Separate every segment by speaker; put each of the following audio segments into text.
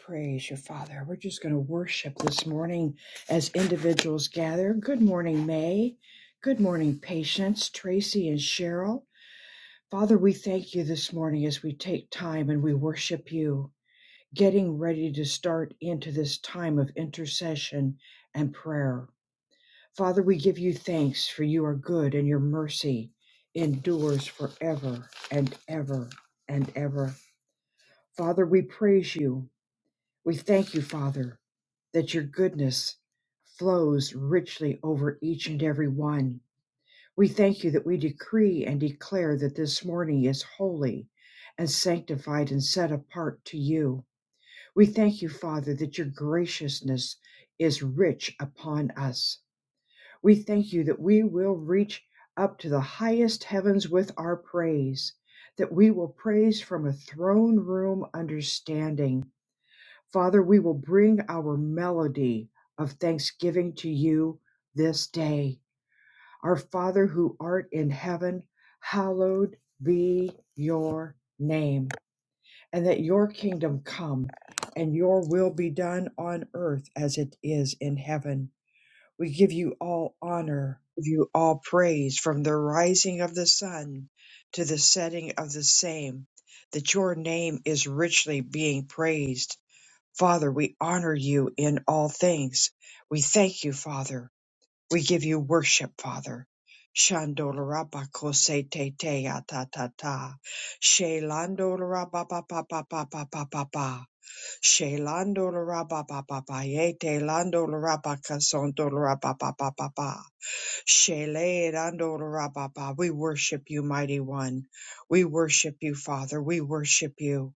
Speaker 1: Praise you, Father. We're just going to worship this morning as individuals gather. Good morning, May. Good morning, Patience, Tracy, and Cheryl. Father, we thank you this morning as we take time and we worship you, getting ready to start into this time of intercession and prayer. Father, we give you thanks for you are good and your mercy endures forever and ever and ever. Father, we praise you we thank you, Father, that your goodness flows richly over each and every one. We thank you that we decree and declare that this morning is holy and sanctified and set apart to you. We thank you, Father, that your graciousness is rich upon us. We thank you that we will reach up to the highest heavens with our praise, that we will praise from a throne room understanding Father, we will bring our melody of thanksgiving to you this day. Our Father who art in heaven, hallowed be your name, and that your kingdom come and your will be done on earth as it is in heaven. We give you all honor, give you all praise from the rising of the sun to the setting of the same, that your name is richly being praised Father, we honor you in all things. We thank you, Father. We give you worship, Father. Shandolarabakoseteteyatatata. Shelandolarabababababababababaha. Shelandolarababababayetelandolarabakasondolarababababaha. Shelelandolarababaha. We worship you, mighty one. We worship you, Father. We worship you.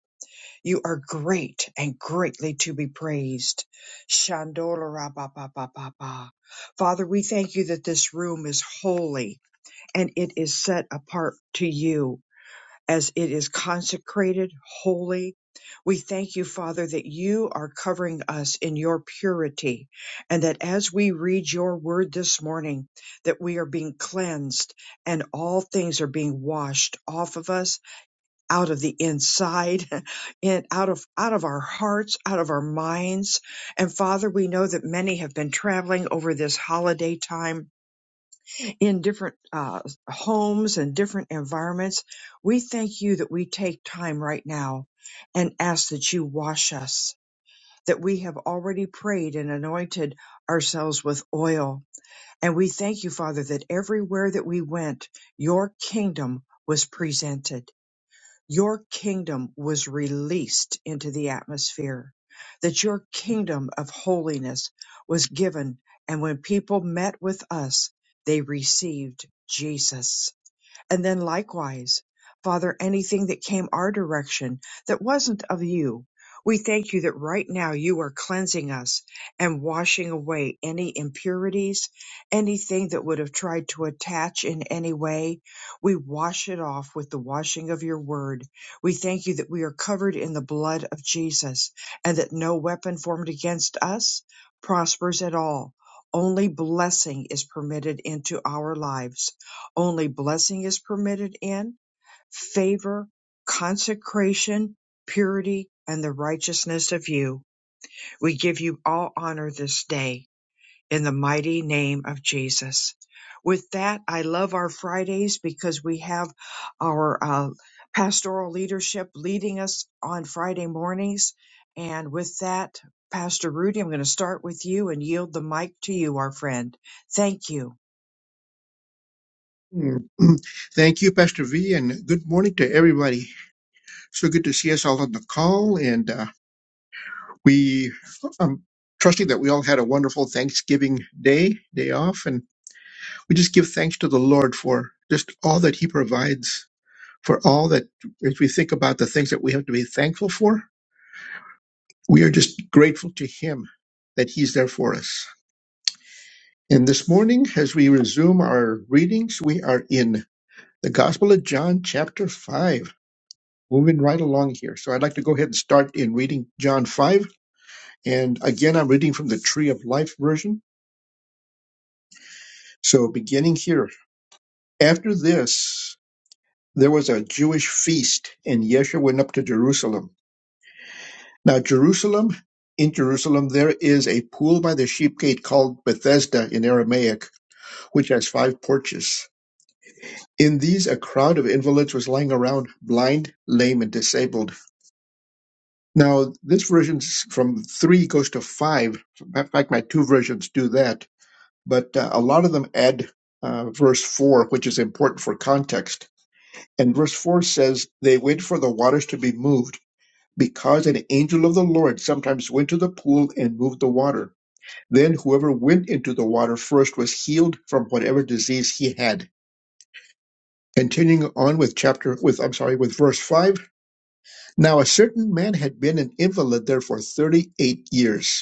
Speaker 1: You are great and greatly to be praised. Shandorababababa. Father, we thank you that this room is holy and it is set apart to you as it is consecrated, holy. We thank you, Father, that you are covering us in your purity and that as we read your word this morning, that we are being cleansed and all things are being washed off of us out of the inside and out of out of our hearts out of our minds and father we know that many have been traveling over this holiday time in different uh, homes and different environments we thank you that we take time right now and ask that you wash us that we have already prayed and anointed ourselves with oil and we thank you father that everywhere that we went your kingdom was presented your kingdom was released into the atmosphere, that your kingdom of holiness was given. And when people met with us, they received Jesus. And then likewise, Father, anything that came our direction that wasn't of you, we thank you that right now you are cleansing us and washing away any impurities, anything that would have tried to attach in any way. We wash it off with the washing of your word. We thank you that we are covered in the blood of Jesus and that no weapon formed against us prospers at all. Only blessing is permitted into our lives only blessing is permitted in, favor, consecration, purity, and the righteousness of you. We give you all honor this day in the mighty name of Jesus. With that, I love our Fridays because we have our uh, pastoral leadership leading us on Friday mornings. And with that, Pastor Rudy, I'm going to start with you and yield the mic to you, our friend. Thank you.
Speaker 2: Mm. Thank you, Pastor V, and good morning to everybody. So good to see us all on the call, and uh, we I'm trusting that we all had a wonderful Thanksgiving day, day off, and we just give thanks to the Lord for just all that He provides, for all that as we think about the things that we have to be thankful for, we are just grateful to Him that He's there for us. And this morning, as we resume our readings, we are in the Gospel of John, chapter five. moving right along here. So I'd like to go ahead and start in reading John 5. And again, I'm reading from the Tree of Life version. So beginning here. After this, there was a Jewish feast, and Yeshua went up to Jerusalem. Now, Jerusalem, in Jerusalem, there is a pool by the sheep gate called Bethesda in Aramaic, which has five porches. In these, a crowd of invalids was lying around, blind, lame, and disabled Now, this version from three goes to five. In fact, my two versions do that, but uh, a lot of them add uh, verse four, which is important for context. And verse four says, They wait for the waters to be moved, because an angel of the Lord sometimes went to the pool and moved the water. Then whoever went into the water first was healed from whatever disease he had. Continuing on with chapter with I'm sorry with verse five. Now a certain man had been an invalid there for thirty eight years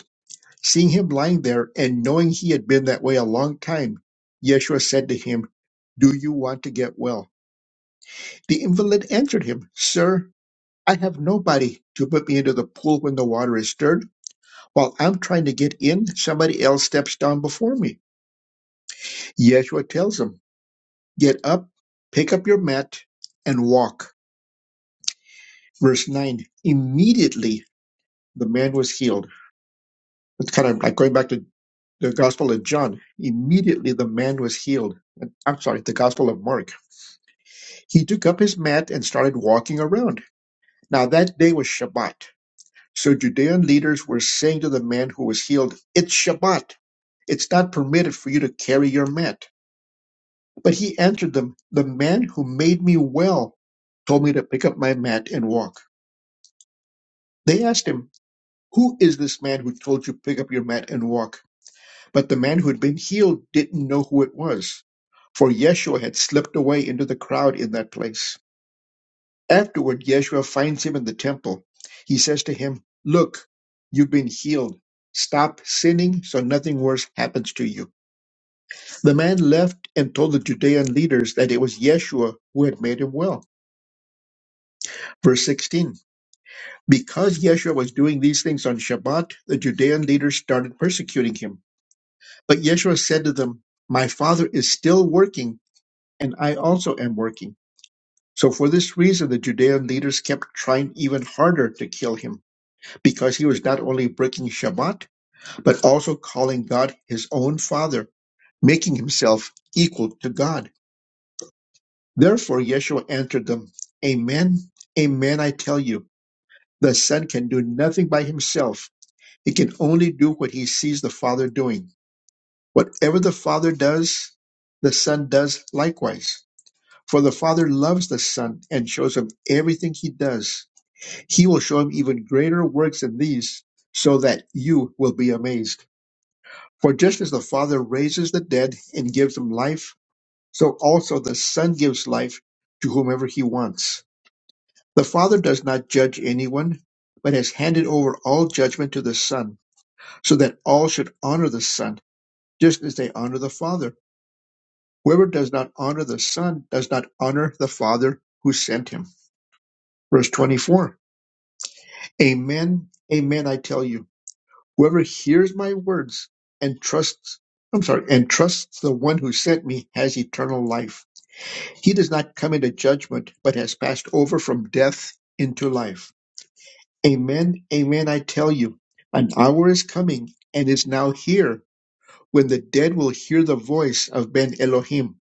Speaker 2: Seeing him lying there and knowing he had been that way a long time, Yeshua said to him, Do you want to get well? The invalid answered him, Sir, I have nobody to put me into the pool when the water is stirred. While I'm trying to get in, somebody else steps down before me. Yeshua tells him, Get up, pick up your mat, and walk. Verse 9 Immediately the man was healed. It's kind of like going back to the Gospel of John. Immediately the man was healed. I'm sorry, the Gospel of Mark He took up his mat and started walking around. Now that day was Shabbat. So Judean leaders were saying to the man who was healed, It's Shabbat. It's not permitted for you to carry your mat. But he answered them, The man who made me well told me to pick up my mat and walk. They asked him, Who is this man who told you pick up your mat and walk? But the man who had been healed didn't know who it was, for Yeshua had slipped away into the crowd in that place. Afterward, Yeshua finds him in the temple. He says to him, Look, you've been healed. Stop sinning so nothing worse happens to you. The man left and told the Judean leaders that it was Yeshua who had made him well. Verse 16 Because Yeshua was doing these things on Shabbat, the Judean leaders started persecuting him. But Yeshua said to them, My father is still working, and I also am working. So for this reason, the Judean leaders kept trying even harder to kill him. because he was not only breaking Shabbat, but also calling God his own Father, making himself equal to God. Therefore, Yeshua answered them, Amen, amen, I tell you, the Son can do nothing by himself. He can only do what he sees the Father doing. Whatever the Father does, the Son does likewise. For the Father loves the Son and shows him everything he does. He will show him even greater works than these, so that you will be amazed. For just as the Father raises the dead and gives them life, so also the Son gives life to whomever he wants. The Father does not judge anyone, but has handed over all judgment to the Son, so that all should honor the Son, just as they honor the Father. Whoever does not honor the Son does not honor the Father who sent him. Verse 24 Amen, amen, I tell you. Whoever hears my words and trusts, I'm sorry, and trusts the one who sent me has eternal life He does not come into judgment, but has passed over from death into life. Amen, amen, I tell you, an hour is coming and is now here when the dead will hear the voice of Ben Elohim.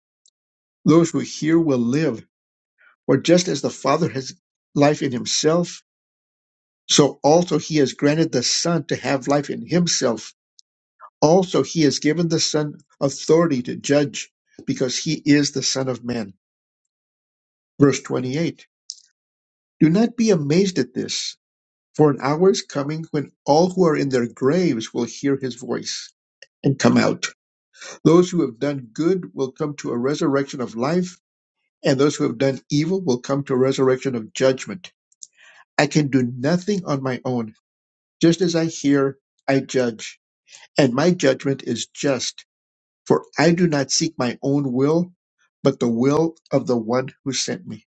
Speaker 2: Those who hear will live, for just as the Father has life in himself, so also he has granted the Son to have life in himself. Also, he has given the Son authority to judge, because he is the Son of Man. Verse 28 Do not be amazed at this For an hour is coming when all who are in their graves will hear his voice and come out. Those who have done good will come to a resurrection of life, and those who have done evil will come to a resurrection of judgment. I can do nothing on my own. Just as I hear, I judge, and my judgment is just, for I do not seek my own will, but the will of the one who sent me.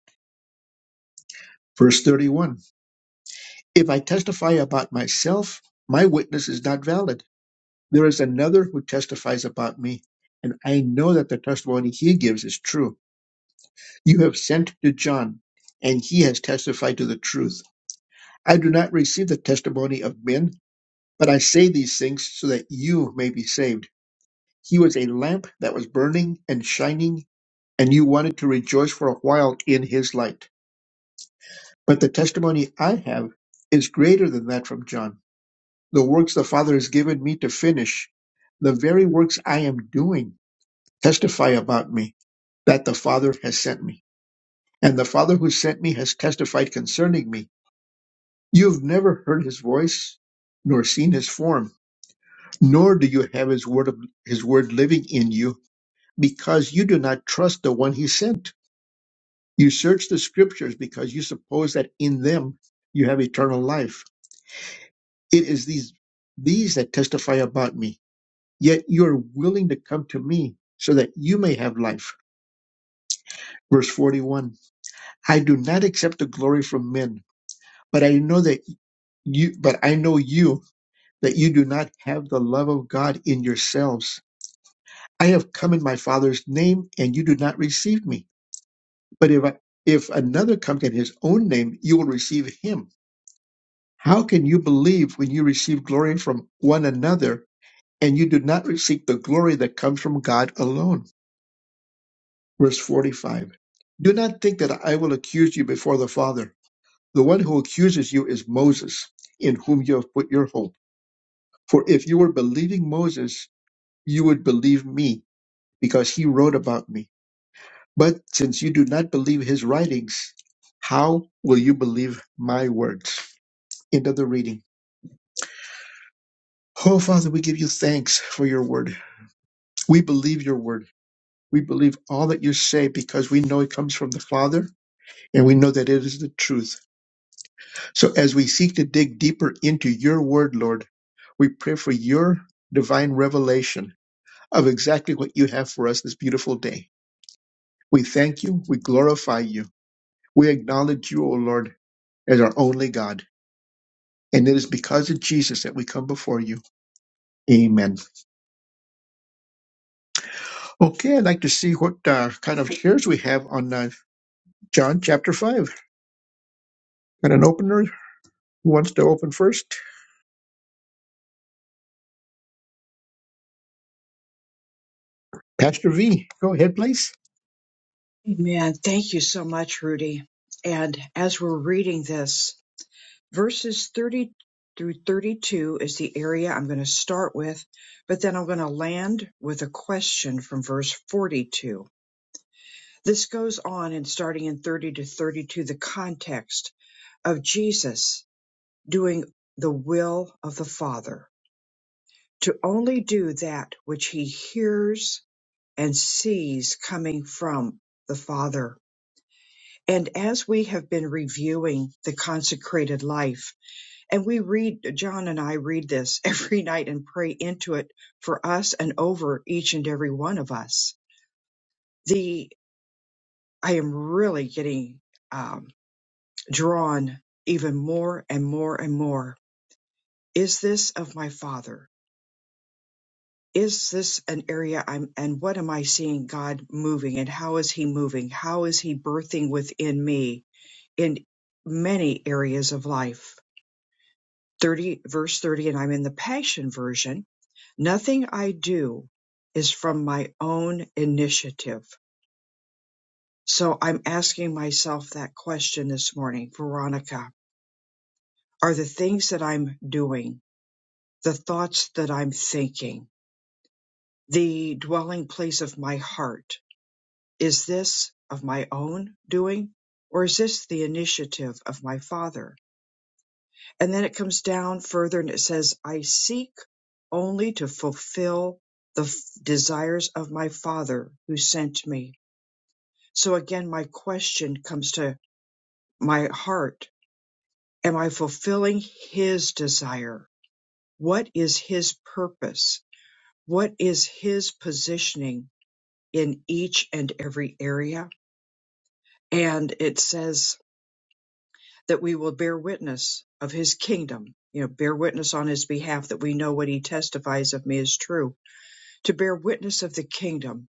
Speaker 2: Verse 31 If I testify about myself, my witness is not valid. There is another who testifies about me, and I know that the testimony he gives is true. You have sent to John, and he has testified to the truth. I do not receive the testimony of men, but I say these things so that you may be saved. He was a lamp that was burning and shining, and you wanted to rejoice for a while in his light. But the testimony I have is greater than that from John. The works the Father has given me to finish, the very works I am doing testify about me that the Father has sent me. And the Father who sent me has testified concerning me. You have never heard his voice, nor seen his form, nor do you have his word of, his word living in you, because you do not trust the one he sent. You search the scriptures because you suppose that in them you have eternal life. It is these these that testify about me. Yet you are willing to come to me so that you may have life. Verse 41. I do not accept the glory from men, but I know that you, but I know you, that you do not have the love of God in yourselves. I have come in my Father's name, and you do not receive me. But if I, if another comes in his own name, you will receive him. How can you believe when you receive glory from one another, and you do not receive the glory that comes from God alone? Verse 45. Do not think that I will accuse you before the Father. The one who accuses you is Moses, in whom you have put your hope. For if you were believing Moses, you would believe me, because he wrote about me. But since you do not believe his writings, how will you believe my words? End of the reading. Oh, Father, we give you thanks for your word. We believe your word. We believe all that you say because we know it comes from the Father and we know that it is the truth. So as we seek to dig deeper into your word, Lord, we pray for your divine revelation of exactly what you have for us this beautiful day. We thank you. We glorify you. We acknowledge you, O Lord, as our only God. And it is because of Jesus that we come before you. Amen. Okay, I'd like to see what uh, kind of shares we have on uh, John chapter 5. Got an opener? Who wants to open first? Pastor V, go ahead, please.
Speaker 1: Amen. Thank you so much, Rudy. And as we're reading this, verses 30 through 32 is the area I'm going to start with, but then I'm going to land with a question from verse 42. This goes on and starting in 30 to 32, the context of Jesus doing the will of the Father to only do that which he hears and sees coming from the Father And as we have been reviewing the consecrated life, and we read, John and I read this every night and pray into it for us and over each and every one of us. The, I am really getting um, drawn even more and more and more. Is this of my father? Is this an area I'm, and what am I seeing God moving and how is he moving? How is he birthing within me in many areas of life? 30 verse 30 and I'm in the passion version nothing I do is from my own initiative so I'm asking myself that question this morning Veronica are the things that I'm doing the thoughts that I'm thinking the dwelling place of my heart is this of my own doing or is this the initiative of my father And then it comes down further and it says, I seek only to fulfill the f- desires of my Father who sent me. So again, my question comes to my heart. Am I fulfilling his desire? What is his purpose? What is his positioning in each and every area? And it says that we will bear witness of his kingdom, you know, bear witness on his behalf that we know what he testifies of me is true to bear witness of the kingdom.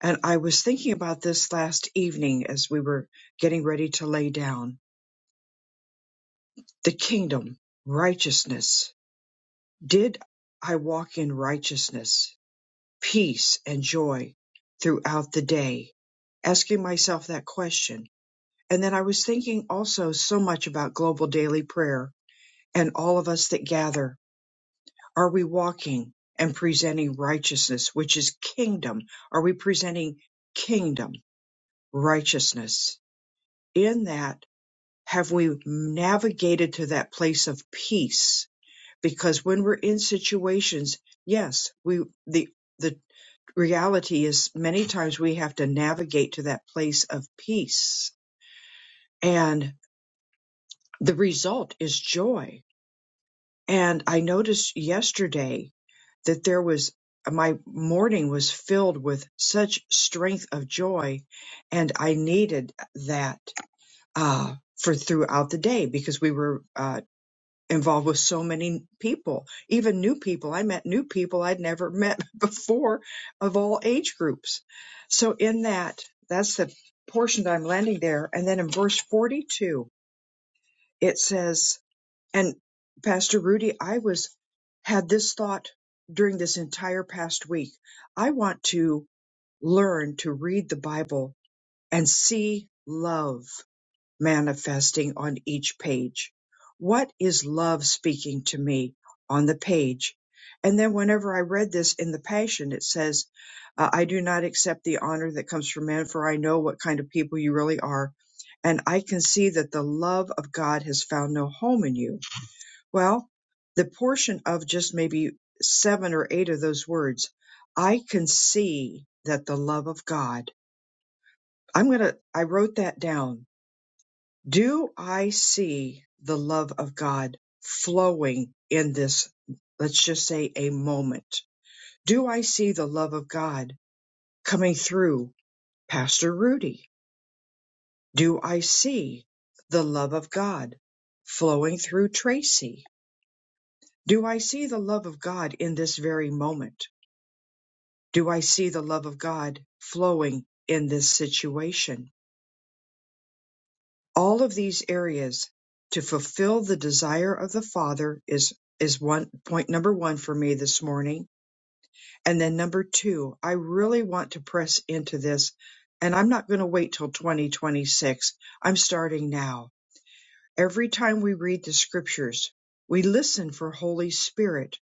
Speaker 1: And I was thinking about this last evening as we were getting ready to lay down. The kingdom, righteousness. Did I walk in righteousness, peace, and joy throughout the day? Asking myself that question. And then I was thinking also so much about global daily prayer and all of us that gather. Are we walking and presenting righteousness, which is kingdom? Are we presenting kingdom? righteousness. In that, have we navigated to that place of peace? Because when we're in situations, yes, we the the reality is many times we have to navigate to that place of peace, and the result is joy. And I noticed yesterday that there was my morning was filled with such strength of joy and I needed that uh, for throughout the day because we were uh, involved with so many people, even new people. I met new people I'd never met before of all age groups. So, in that, that's the portion that I'm landing there. And then in verse 42, it says, and Pastor Rudy, I was had this thought during this entire past week. I want to learn to read the Bible and see love manifesting on each page. What is love speaking to me on the page? And then whenever I read this in the Passion, it says, uh, I do not accept the honor that comes from men, for I know what kind of people you really are. And I can see that the love of God has found no home in you. Well, the portion of just maybe seven or eight of those words, I can see that the love of God, I'm going to, I wrote that down do I see the love of God flowing in this, let's just say a moment? Do I see the love of God coming through Pastor Rudy? Do I see the love of God flowing through Tracy? Do I see the love of God in this very moment? Do I see the love of God flowing in this situation? all of these areas to fulfill the desire of the father is is one point number 1 for me this morning and then number 2 I really want to press into this and I'm not going to wait till 2026 I'm starting now Every time we read the scriptures, we listen for Holy Spirit.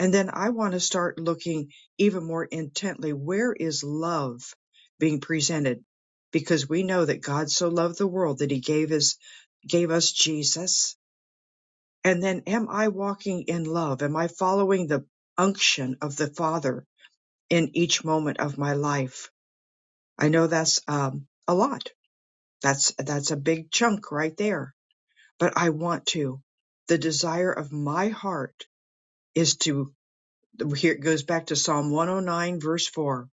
Speaker 1: And then I want to start looking even more intently where is love being presented? Because we know that God so loved the world that he gave his gave us Jesus. And then am I walking in love? Am I following the unction of the Father in each moment of my life? I know that's um, a lot. That's that's a big chunk right there but I want to. The desire of my heart is to, here it goes back to Psalm 109, verse 4.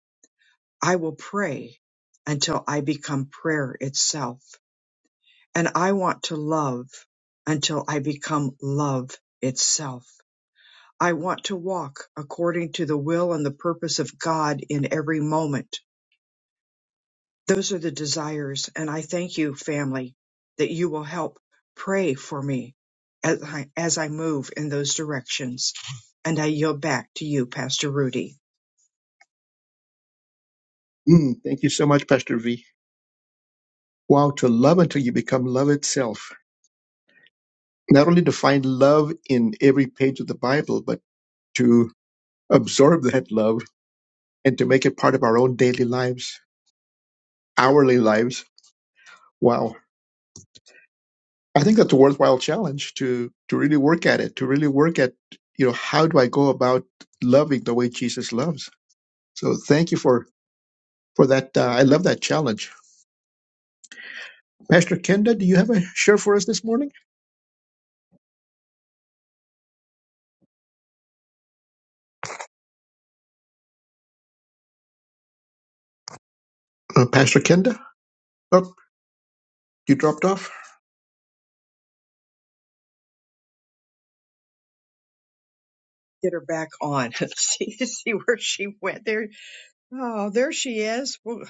Speaker 1: I will pray until I become prayer itself. And I want to love until I become love itself. I want to walk according to the will and the purpose of God in every moment. Those are the desires. And I thank you, family, that you will help pray for me as I, as I move in those directions. And I yield back to you, Pastor Rudy.
Speaker 2: Mm, thank you so much, Pastor V. Wow, to love until you become love itself. Not only to find love in every page of the Bible, but to absorb that love and to make it part of our own daily lives, hourly lives. Wow. I think that's a worthwhile challenge to to really work at it, to really work at, you know, how do I go about loving the way Jesus loves? So thank you for for that. Uh, I love that challenge. Pastor Kenda, do you have a share for us this morning? Uh, Pastor Kenda? Oh, you dropped off.
Speaker 1: Get her back on. see, see where she went. There, oh, there she is. Well,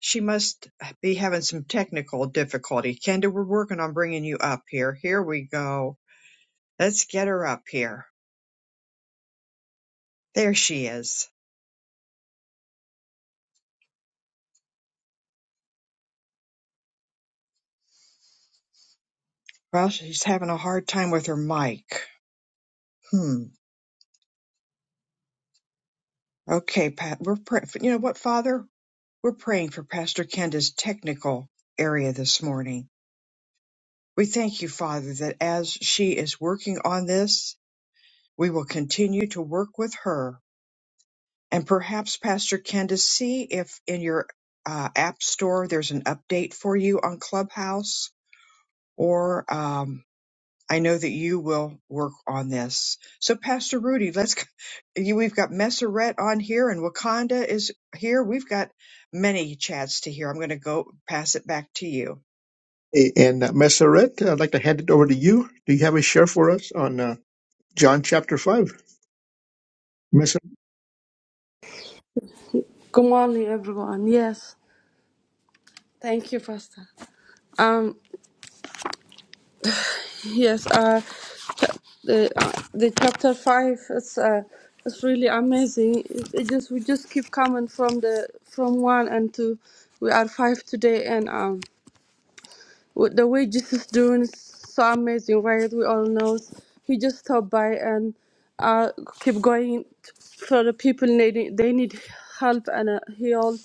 Speaker 1: she must be having some technical difficulty. Kenda, we're working on bringing you up here. Here we go. Let's get her up here. There she is. Well, she's having a hard time with her mic. Hmm. Okay, Pat, we're praying. You know what, Father? We're praying for Pastor Kenda's technical area this morning. We thank you, Father, that as she is working on this, we will continue to work with her. And perhaps, Pastor Kenda, see if in your uh, app store there's an update for you on Clubhouse or. um, I know that you will work on this. So, Pastor Rudy, let's. You, we've got Messeret on here, and Wakanda is here. We've got many chats to hear. I'm going to go pass it back to you.
Speaker 2: And uh, Messeret, I'd like to hand it over to you. Do you have a share for us on uh, John chapter five? Messer-
Speaker 3: Good morning, everyone. Yes, thank you, Pastor. Um, yes, uh, ch- the uh, the chapter five is uh, is really amazing. It, it just we just keep coming from the from one and two. We are five today, and um, with the way Jesus doing is so amazing, right? We all know he just stopped by and uh keep going for the people needing they need help and uh, heal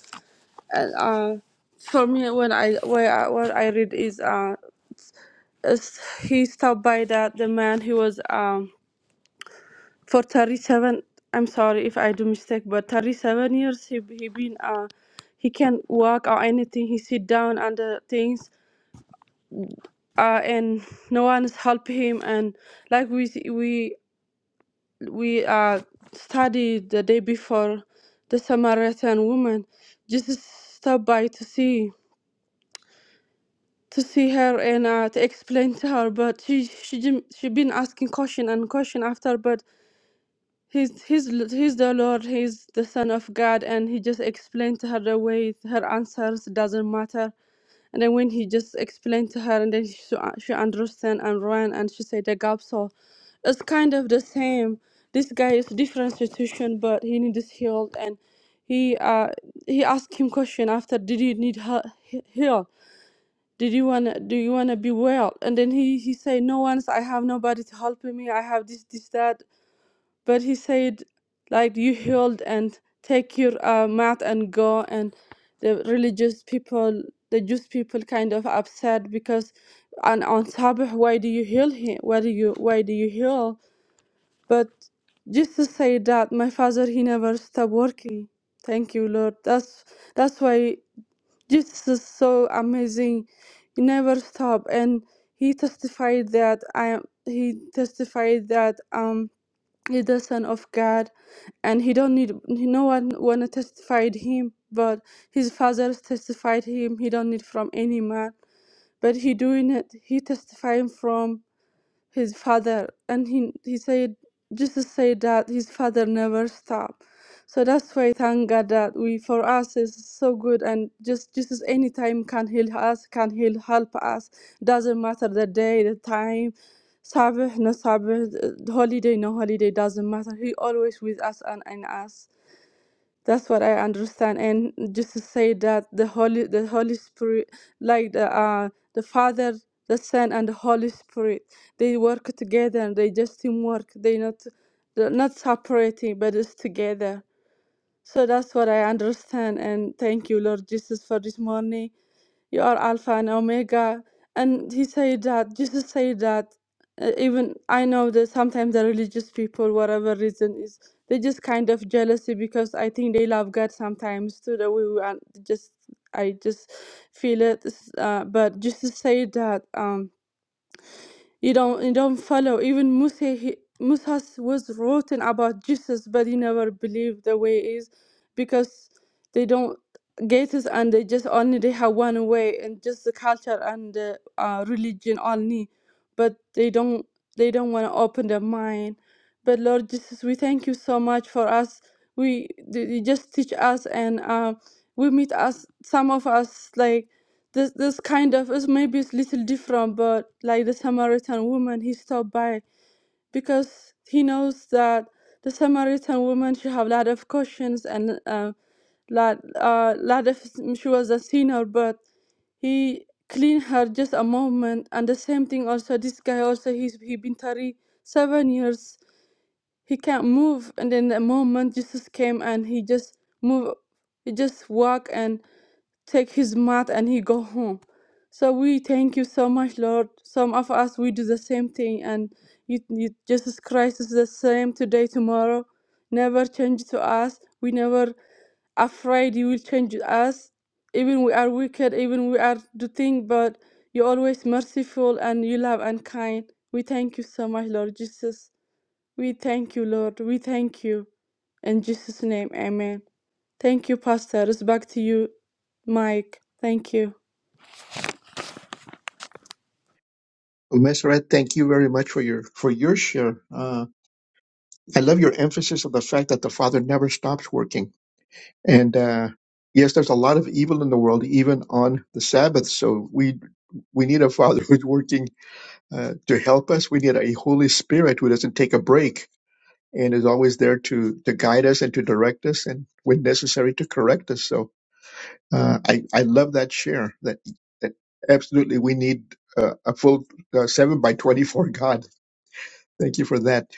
Speaker 3: And uh, for me when I where I, what I read is uh is he stopped by that the man who was um for 37 I'm sorry if I do mistake but 37 years he he been uh he can't walk or anything he sit down under things uh and no one is help him and like we s- we we uh studied the day before the Samaritan woman just stopped by to see to see her and uh, to explain to her, but she she didn't- she been asking question and question after, but he's he's l- he's the Lord, he's the Son of God, and he just explained to her the way her answers doesn't matter. And then when he just explained to her, and then she she understand and ran, and she said the gap. So it's kind of the same. This guy is different situation, but he needs healed, and he uh he asked him question after, did you need he- heal? did you wanna do you wanna be well and then he he said no one's i have nobody to help me i have this this that but he said like you healed and take your uh, mat and go and the religious people the jewish people kind of upset because and on sabbath why do you heal him why do you why do you heal but jesus said that my father he never stopped working thank you lord that's that's why Jesus is so amazing. He never stop, and he testified that I am. He testified that um he the son of God, and he don't need no one wanna testified him, but his father testified him. He don't need from any man, but he doing it. He testifying from his father and he, he said jesus said that his father never stopped so that's why thank god that we for us is so good and just jesus anytime can heal us can heal help us doesn't matter the day the time sabbath no sabbath uh, holiday no holiday doesn't matter he always with us and in us that's what I understand. And just to say that the Holy, the Holy Spirit, like the uh, the Father, the Son, and the Holy Spirit, they work together. They just teamwork. They not they're not separating, but it's together. So that's what I understand. And thank you, Lord Jesus, for this morning. You are Alpha and Omega. And he said that, Jesus said that. Uh, Even I know that sometimes the religious people, whatever reason is, they just kind of jealousy because I think they love God sometimes too. That we are just, I just feel it. It's, Uh, but Jesus said that. Um, you don't you don't follow. Even Musa he, Musa was written about Jesus, but he never believed the way is because they don't get it and they just only they have one way and just the culture and the uh, religion only, but they don't they don't want to open their mind. But Lord Jesus, we thank you so much for us. We you just teach us and um, we meet us some of us like this this kind of is maybe it's little different, but like the Samaritan woman, he stopped by because he knows that the Samaritan woman she have a lot of questions and uh, lot uh lot of she was a sinner, but he cleaned her just a moment. And the same thing also this guy also he's he been thirty seven years. He can't move, and then the moment Jesus came and he just move, he just walk and take his mat and he go home. So we thank you so much, Lord. Some of us we do the same thing, and you, you Jesus Christ is the same today, tomorrow. Never change to us. We never afraid you will change us. Even we are wicked, even we are do thing, but you're always merciful and you love and kind. We thank you so much, Lord Jesus. We thank you, Lord. We thank you. In Jesus' name, amen. Thank you, Pastor. It's back to you, Mike. Thank you.
Speaker 2: Messeret, thank you very much for your for your share. Uh, I love your emphasis of the fact that the Father never stops working. And uh, yes, there's a lot of evil in the world, even on the Sabbath. So we we need a Father who's working uh, to help us. We need a Holy Spirit who doesn't take a break and is always there to to guide us and to direct us, and when necessary, to correct us. So Uh, I I love that share. That that absolutely we need uh, a full uh, seven by twenty four. God, thank you for that.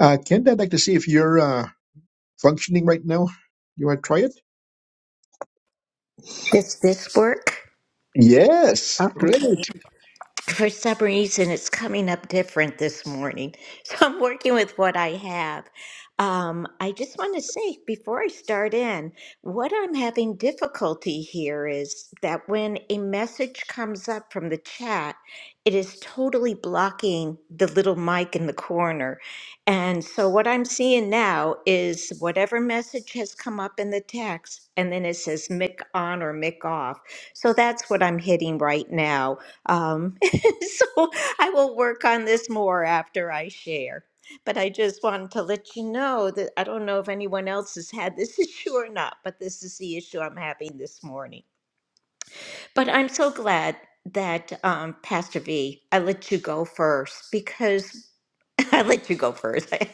Speaker 2: Uh, Kent, I'd like to see if you're uh, functioning right now. You want to try it?
Speaker 4: Does this work?
Speaker 2: Yes, great.
Speaker 4: Okay for some reason it's coming up different this morning so i'm working with what i have um, i just want to say before i start in what i'm having difficulty here is that when a message comes up from the chat it is totally blocking the little mic in the corner and so what i'm seeing now is whatever message has come up in the text and then it says mic on or mic off so that's what i'm hitting right now Um, so I will work on this more after I share. But I just wanted to let you know that I don't know if anyone else has had this issue or not, but this is the issue I'm having this morning. But I'm so glad that um, Pastor V, I let you go first because I let you go first. I'm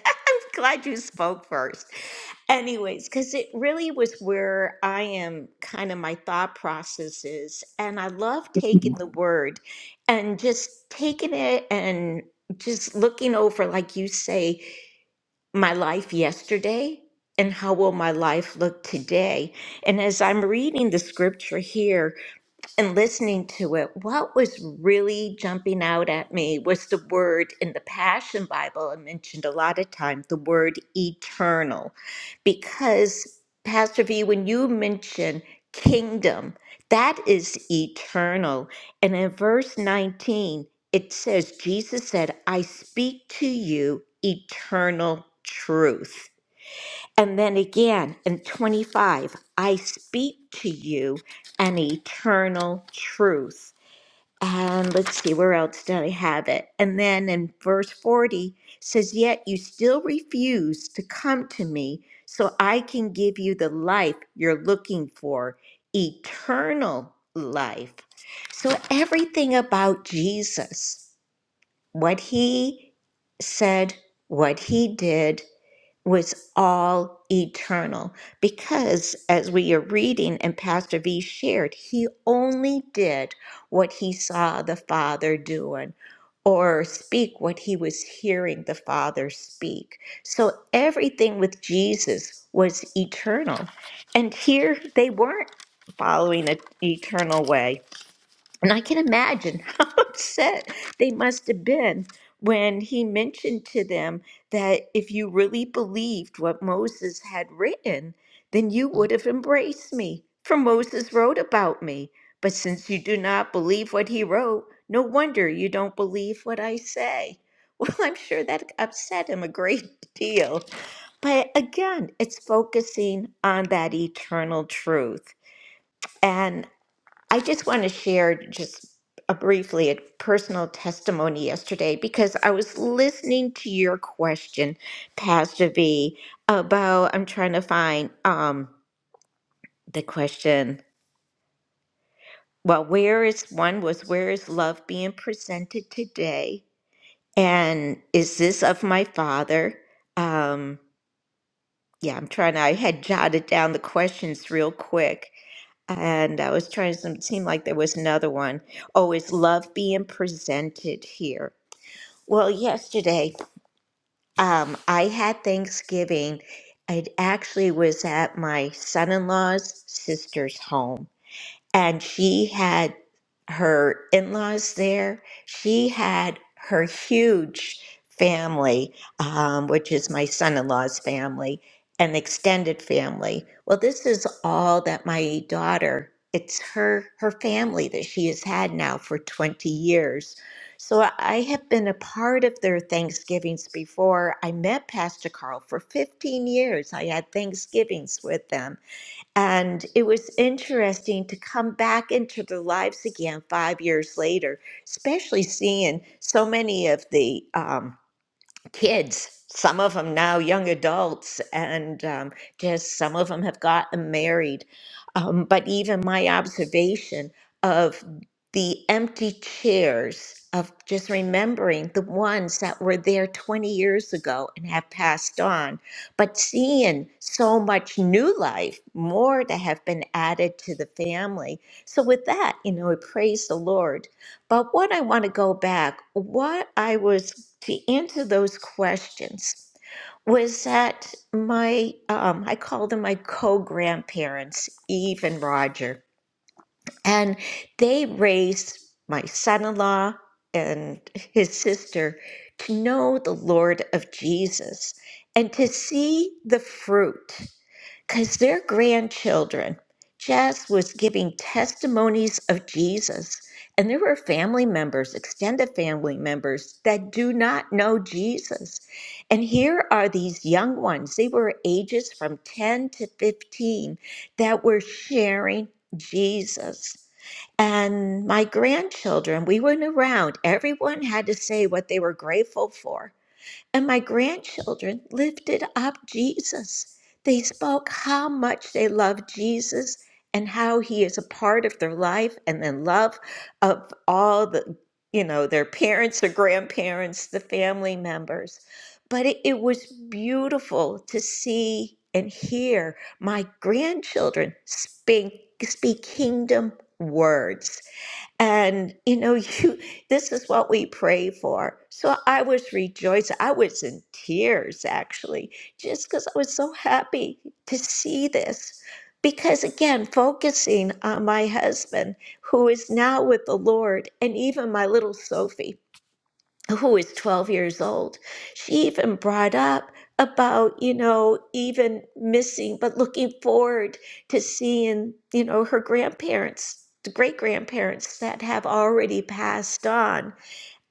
Speaker 4: glad you spoke first. Anyways, because it really was where I am kind of my thought process is, And I love taking the word and just taking it and just looking over, like you say, my life yesterday and how will my life look today. And as I'm reading the scripture here, and listening to it, what was really jumping out at me was the word in the Passion Bible, I mentioned a lot of times the word eternal. Because, Pastor V, when you mention kingdom, that is eternal. And in verse 19, it says, Jesus said, I speak to you eternal truth. And then again in 25, I speak to you an eternal truth. And let's see, where else did I have it? And then in verse 40 says, Yet you still refuse to come to me so I can give you the life you're looking for, eternal life. So everything about Jesus, what he said, what he did, was all eternal because as we are reading and pastor v shared he only did what he saw the father doing or speak what he was hearing the father speak so everything with jesus was eternal and here they weren't following an eternal way and I can imagine how upset they must have been when he mentioned to them that if you really believed what Moses had written, then you would have embraced me, for Moses wrote about me. But since you do not believe what he wrote, no wonder you don't believe what I say. Well, I'm sure that upset him a great deal. But again, it's focusing on that eternal truth. I just want to share just a briefly a personal testimony yesterday because I was listening to your question, Pastor V, about I'm trying to find um the question. Well, where is one was where is love being presented today? And is this of my father? Um yeah, I'm trying to I had jotted down the questions real quick And I was trying to seem like there was another one. Oh, is love being presented here? Well, yesterday, um, I had Thanksgiving. It actually was at my son in law's sister's home and she had her in laws there. She had her huge family, um, which is my son in law's family, an extended family. Well, this is all that my daughter. It's her her family that she has had now for 20 years. So I have been a part of their Thanksgivings before. I met Pastor Carl for 15 years. I had Thanksgivings with them and it was interesting to come back into their lives again five years later, especially seeing so many of the um, kids, some of them now young adults, and um, just some of them have gotten married. Um, but even my observation of the empty chairs of just remembering the ones that were there 20 years ago and have passed on, but seeing so much new life, more to have been added to the family. So, with that, you know, we praise the Lord. But what I want to go back, what I was to answer those questions was that my um, I call them my co-grandparents, Eve and Roger, and they raised my son-in-law and his sister to know the Lord of Jesus and to see the fruit because their grandchildren, Jess was giving testimonies of Jesus. And there were family members, extended family members, that do not know Jesus. And here are these young ones, they were ages from 10 to 15, that were sharing Jesus. And my grandchildren, we went around, everyone had to say what they were grateful for. And my grandchildren lifted up Jesus. They spoke how much they love Jesus and how he is a part of their life and the love of all the, you know, their parents, their grandparents, the family members. But it, it was beautiful to see and hear my grandchildren speak, speak kingdom words and you know, you this is what we pray for. So I was rejoicing. I was in tears actually, just because I was so happy to see this. Because again, focusing on my husband who is now with the Lord and even my little Sophie who is 12 years old, she even brought up about, you know, even missing, but looking forward to seeing, you know, her grandparents, the great grandparents that have already passed on.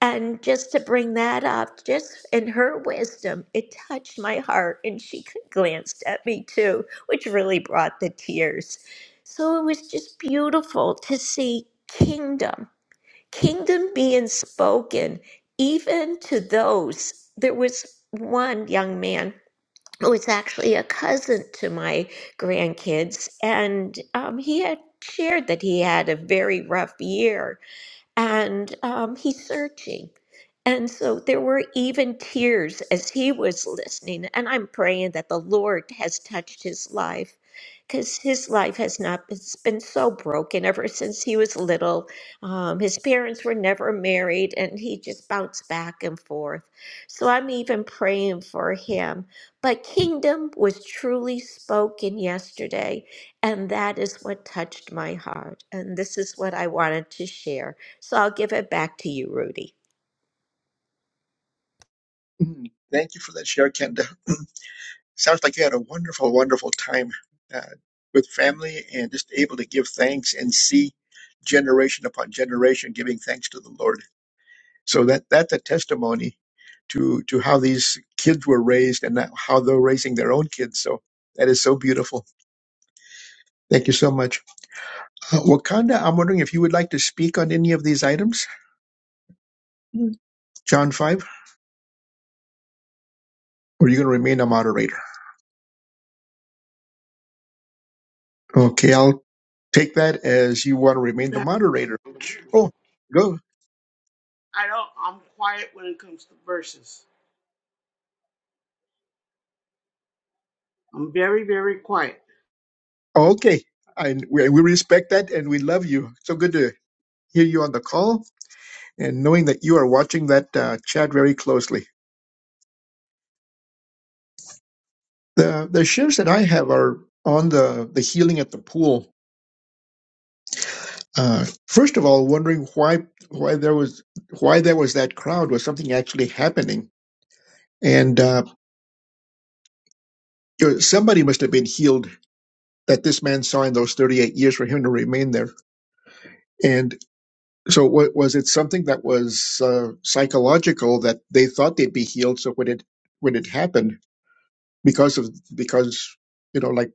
Speaker 4: And just to bring that up, just in her wisdom, it touched my heart. And she glanced at me too, which really brought the tears. So it was just beautiful to see kingdom kingdom being spoken even to those. There was one young man who was actually a cousin to my grandkids, and um, he had shared that he had a very rough year and um, he's searching. And so there were even tears as he was listening. And I'm praying that the Lord has touched his life because his life has not it's been so broken ever since he was little. Um, his parents were never married and he just bounced back and forth. So I'm even praying for him. But kingdom was truly spoken yesterday. And that is what touched my heart. And this is what I wanted to share. So I'll give it back to you, Rudy.
Speaker 2: Mm, Thank you for that share, Kenda. Sounds like you had a wonderful, wonderful time uh, with family and just able to give thanks and see generation upon generation giving thanks to the Lord. So that that's a testimony to to how these kids were raised and how they're raising their own kids. So that is so beautiful. Thank you so much, uh, Wakanda. I'm wondering if you would like to speak on any of these items, John five, or you're going to remain a moderator. Okay, I'll take that as you want to remain the moderator. Oh, go.
Speaker 5: I don't. I'm quiet when it comes to verses. I'm very, very quiet.
Speaker 2: Oh, okay. And we, we respect that and we love you. So good to hear you on the call and knowing that you are watching that uh, chat very closely. The the shares that I have are on the the healing at the pool. Uh, first of all, wondering why why there was why there was that crowd was something actually happening, and uh, somebody must have been healed that this man saw in those 38 years for him to remain there. And so, wa- was it something that was uh, psychological that they thought they'd be healed? So when it when it happened, because of because you know like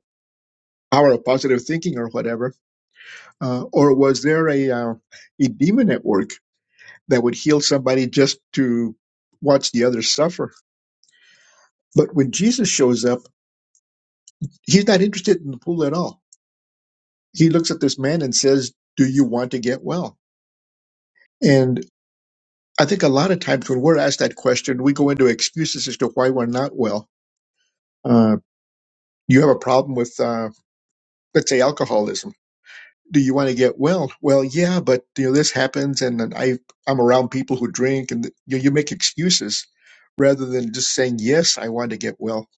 Speaker 2: power of positive thinking or whatever Uh, or was there a, uh, a demon at work that would heal somebody just to watch the others suffer? But when Jesus shows up, he's not interested in the pool at all. He looks at this man and says, Do you want to get well? And I think a lot of times when we're asked that question, we go into excuses as to why we're not well. Uh, you have a problem with, uh, let's say, alcoholism do you want to get well? Well, yeah, but you know this happens, and, then I I'm around people who drink, and you, know, you make excuses rather than just saying yes, I want to get well.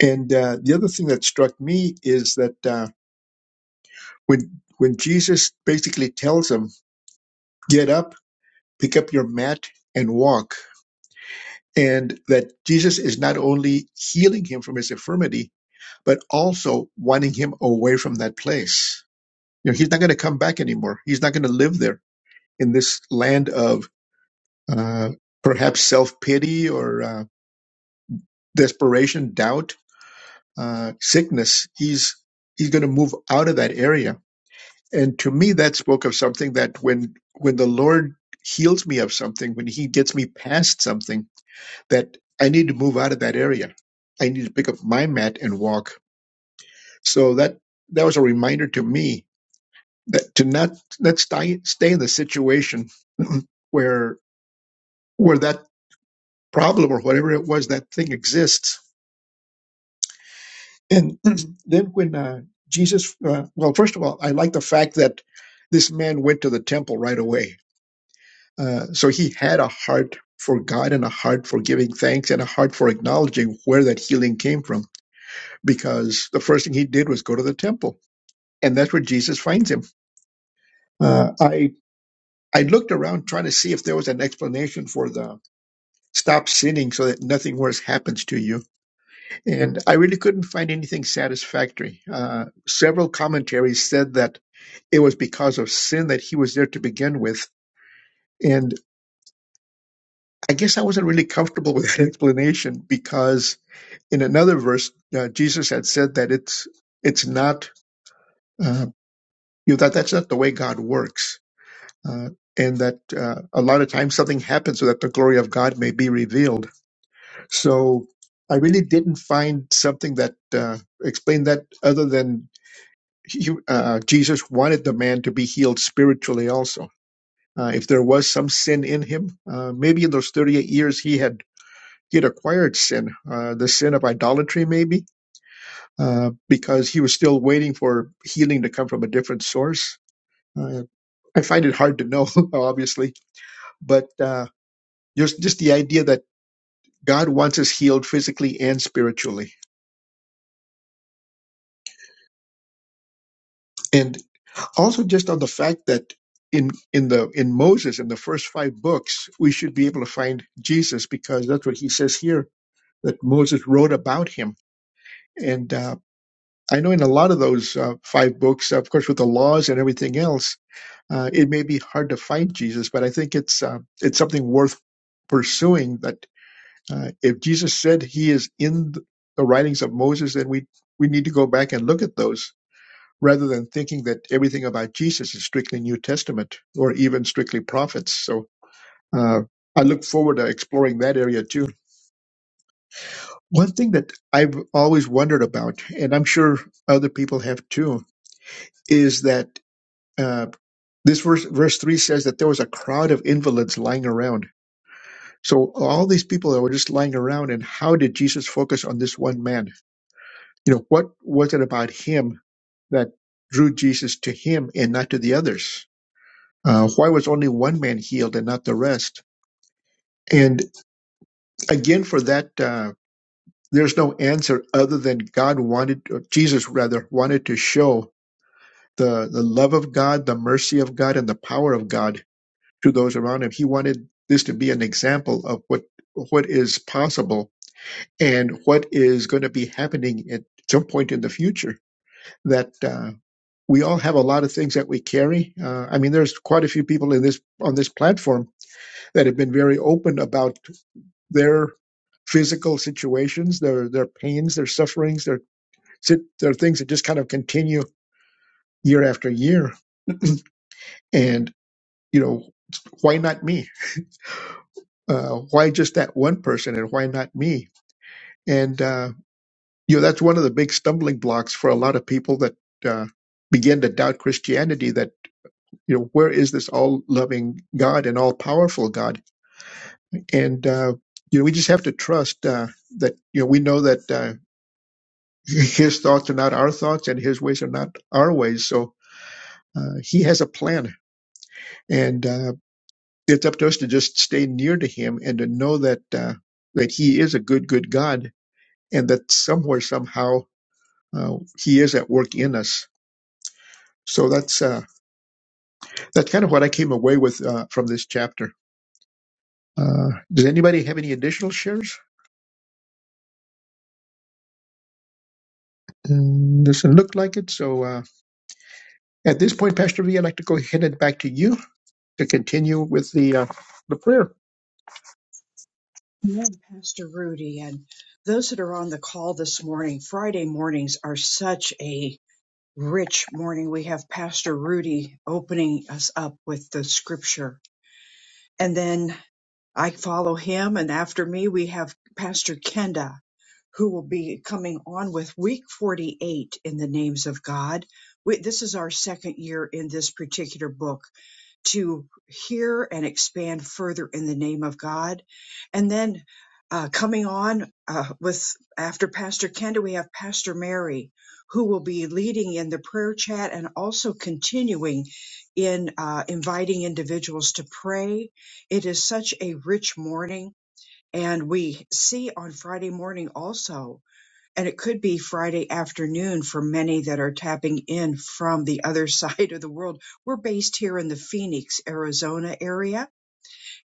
Speaker 2: And uh, the other thing that struck me is that uh, when when Jesus basically tells him, get up, pick up your mat, and walk, and that Jesus is not only healing him from his infirmity, but also wanting him away from that place. You know, he's not going to come back anymore. He's not going to live there in this land of uh, perhaps self pity or uh, desperation, doubt, uh, sickness. He's he's going to move out of that area. And to me, that spoke of something that when when the Lord heals me of something, when He gets me past something, that I need to move out of that area. I need to pick up my mat and walk. So that that was a reminder to me that to not not stay stay in the situation where where that problem or whatever it was that thing exists And then when uh, Jesus, uh, well, first of all, I like the fact that this man went to the temple right away. Uh, so he had a heart for God and a heart for giving thanks and a heart for acknowledging where that healing came from because the first thing he did was go to the temple. And that's where Jesus finds him. Uh, I, I looked around trying to see if there was an explanation for the stop sinning so that nothing worse happens to you. And I really couldn't find anything satisfactory. Uh, several commentaries said that It was because of sin that he was there to begin with. And I guess I wasn't really comfortable with that explanation because in another verse, uh, Jesus had said that it's it's not uh, you know, that that's not the way God works, uh, and that uh, a lot of times something happens so that the glory of God may be revealed. So I really didn't find something that uh, explained that other than he, uh, Jesus wanted the man to be healed spiritually also. Uh, if there was some sin in him, uh, maybe in those 38 years he had he had acquired sin, uh, the sin of idolatry, maybe uh, because he was still waiting for healing to come from a different source. Uh, I find it hard to know, obviously, but uh, just just the idea that God wants us healed physically and spiritually, and also just on the fact that in in the in Moses in the first five books we should be able to find Jesus because that's what he says here that Moses wrote about him And uh, I know in a lot of those uh, five books, of course, with the laws and everything else, uh, it may be hard to find Jesus, but I think it's uh, it's something worth pursuing. That uh, if Jesus said He is in th- the writings of Moses, then we we need to go back and look at those rather than thinking that everything about Jesus is strictly New Testament or even strictly prophets. So uh, I look forward to exploring that area too. One thing that I've always wondered about, and I'm sure other people have too, is that uh, this verse, verse 3 says that there was a crowd of invalids lying around. So all these people that were just lying around, and how did Jesus focus on this one man? You know, what was it about him that drew Jesus to him and not to the others? Uh, why was only one man healed and not the rest? And again, for that, uh, there's no answer other than God wanted, or Jesus rather, wanted to show the, the love of God, the mercy of God, and the power of God to those around him. He wanted this to be an example of what what is possible and what is going to be happening at some point in the future. That uh, we all have a lot of things that we carry. Uh, I mean, there's quite a few people in this on this platform that have been very open about their physical situations, their their pains, their sufferings, their sit- their things that just kind of continue year after year. And you know, why not me? Uh, why just that one person, and why not me? And, uh, you know, that's one of the big stumbling blocks for a lot of people that uh, begin to doubt Christianity that, you know, where is this all loving God and all powerful God? And, uh, you know, we just have to trust uh, that, you know, we know that uh, his thoughts are not our thoughts and his ways are not our ways. So uh, he has a plan. And uh, it's up to us to just stay near to him and to know that, uh, that he is a good, good God and that somewhere, somehow, uh, he is at work in us So that's uh, that's kind of what I came away with uh, from this chapter. Uh, does anybody have any additional shares? Um, doesn't look like it. So uh, at this point, Pastor V, I'd like to go ahead and back to you to continue with the uh, the prayer.
Speaker 1: Amen, Pastor Rudy, and those that are on the call this morning. Friday mornings are such a rich morning. We have Pastor Rudy opening us up with the scripture, and then I follow him, and after me, we have Pastor Kenda who will be coming on with week 48 in the names of God. We, this is our second year in this particular book to hear and expand further in the name of God. And then uh, coming on uh, with after Pastor Kenda, we have Pastor Mary, who will be leading in the prayer chat and also continuing in uh, inviting individuals to pray. It is such a rich morning. And we see on Friday morning also and it could be Friday afternoon for many that are tapping in from the other side of the world. We're based here in the Phoenix, Arizona area,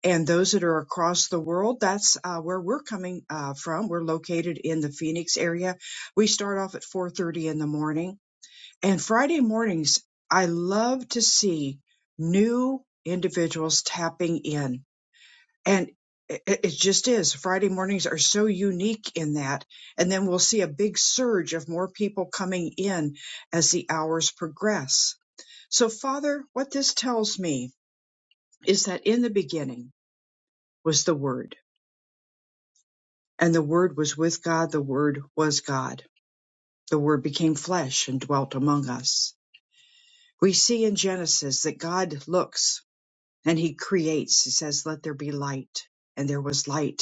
Speaker 1: and those that are across the world, that's uh, where we're coming uh, from. We're located in the Phoenix area. We start off at 4:30 in the morning, and Friday mornings, I love to see new individuals tapping in and it, it just is friday mornings are so unique in that and then we'll see a big surge of more people coming in as the hours progress so father what this tells me is that in the beginning was the word and the word was with god the word was god the word became flesh and dwelt among us we see in genesis that god looks and he creates he says let there be light and there was light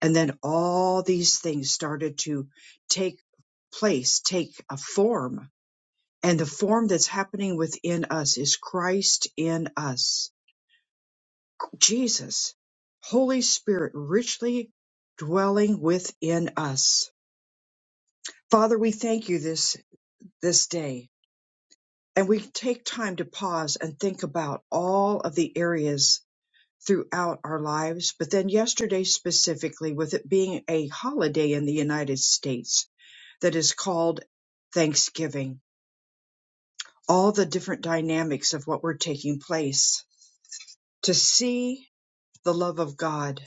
Speaker 1: And then all these things started to take place, take a form. And the form that's happening within us is Christ in us. Jesus, Holy Spirit, richly dwelling within us. Father, we thank you this, this day. And we take time to pause and think about all of the areas throughout our lives. But then yesterday specifically, with it being a holiday in the United States, that is called Thanksgiving, all the different dynamics of what were taking place to see the love of God.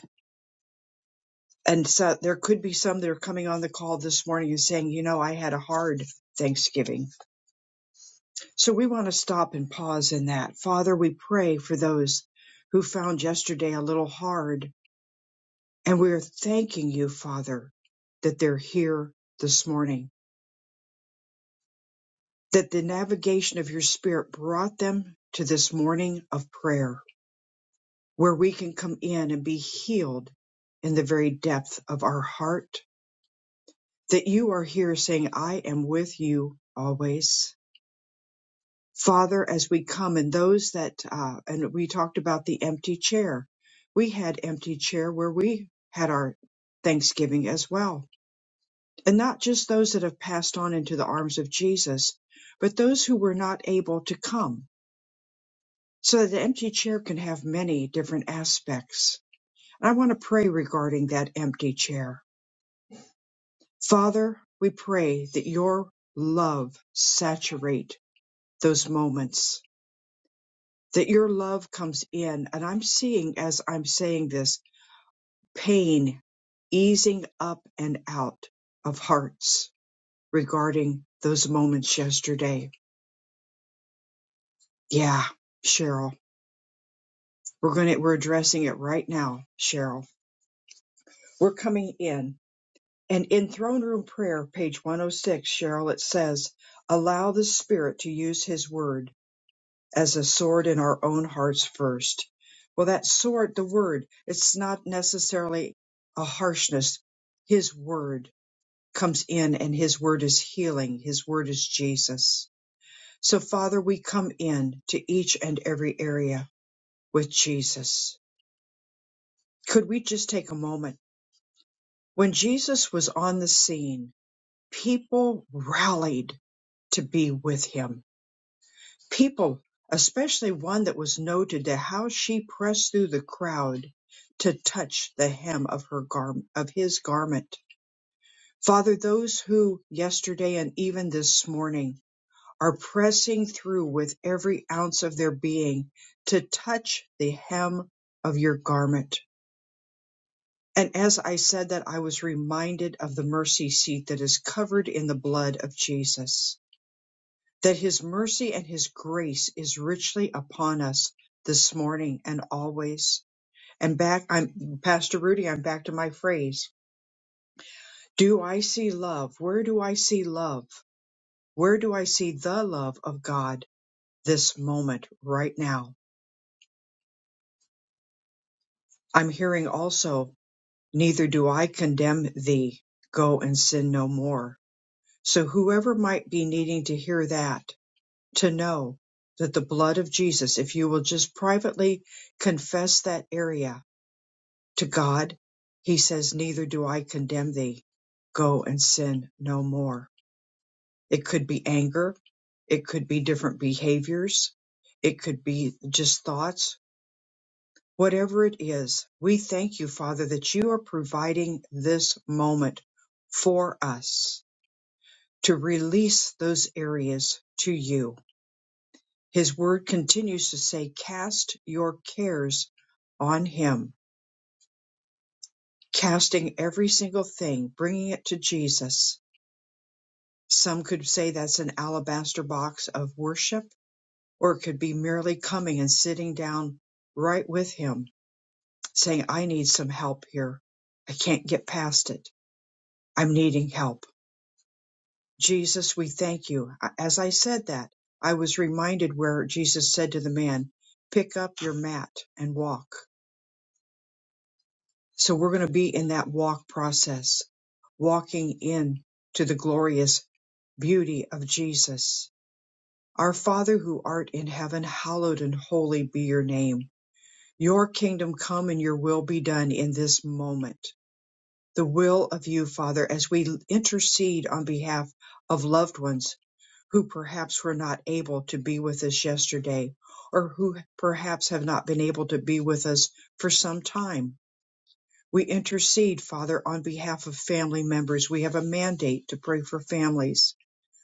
Speaker 1: And so there could be some that are coming on the call this morning and saying, you know, I had a hard Thanksgiving. So we want to stop and pause in that. Father, we pray for those who found yesterday a little hard. And we're thanking you, Father, that they're here this morning, that the navigation of your spirit brought them to this morning of prayer where we can come in and be healed in the very depth of our heart, that you are here saying, I am with you always. Father, as we come and those that, uh, and we talked about the empty chair. We had empty chair where we had our Thanksgiving as well. And not just those that have passed on into the arms of Jesus, but those who were not able to come. So that the empty chair can have many different aspects. And I want to pray regarding that empty chair. Father, we pray that your love saturate those moments, that your love comes in. And I'm seeing as I'm saying this pain easing up and out of hearts regarding those moments yesterday. Yeah, Cheryl, we're going to, we're addressing it right now, Cheryl. We're coming in and in throne room prayer, page 106, Cheryl, it says, allow the spirit to use his word as a sword in our own hearts first. Well, that sword, the word, it's not necessarily a harshness. His word comes in and his word is healing. His word is Jesus. So Father, we come in to each and every area with Jesus. Could we just take a moment? When Jesus was on the scene, people rallied to be with him People, especially one that was noted to how she pressed through the crowd to touch the hem of her garment of his garment. Father, those who yesterday and even this morning are pressing through with every ounce of their being to touch the hem of your garment. And as I said that, I was reminded of the mercy seat that is covered in the blood of Jesus that his mercy and his grace is richly upon us this morning and always. And back, I'm Pastor Rudy, I'm back to my phrase. Do I see love? Where do I see love? Where do I see the love of God this moment, right now? I'm hearing also, neither do I condemn thee. Go and sin no more. So whoever might be needing to hear that, to know that the blood of Jesus, if you will just privately confess that area to God, He says, Neither do I condemn thee. Go and sin no more. It could be anger. It could be different behaviors. It could be just thoughts. Whatever it is, we thank you, Father, that you are providing this moment for us to release those areas to you His word continues to say, Cast your cares on Him, casting every single thing, bringing it to Jesus. Some could say that's an alabaster box of worship, or it could be merely coming and sitting down right with Him, saying, I need some help here. I can't get past it. I'm needing help. Jesus, we thank you. As I said that, I was reminded where Jesus said to the man, Pick up your mat and walk So we're going to be in that walk process, walking in to the glorious beauty of Jesus. Our Father who art in heaven, hallowed and holy be your name. Your kingdom come and your will be done in this moment. The will of you, Father, as we intercede on behalf of loved ones who perhaps were not able to be with us yesterday or who perhaps have not been able to be with us for some time We intercede, Father, on behalf of family members. We have a mandate to pray for families.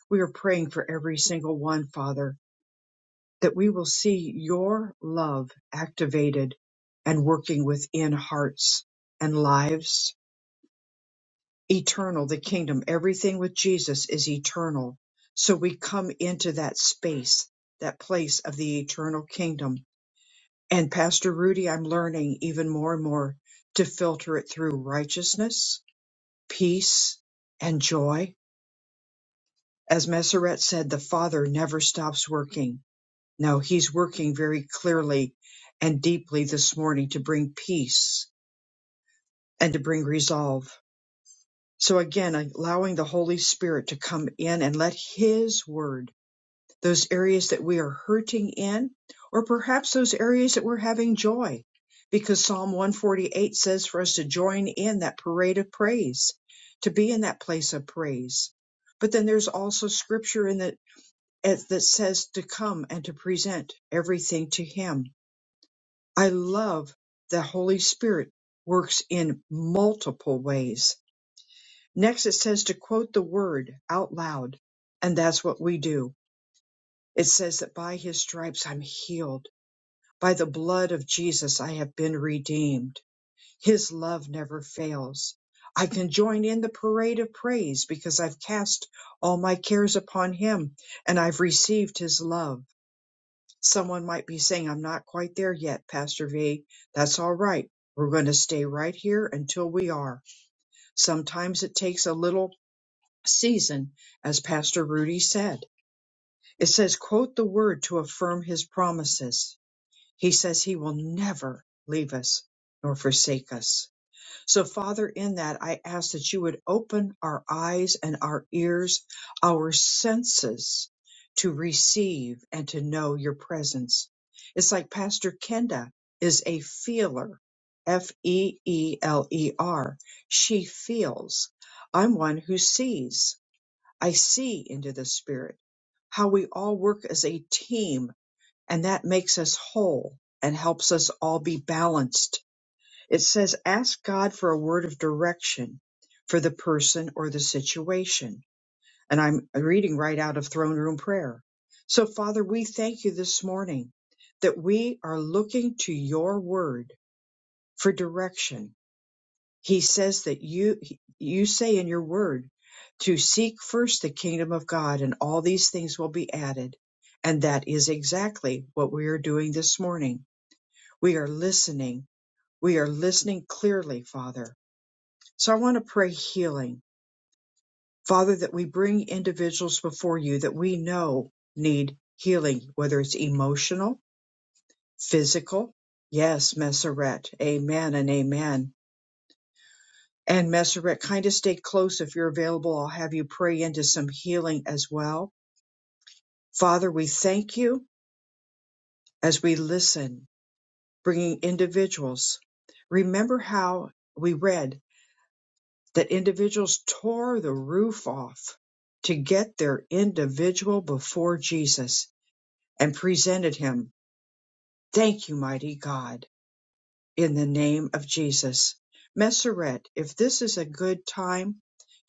Speaker 1: We are praying for every single one, Father, that we will see your love activated and working within hearts and lives. Eternal, the kingdom, everything with Jesus is eternal. So we come into that space, that place of the eternal kingdom. And Pastor Rudy, I'm learning even more and more to filter it through righteousness peace and joy. As Messeret said, the Father never stops working. No, He's working very clearly and deeply this morning to bring peace and to bring resolve. So again, allowing the Holy Spirit to come in and let His word those areas that we are hurting in, or perhaps those areas that we're having joy. Because Psalm 148 says for us to join in that parade of praise, to be in that place of praise. But then there's also scripture in that as- that says to come and to present everything to Him. I love the Holy Spirit works in multiple ways. Next, it says to quote the word out loud, and that's what we do it says that by his stripes I'm healed. By the blood of Jesus, I have been redeemed. His love never fails. I can join in the parade of praise because I've cast all my cares upon him and I've received his love. Someone might be saying, I'm not quite there yet, Pastor V. That's all right. We're going to stay right here until we are. Sometimes it takes a little season, as Pastor Rudy said. It says, quote the word to affirm his promises. He says he will never leave us nor forsake us. So, Father, in that, I ask that you would open our eyes and our ears, our senses to receive and to know your presence. It's like Pastor Kenda is a feeler. F E E L E R. She feels. I'm one who sees. I see into the spirit. How we all work as a team and that makes us whole and helps us all be balanced. It says, ask God for a word of direction for the person or the situation. And I'm reading right out of throne room prayer. So, Father, we thank you this morning that we are looking to your word for direction. He says that you, you say in your word to seek first the kingdom of God and all these things will be added. And that is exactly what we are doing this morning we are listening. We are listening clearly, Father. So I want to pray healing. Father, that we bring individuals before you that we know need healing, whether it's emotional, physical. Yes, Messeret. Amen and amen. And Messeret, kind of stay close if you're available. I'll have you pray into some healing as well. Father, we thank you as we listen, bringing individuals. Remember how we read that individuals tore the roof off to get their individual before Jesus and presented him. Thank you, mighty God, in the name of Jesus. Messeret, if this is a good time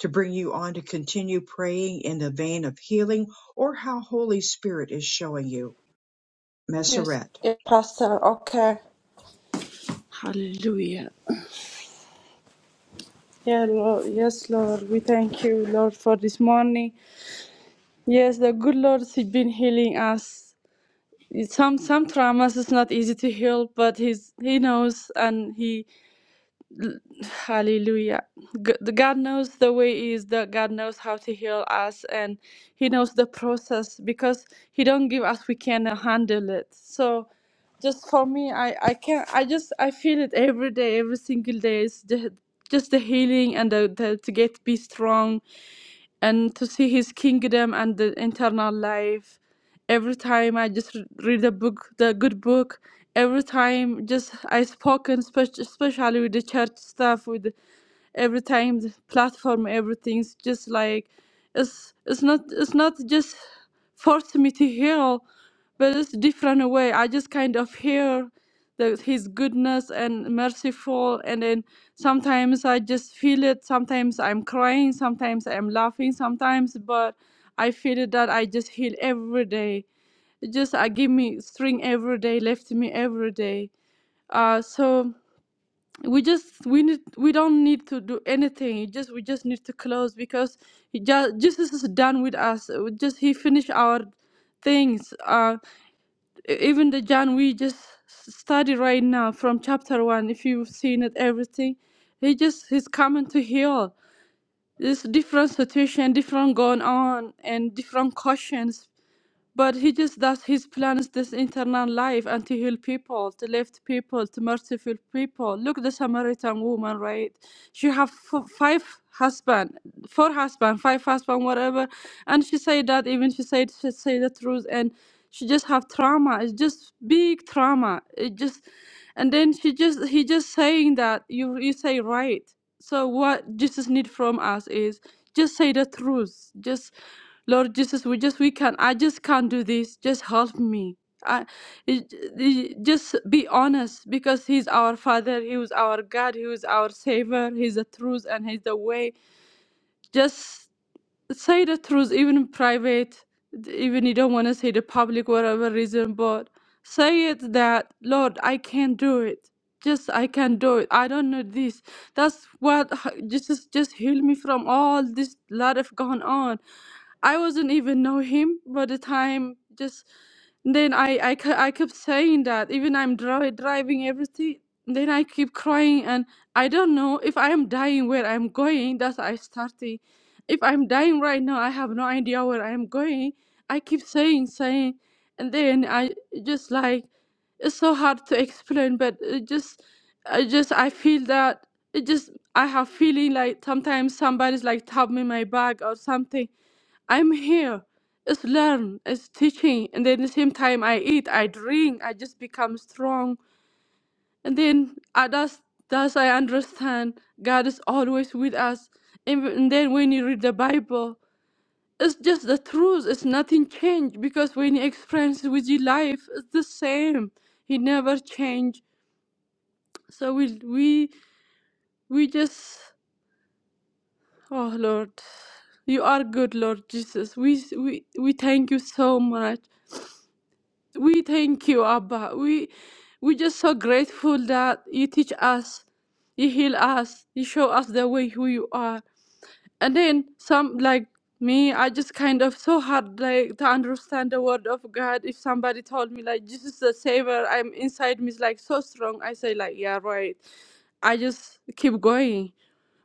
Speaker 1: to bring you on to continue praying in the vein of healing or how Holy Spirit is showing you.
Speaker 3: Yes,
Speaker 1: Messeret,
Speaker 3: yeah, Pastor. Okay. Hallelujah. Yeah, Lord. Yes, Lord. We thank you, Lord, for this morning. Yes, the good Lord has been healing us. Some some traumas is not easy to heal, but he's he knows and he Hallelujah. G- God knows the way he is that God knows how to heal us and he knows the process because he don't give us we can handle it. So just for me I I can I just I feel it every day every single day It's the, just the healing and the, the to get be strong and to see his kingdom and the internal life. Every time I just re- read a book the good book every time just I spoken spe- especially with the church stuff with every time the platform everything's just like it's it's not it's not just force me to heal but it's different way i just kind of hear the, his goodness and merciful and then sometimes i just feel it sometimes i'm crying sometimes i'm laughing sometimes but i feel it that i just heal every day it just i give me string every day lift me every day uh so we just we need we don't need to do anything you just we just need to close because he just jesus is done with us Uh, just he finished our things uh e- even the john we just s- study right now from chapter one if you've seen it everything he just he's coming to heal there's different situation different going on and different questions but he just does his plans, this internal life and to heal people, to lift people, to merciful people. Look, the Samaritan woman, right? She have f- five husband, four husband, five husband, whatever, and she said that even she said she say the truth, and she just have trauma. It's just big trauma. It just, and then she just he just saying that you you say right. So what Jesus need from us is just say the truth. Just Lord Jesus, we just we can I just can't do this. Just help me. I it- it- just be honest because he's our father, he was our God, he was our savior, he's the truth and he's the way. Just say the truth, even in private, even you don't want to say the public, whatever reason, but say it that, Lord, I can't do it. Just I can not do it. I don't know this. That's what h- Jesus just heal me from all this lot of gone on. I wasn't even know him by the time. Just then I I, ke- I kept saying that even I'm dri- driving everything. Then I keep crying and I don't know if I am dying where I'm going. That's I starting if I'm dying right now, I have no idea where I'm going. I keep saying, saying, and then I just like it's so hard to explain, but it just, I just I feel that it just I have feeling like sometimes somebody's like tap me my back or something. I'm here. It's learn, it's teaching, and then the same time I eat, I drink, I just become strong, and then I that's that's I understand God is always with us, and, and then when you read the Bible it's just the truth. It's nothing changed because when you experience with your life, it's the same. He never changed. So we we we just oh Lord, you are good, Lord Jesus. We we we thank you so much. We thank you, Abba. We we just so grateful that you teach us, you heal us, you show us the way who you are. And then some like me, I just kind of so hard like to understand the word of God. If somebody told me like Jesus is the savior, I'm inside me is like so strong. I say like yeah right. I just keep going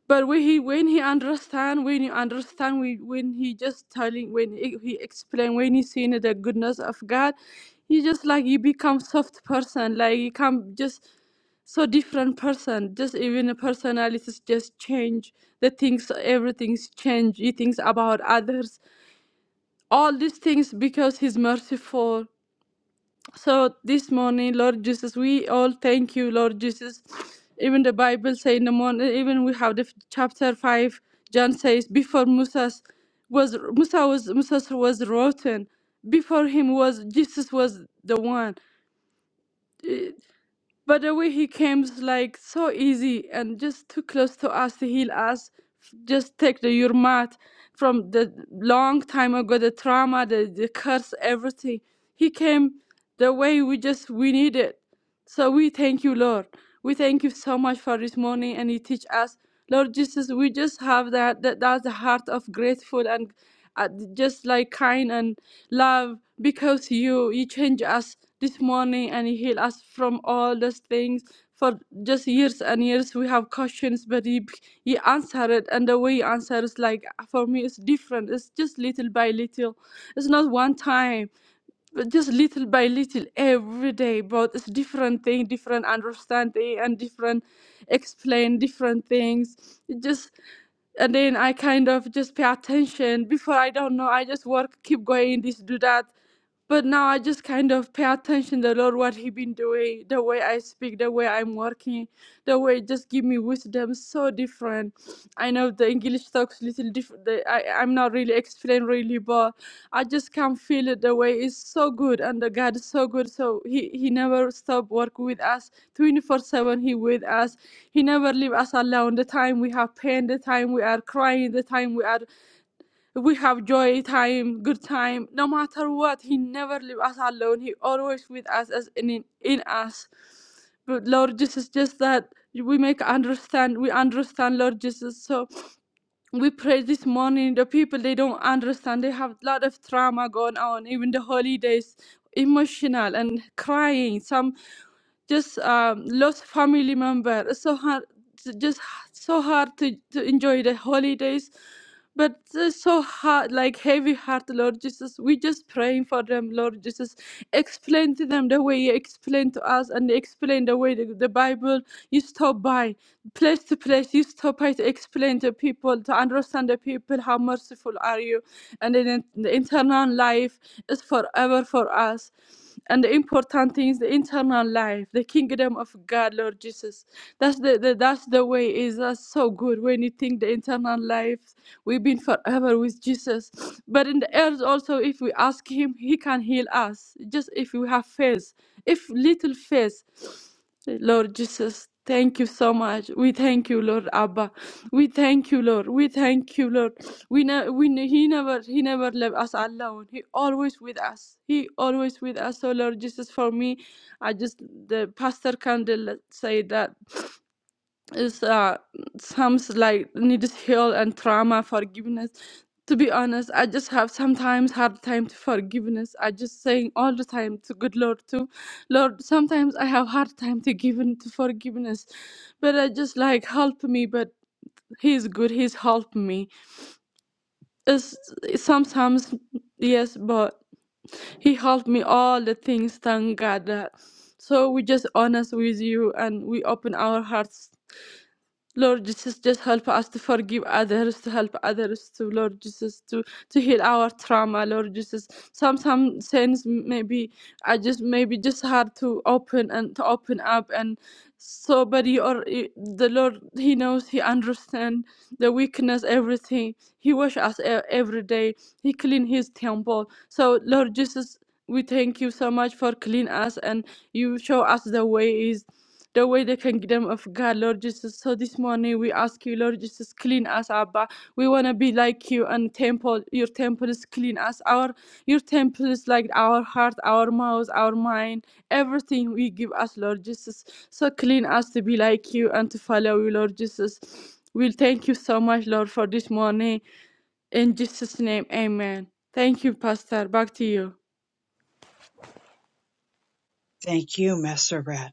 Speaker 3: but when he when he understand, when you understand, when, when he just telling, when he, he explain, when he seeing the goodness of God, he just like you become soft person, like you come just so different person. Just even the personalities just change. The things, everything's change. He thinks about others. All these things because he's merciful. So this morning, Lord Jesus, we all thank you, Lord Jesus. Even the Bible say in the morning, even we have the f- chapter five. John says, before Musa's was Musa was Musa was rotten. Before him was Jesus was the one. But the way he came is like so easy and just too close to us to heal us. Just take the yurmat from the long time ago, the trauma, the, the curse, everything. He came the way we just we needed. So we thank you, Lord. We thank you so much for this morning and you teach us. Lord Jesus, we just have that, that that's the heart of grateful and uh, just like kind and love because you you change us this morning and you heal us from all those things. For just years and years we have questions, but you, you answer it and the way you answer is like for me it's different. It's just little by little. It's not one time. But just little by little every day but it's different thing different understanding and different explain different things it just and then i kind of just pay attention before i don't know i just work keep going this do that but now I just kind of pay attention to the Lord what He been doing, the way I speak, the way I'm working, the way just give me wisdom so different. I know the English talks little different. the- I I'm not really explain really, but I just can feel it the way is so good and the God is so good. So He He never stop work with us, 24/7 He with us. He never leave us alone. The time we have pain, the time we are crying, the time we are we have joy time, good time. No matter what, He never leave us alone. He always with us as in in, us. But Lord Jesus, just that we make understand. We understand, Lord Jesus. So we pray this morning the people they don't understand they have a lot of trauma going on even the holidays emotional and crying some just um, lost family member it's so hard it's just so hard to, to enjoy the holidays but it's so hard like heavy heart lord jesus we just praying for them lord jesus explain to them the way you explain to us and explain the way the, the bible you stop by place to place use Topai to explain to people to understand the people how merciful are you and then the internal life is forever for us and the important thing is the internal life the kingdom of god lord jesus that's the, the that's the way is that's so good when you think the internal life we've been forever with jesus but in the earth also if we ask him he can heal us just if we have faith if little faith Lord Jesus, thank you so much. We thank you, Lord Abba. We thank you, Lord. We thank you, Lord. We ne- we ne- he never he never left us alone. He always with us. He always with us. So Lord Jesus, for me, I just the pastor candle said that is uh, sounds like needs heal and trauma forgiveness to be honest i just have sometimes hard time to forgiveness i just saying all the time to good lord too lord sometimes i have hard time to give in to forgiveness but i just like help me but he's good he's helped me it's, sometimes yes but he helped me all the things thank god that so we just honest with you and we open our hearts Lord Jesus, just help us to forgive others, to help others to, Lord Jesus, to, to heal our trauma, Lord Jesus. Some some sins maybe I just maybe just hard to open and to open up and somebody or i- the Lord He knows He understands the weakness, everything. He wash us e- every day. He clean His temple. So Lord Jesus, we thank you so much for clean us and you show us the way is the way the kingdom of God, Lord Jesus. So this morning we ask you, Lord Jesus, clean us, Abba. We want to be like you and temple, your temple is clean us. Our your temple is like our heart, our mouth, our mind, everything we give us, Lord Jesus. So clean us to be like you and to follow you, Lord Jesus. We'll thank you so much, Lord, for this morning. In Jesus' name, amen. Thank you, Pastor. Back to you.
Speaker 1: thank you, Messeret.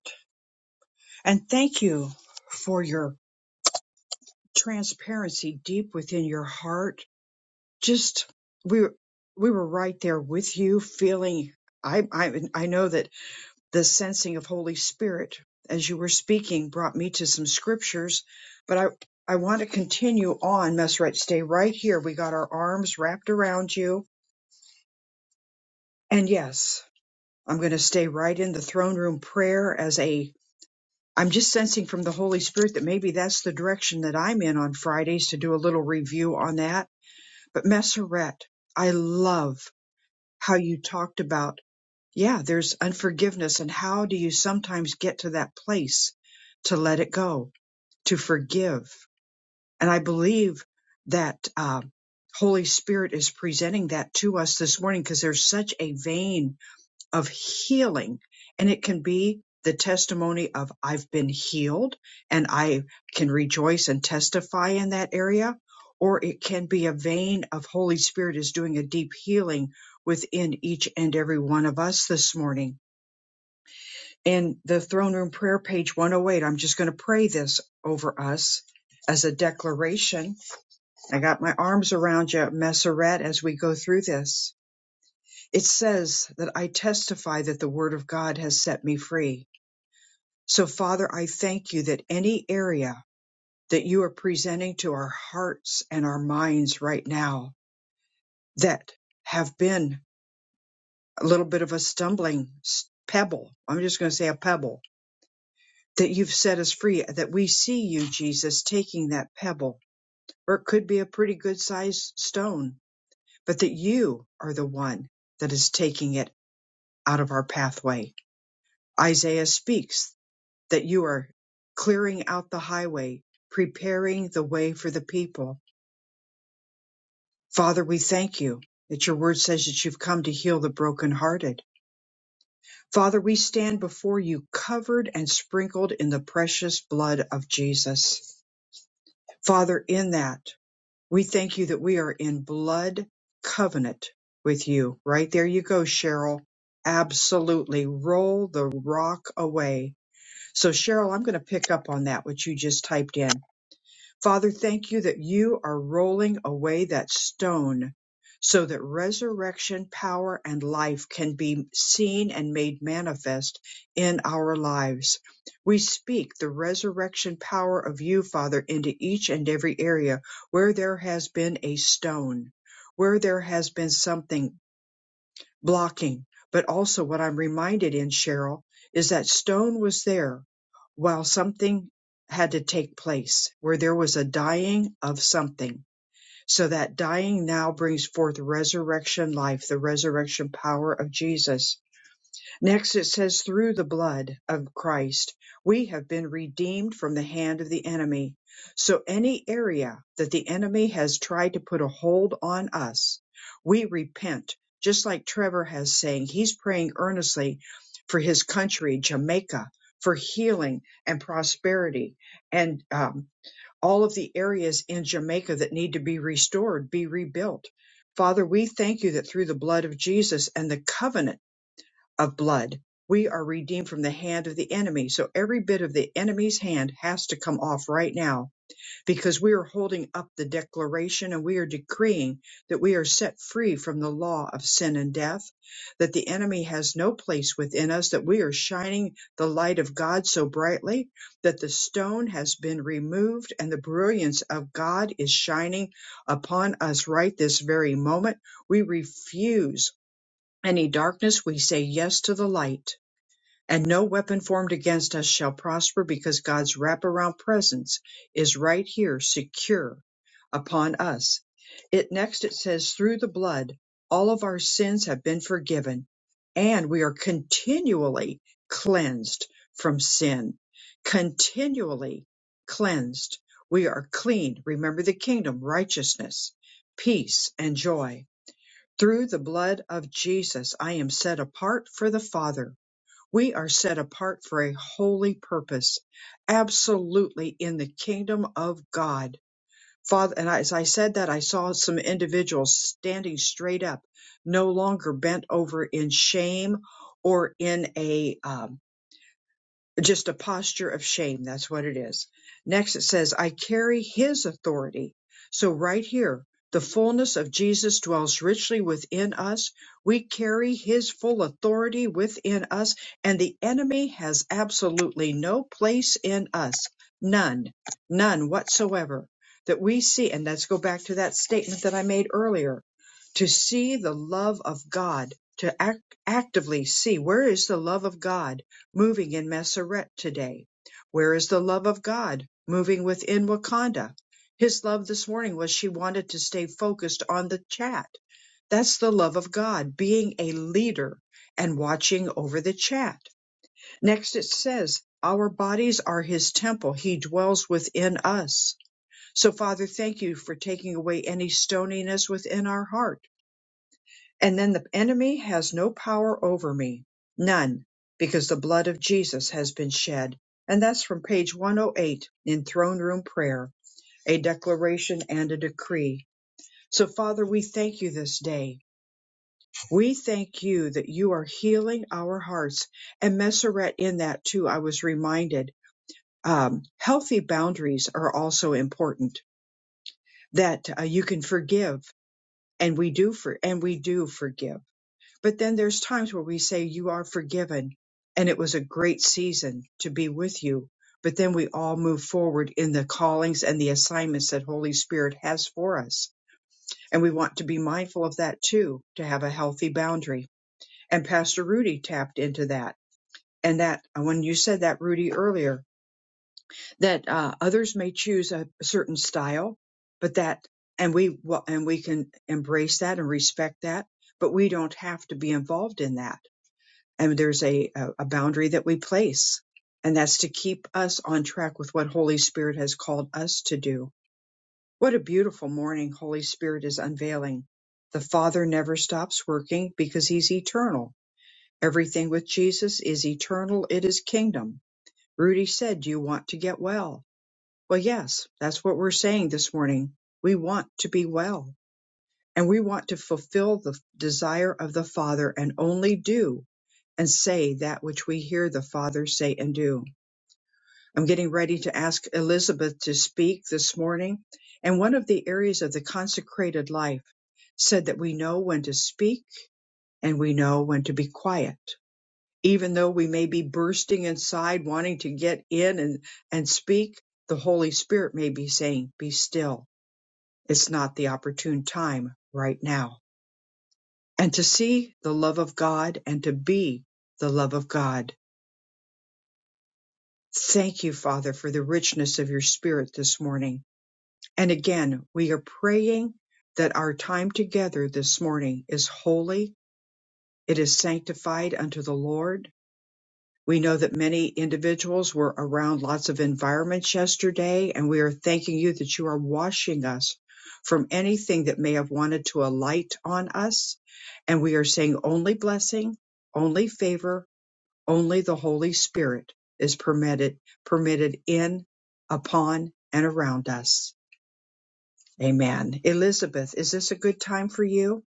Speaker 1: And thank you for your transparency deep within your heart just we were- we were right there with you feeling I, I I know that the sensing of Holy Spirit as you were speaking brought me to some scriptures, but I I want to continue on, Messerette. Stay right here. We got our arms wrapped around you. And yes, I'm going to stay right in the throne room prayer as a I'm just sensing from the Holy Spirit that maybe that's the direction that I'm in on Fridays to do a little review on that. But Messerette, I love how you talked about, yeah, there's unforgiveness and how do you sometimes get to that place to let it go, to forgive. And I believe that uh, Holy Spirit is presenting that to us this morning because there's such a vein of healing. And it can be the testimony of I've been healed and I can rejoice and testify in that area. Or it can be a vein of Holy Spirit is doing a deep healing within each and every one of us this morning. In the throne room prayer page 108, I'm just going to pray this over us as a declaration. I got my arms around you, Messeret, as we go through this. It says that I testify that the word of God has set me free. So, Father, I thank you that any area that you are presenting to our hearts and our minds right now that have been a little bit of a stumbling pebble, I'm just going to say a pebble, that you've set us free, that we see you, Jesus, taking that pebble, or it could be a pretty good sized stone, but that you are the one that is taking it out of our pathway. Isaiah speaks that you are clearing out the highway, preparing the way for the people. Father, we thank you that your word says that you've come to heal the brokenhearted. Father, we stand before you covered and sprinkled in the precious blood of Jesus. Father, in that, we thank you that we are in blood covenant with you. Right there you go, Cheryl. Absolutely. Roll the rock away. So, Cheryl, I'm going to pick up on that, what you just typed in Father, thank you that you are rolling away that stone so that resurrection power and life can be seen and made manifest in our lives. We speak the resurrection power of you, Father, into each and every area where there has been a stone, where there has been something blocking. But also what I'm reminded in Cheryl is that stone was there while something had to take place where there was a dying of something. So that dying now brings forth resurrection life, the resurrection power of Jesus Next it says, through the blood of Christ, we have been redeemed from the hand of the enemy. So any area that the enemy has tried to put a hold on us, we repent. Just like Trevor has saying, he's praying earnestly for his country, Jamaica, for healing and prosperity and um, all of the areas in Jamaica that need to be restored, be rebuilt. Father, we thank you that through the blood of Jesus and the covenant of blood. We are redeemed from the hand of the enemy. So every bit of the enemy's hand has to come off right now because we are holding up the declaration and we are decreeing that we are set free from the law of sin and death, that the enemy has no place within us, that we are shining the light of God so brightly that the stone has been removed and the brilliance of God is shining upon us right this very moment. We refuse any darkness, we say yes to the light. And no weapon formed against us shall prosper because God's wraparound presence is right here, secure upon us. It next, it says, through the blood, all of our sins have been forgiven and we are continually cleansed from sin, continually cleansed. We are clean. Remember the kingdom, righteousness, peace, and joy through the blood of Jesus, I am set apart for the Father. We are set apart for a holy purpose, absolutely in the kingdom of God. Father, and as I said that, I saw some individuals standing straight up, no longer bent over in shame or in a um, just a posture of shame. That's what it is. Next, it says, I carry his authority. So, right here, the fullness of Jesus dwells richly within us. We carry his full authority within us, and the enemy has absolutely no place in us. None, none whatsoever that we see. And let's go back to that statement that I made earlier to see the love of God, to act, actively see where is the love of God moving in Maseret today? Where is the love of God moving within Wakanda? His love this morning was she wanted to stay focused on the chat. That's the love of God, being a leader and watching over the chat. Next, it says, Our bodies are his temple. He dwells within us. So, Father, thank you for taking away any stoniness within our heart and then the enemy has no power over me, none, because the blood of Jesus has been shed. And that's from page 108 in Throne Room Prayer, a declaration and a decree. So, Father, we thank you this day. We thank you that you are healing our hearts. And Messeret, in that too, I was reminded um, healthy boundaries are also important, that uh, you can forgive, and we do for, and we do forgive But then there's times where we say, You are forgiven, and it was a great season to be with you. But then we all move forward in the callings and the assignments that Holy Spirit has for us. And we want to be mindful of that too, to have a healthy boundary. And Pastor Rudy tapped into that. And that, uh, when you said that, Rudy, earlier, that uh, others may choose a certain style, but that, and we, well, and we can embrace that and respect that, but we don't have to be involved in that and there's a, a boundary that we place and that's to keep us on track with what holy spirit has called us to do what a beautiful morning holy spirit is unveiling the father never stops working because he's eternal everything with jesus is eternal it is kingdom rudy said do you want to get well well yes that's what we're saying this morning we want to be well and we want to fulfill the desire of the Father and only do and say that which we hear the Father say and do. I'm getting ready to ask Elizabeth to speak this morning, and one of the areas of the consecrated life said that we know when to speak and we know when to be quiet. Even though we may be bursting inside, wanting to get in and, and speak, the Holy Spirit may be saying, Be still. It's not the opportune time right now and to see the love of God and to be the love of God. Thank you, Father, for the richness of your spirit this morning. And again, we are praying that our time together this morning is holy. It is sanctified unto the Lord. We know that many individuals were around lots of environments yesterday, and we are thanking you that you are washing us from anything that may have wanted to alight on us. And we are saying only blessing, only favor, Only the Holy Spirit is permitted permitted in, upon, and around us. Amen. Elizabeth, is this a good time for you?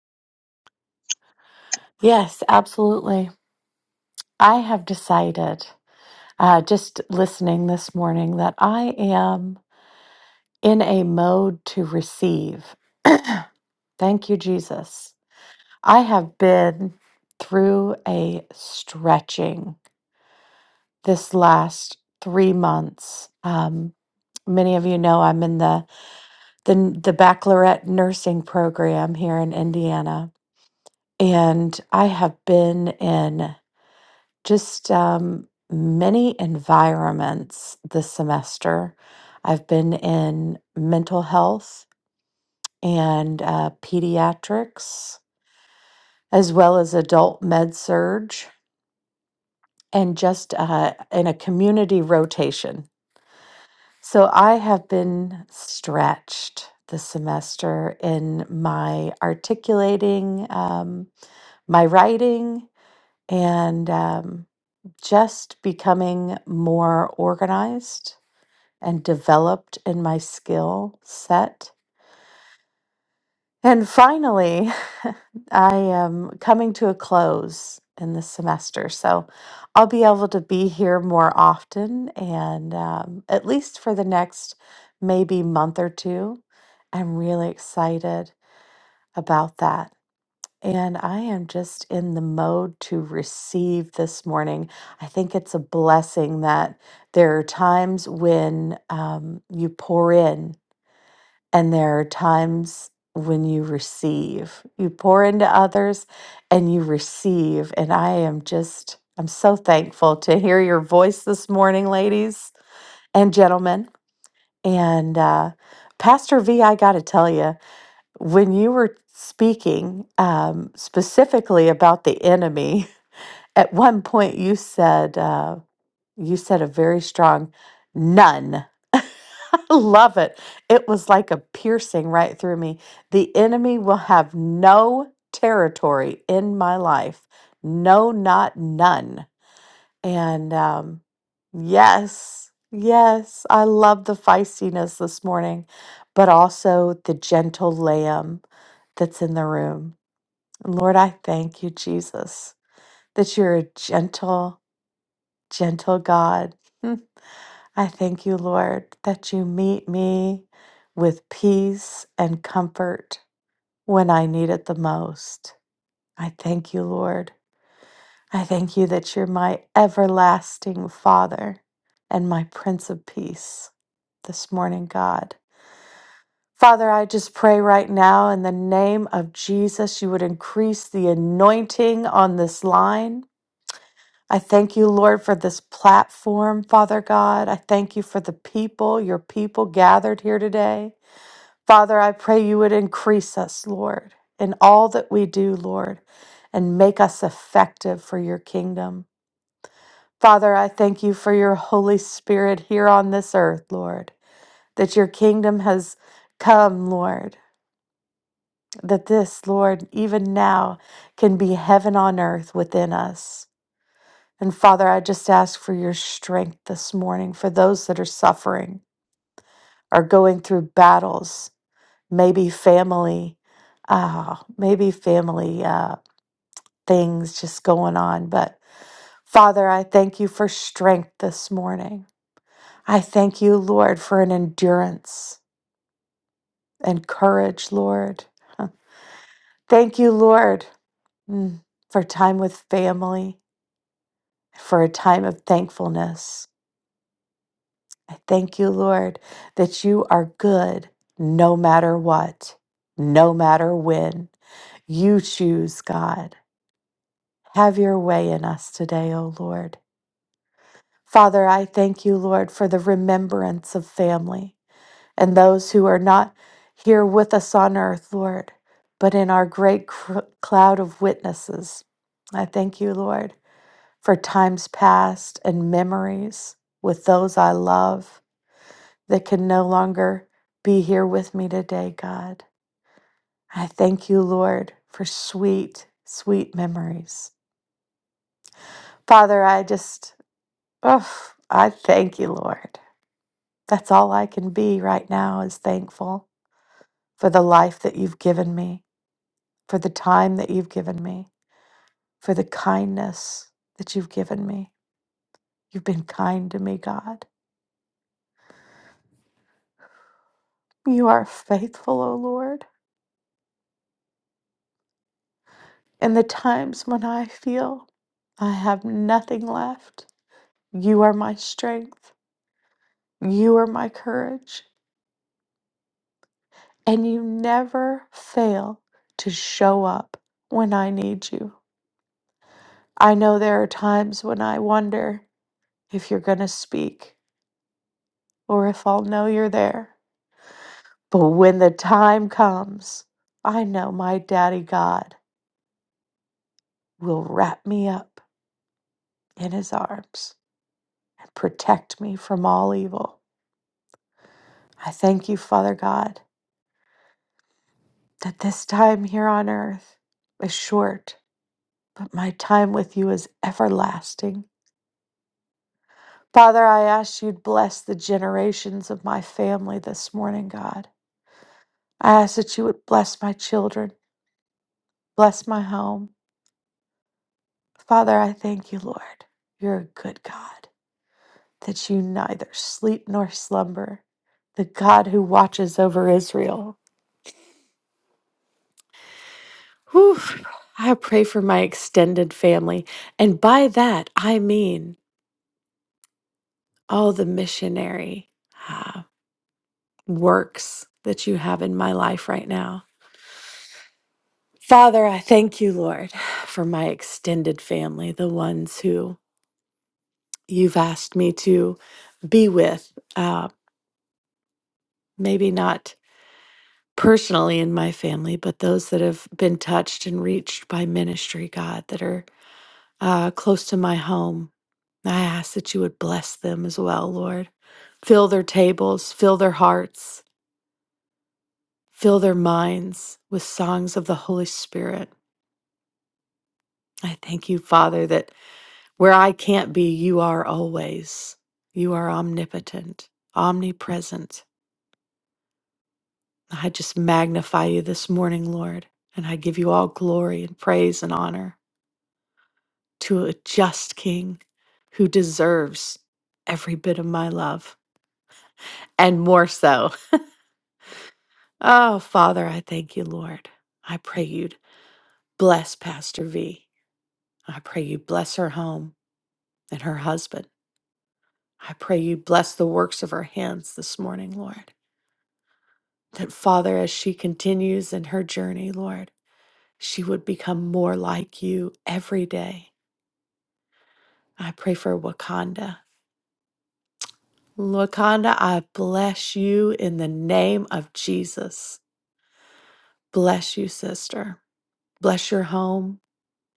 Speaker 6: Yes, absolutely. I have decided, uh, just listening this morning, that I am in a mode to receive. Thank you, Jesus. I have been through a stretching this last three months. Um, many of you know I'm in the, the the baccalaureate nursing program here in Indiana, and I have been in. just um, many environments this semester. I've been in mental health and uh, pediatrics, as well as adult med surge, and just uh, in a community rotation. So I have been stretched this semester in my articulating, um, my writing, and um, just becoming more organized and developed in my skill set. And finally, I am coming to a close in this semester. So I'll be able to be here more often and um, at least for the next maybe month or two. I'm really excited about that. And I am just in the mode to receive this morning. I think it's a blessing that there are times when um, you pour in And there are times when you receive, you pour into others and you receive. And I am just, I'm so thankful to hear your voice this morning, ladies and gentlemen. And uh, Pastor V, I got to tell you, when you were speaking um, specifically about the enemy, at one point you said, uh, you said a very strong none. Love it. It was like a piercing right through me. The enemy will have no territory in my life. No, not none. And um, yes, yes, I love the feistiness this morning, but also the gentle lamb that's in the room. Lord, I thank you, Jesus, that you're a gentle, gentle God. I thank you, Lord, that you meet me with peace and comfort when I need it the most. I thank you, Lord. I thank you that you're my everlasting Father and my Prince of Peace this morning, God. Father, I just pray right now in the name of Jesus, you would increase the anointing on this line. I thank you, Lord, for this platform, Father God. I thank you for the people, your people gathered here today. Father, I pray you would increase us, Lord, in all that we do, Lord, and make us effective for your kingdom. Father, I thank you for your Holy Spirit here on this earth, Lord, that your kingdom has come, Lord, that this, Lord, even now can be heaven on earth within us. And Father, I just ask for your strength this morning for those that are suffering are going through battles, maybe family, uh, maybe family uh, things just going on. But Father, I thank you for strength this morning. I thank you, Lord, for an endurance and courage, Lord. Huh. Thank you, Lord, mm, for time with family, for a time of thankfulness. Thank you, Lord, that you are good no matter what, no matter when. You choose, God. Have your way in us today, O Lord. Father, I thank you, Lord, for the remembrance of family and those who are not here with us on earth, Lord, but in our great cr- cloud of witnesses. I thank you, Lord, for times past and memories with those I love. that can no longer be here with me today, God. I thank you, Lord, for sweet, sweet memories. Father, I just, oh, I thank you, Lord. That's all I can be right now is thankful for the life that you've given me, for the time that you've given me, for the kindness that you've given me. You've been kind to me, God. You are faithful, O Lord. In the times when I feel I have nothing left, You are my strength. You are my courage. And you never fail to show up when I need you. I know there are times when I wonder if you're going to speak or if I'll know you're there. But when the time comes, I know my daddy God will wrap me up in his arms and protect me from all evil. I thank you, Father God, that this time here on earth is short but my time with you is everlasting. Father, I ask you to bless the generations of my family this morning, God. I ask that you would bless my children, bless my home. Father, I thank you, Lord. You're a good God, that you neither sleep nor slumber, the God who watches over Israel. Whew. I pray for my extended family, and by that I mean all the missionary uh, works that you have in my life right now. Father, I thank you, Lord, for my extended family, the ones who you've asked me to be with, uh, maybe not personally in my family, but those that have been touched and reached by ministry, God, that are uh, close to my home. I ask that you would bless them as well, Lord. Fill their tables, fill their hearts, fill their minds with songs of the Holy Spirit. I thank you, Father, that Where I can't be, you are always. You are omnipotent, omnipresent. I just magnify you this morning, Lord, and I give you all glory and praise and honor to a just King who deserves every bit of my love and more so. Oh, Father, I thank you, Lord. I pray you'd bless Pastor V. I pray you bless her home and her husband. I pray you bless the works of her hands this morning, Lord. That, Father, as she continues in her journey, Lord, she would become more like you every day. I pray for Wakanda. Wakanda, I bless you in the name of Jesus. Bless you, sister. Bless your home.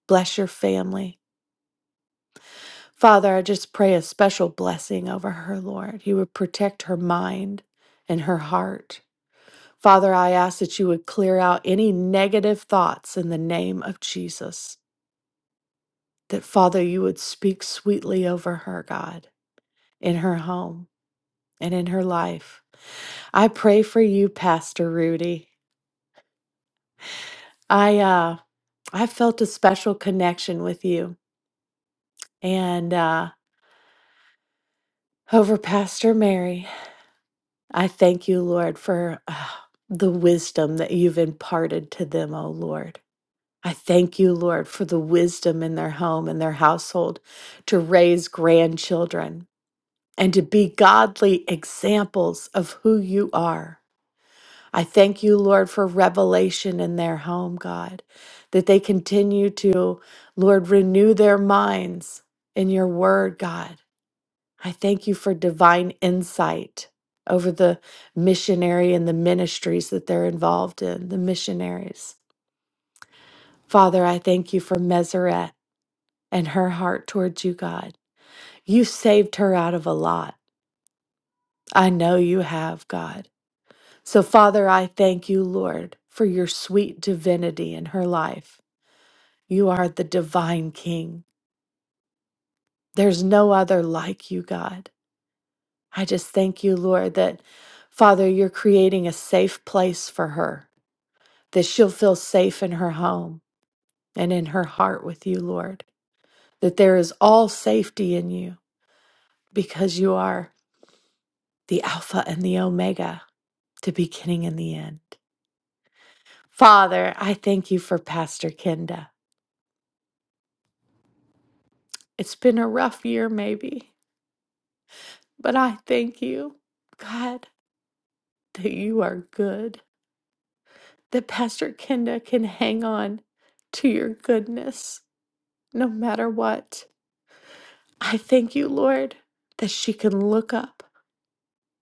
Speaker 6: Bless your family. Father, I just pray a special blessing over her, Lord. You would protect her mind and her heart. Father, I ask that you would clear out any negative thoughts in the name of Jesus. that Father, you would speak sweetly over her, God, in her home and in her life. I pray for you, Pastor Rudy. I uh I felt a special connection with you and uh over Pastor Mary. I thank you, Lord, for uh, the wisdom that you've imparted to them, O Lord. I thank you, Lord, for the wisdom in their home and their household to raise grandchildren. and to be godly examples of who you are. I thank you, Lord, for revelation in their home, God, that they continue to, Lord, renew their minds in your word, God. I thank you for divine insight over the missionary and the ministries that they're involved in, the missionaries. Father, I thank you for Meseret and her heart towards you, God. You saved her out of a lot. I know you have, God. So, Father, I thank you, Lord, for your sweet divinity in her life. You are the divine King. There's no other like you, God. I just thank you, Lord, that, Father, you're creating a safe place for her, that she'll feel safe in her home and in her heart with you, Lord, that there is all safety in you because you are the Alpha and the Omega, the beginning and the end. Father, I thank you for Pastor Kenda. It's been a rough year, maybe, but I thank you, God, that you are good, that Pastor Kenda can hang on to your goodness no matter what. I thank you, Lord, that she can look up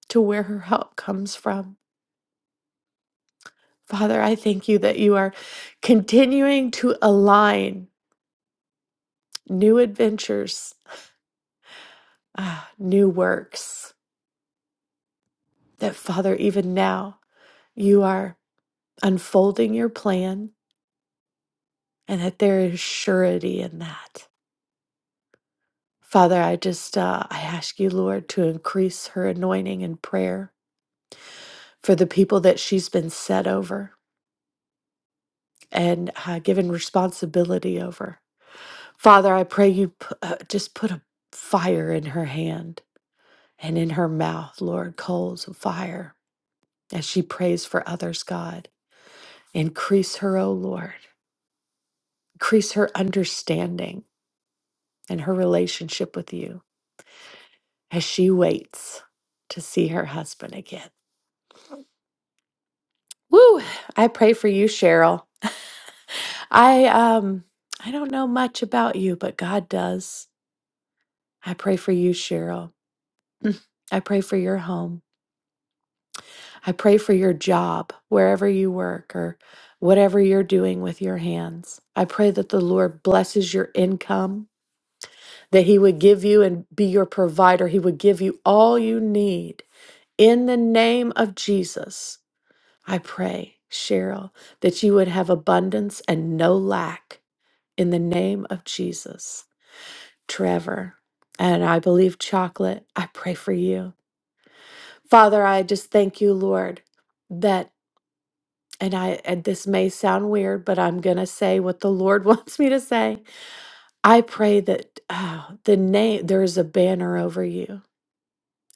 Speaker 6: to where her help comes from. Father, I thank you that you are continuing to align new adventures, ah, new works, that Father, even now, you are unfolding your plan and that there is surety in that. Father, I just uh, I ask you, Lord, to increase her anointing and prayer for the people that she's been set over and uh, given responsibility over. Father, I pray you p- uh, just put a fire in her hand and in her mouth, Lord, coals of fire as she prays for others. God, increase her, O Lord, increase her understanding and her relationship with you. as she waits to see her husband again. Woo! I pray for you, Cheryl. I um I don't know much about you, but God does. I pray for you, Cheryl. I pray for your home. I pray for your job, wherever you work or whatever you're doing with your hands. I pray that the Lord blesses your income, that he would give you and be your provider. He would give you all you need in the name of Jesus. I pray, Cheryl, that you would have abundance and no lack in the name of Jesus. Trevor, and I believe chocolate, I pray for you. Father, I just thank you, Lord, that and I and this may sound weird, but I'm going to say what the Lord wants me to say. I pray that oh, the name there is a banner over you,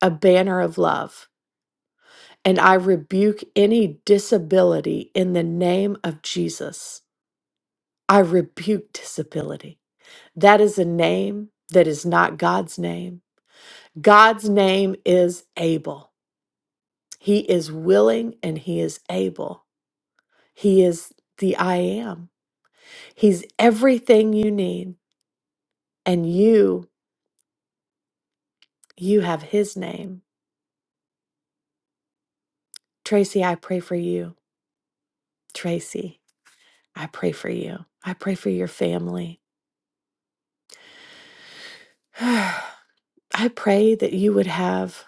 Speaker 6: a banner of love. And I rebuke any disability in the name of Jesus. I rebuke disability. That is a name that is not God's name. God's name is able. He is willing and he is able. He is the I am. He's everything you need. And you, you have his name. Tracy, I pray for you. Tracy, I pray for you. I pray for your family. I pray that you would have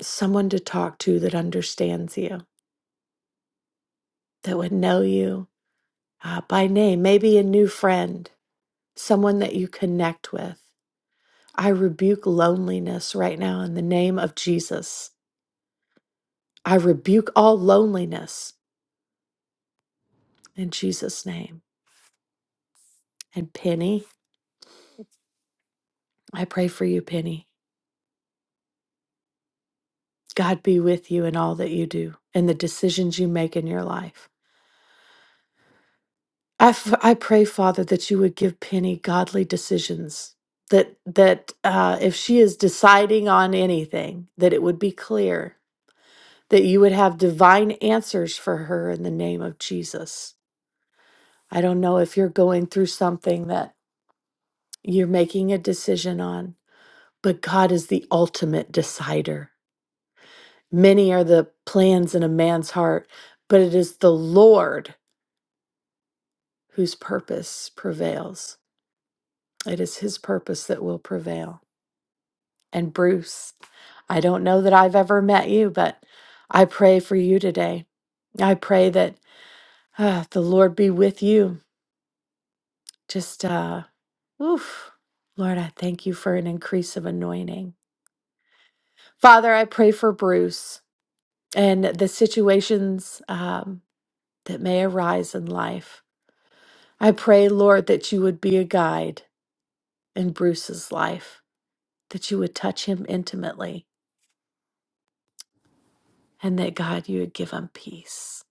Speaker 6: someone to talk to that understands you, that would know you, uh, by name, maybe a new friend, someone that you connect with. I rebuke loneliness right now in the name of Jesus. I rebuke all loneliness in Jesus' name. And Penny, I pray for you, Penny. God be with you in all that you do and the decisions you make in your life. I, f- I pray, Father, that you would give Penny godly decisions. That that uh, if she is deciding on anything, that it would be clear that you would have divine answers for her in the name of Jesus. I don't know if you're going through something that you're making a decision on, but God is the ultimate decider. Many are the plans in a man's heart, but it is the Lord whose purpose prevails. It is his purpose that will prevail. And Bruce, I don't know that I've ever met you, but I pray for you today. I pray that uh, the Lord be with you. Just, uh, Oof. Lord, I thank you for an increase of anointing. Father, I pray for Bruce and the situations um, that may arise in life. I pray, Lord, that you would be a guide in Bruce's life, that you would touch him intimately, and that God, you would give him peace.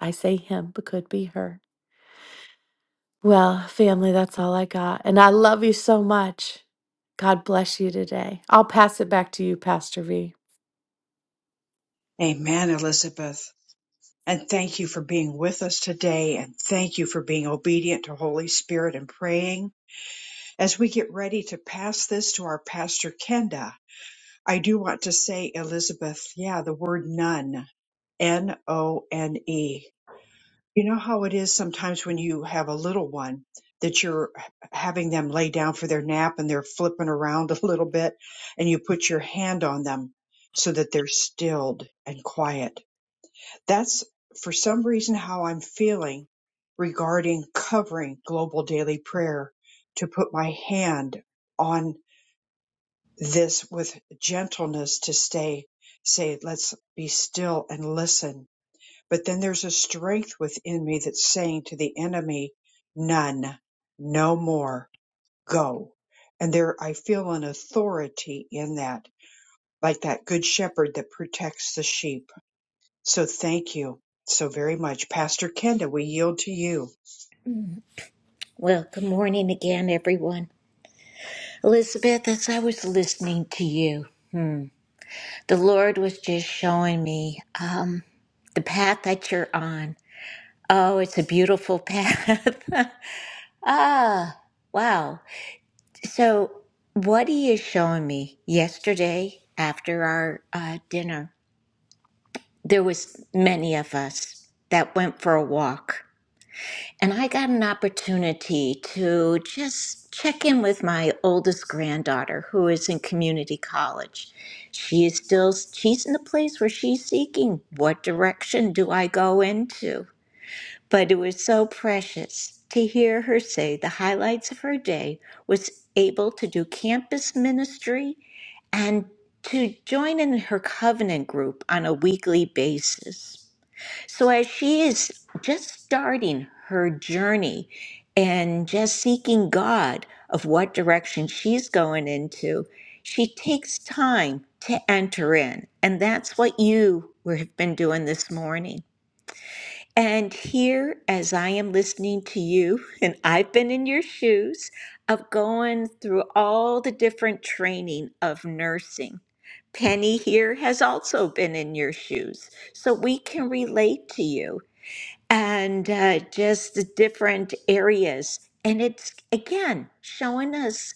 Speaker 6: I say him, but could be her. Well, family, that's all I got. And I love you so much. God bless you today. I'll pass it back to you, Pastor V.
Speaker 1: Amen, Elizabeth. And thank you for being with us today. And thank you for being obedient to Holy Spirit and praying. As we get ready to pass this to our pastor, Kenda, I do want to say, Elizabeth, yeah, the word none, N O N E. You know how it is sometimes when you have a little one that you're having them lay down for their nap and they're flipping around a little bit and you put your hand on them so that they're stilled and quiet. That's for some reason how I'm feeling regarding covering global daily prayer to put my hand on this with gentleness to stay, say, let's be still and listen but then there's a strength within me that's saying to the enemy, none, no more, go. And there, I feel an authority in that, like that good shepherd that protects the sheep. So thank you so very much. Pastor Kenda, we yield to you.
Speaker 4: Well, good morning again, everyone. Elizabeth, as I was listening to you, the Lord was just showing me um, the path that you're on. Oh, it's a beautiful path. ah, wow. So, what He is showing me yesterday after our uh, dinner, there was many of us that went for a walk And I got an opportunity to just check in with my oldest granddaughter who is in community college. She is still, she's in the place where she's seeking what direction do I go into? But it was so precious to hear her say the highlights of her day was able to do campus ministry and to join in her covenant group on a weekly basis. So, as she is just starting her journey and just seeking God of what direction she's going into, she takes time to enter in. And that's what you have been doing this morning. And here, as I am listening to you, and I've been in your shoes of going through all the different training of nursing. Penny here has also been in your shoes, so we can relate to you and uh, just the different areas. And it's again showing us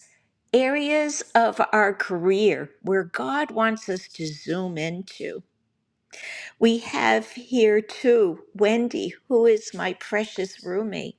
Speaker 4: areas of our career where God wants us to zoom into. We have here too Wendy, who is my precious roommate.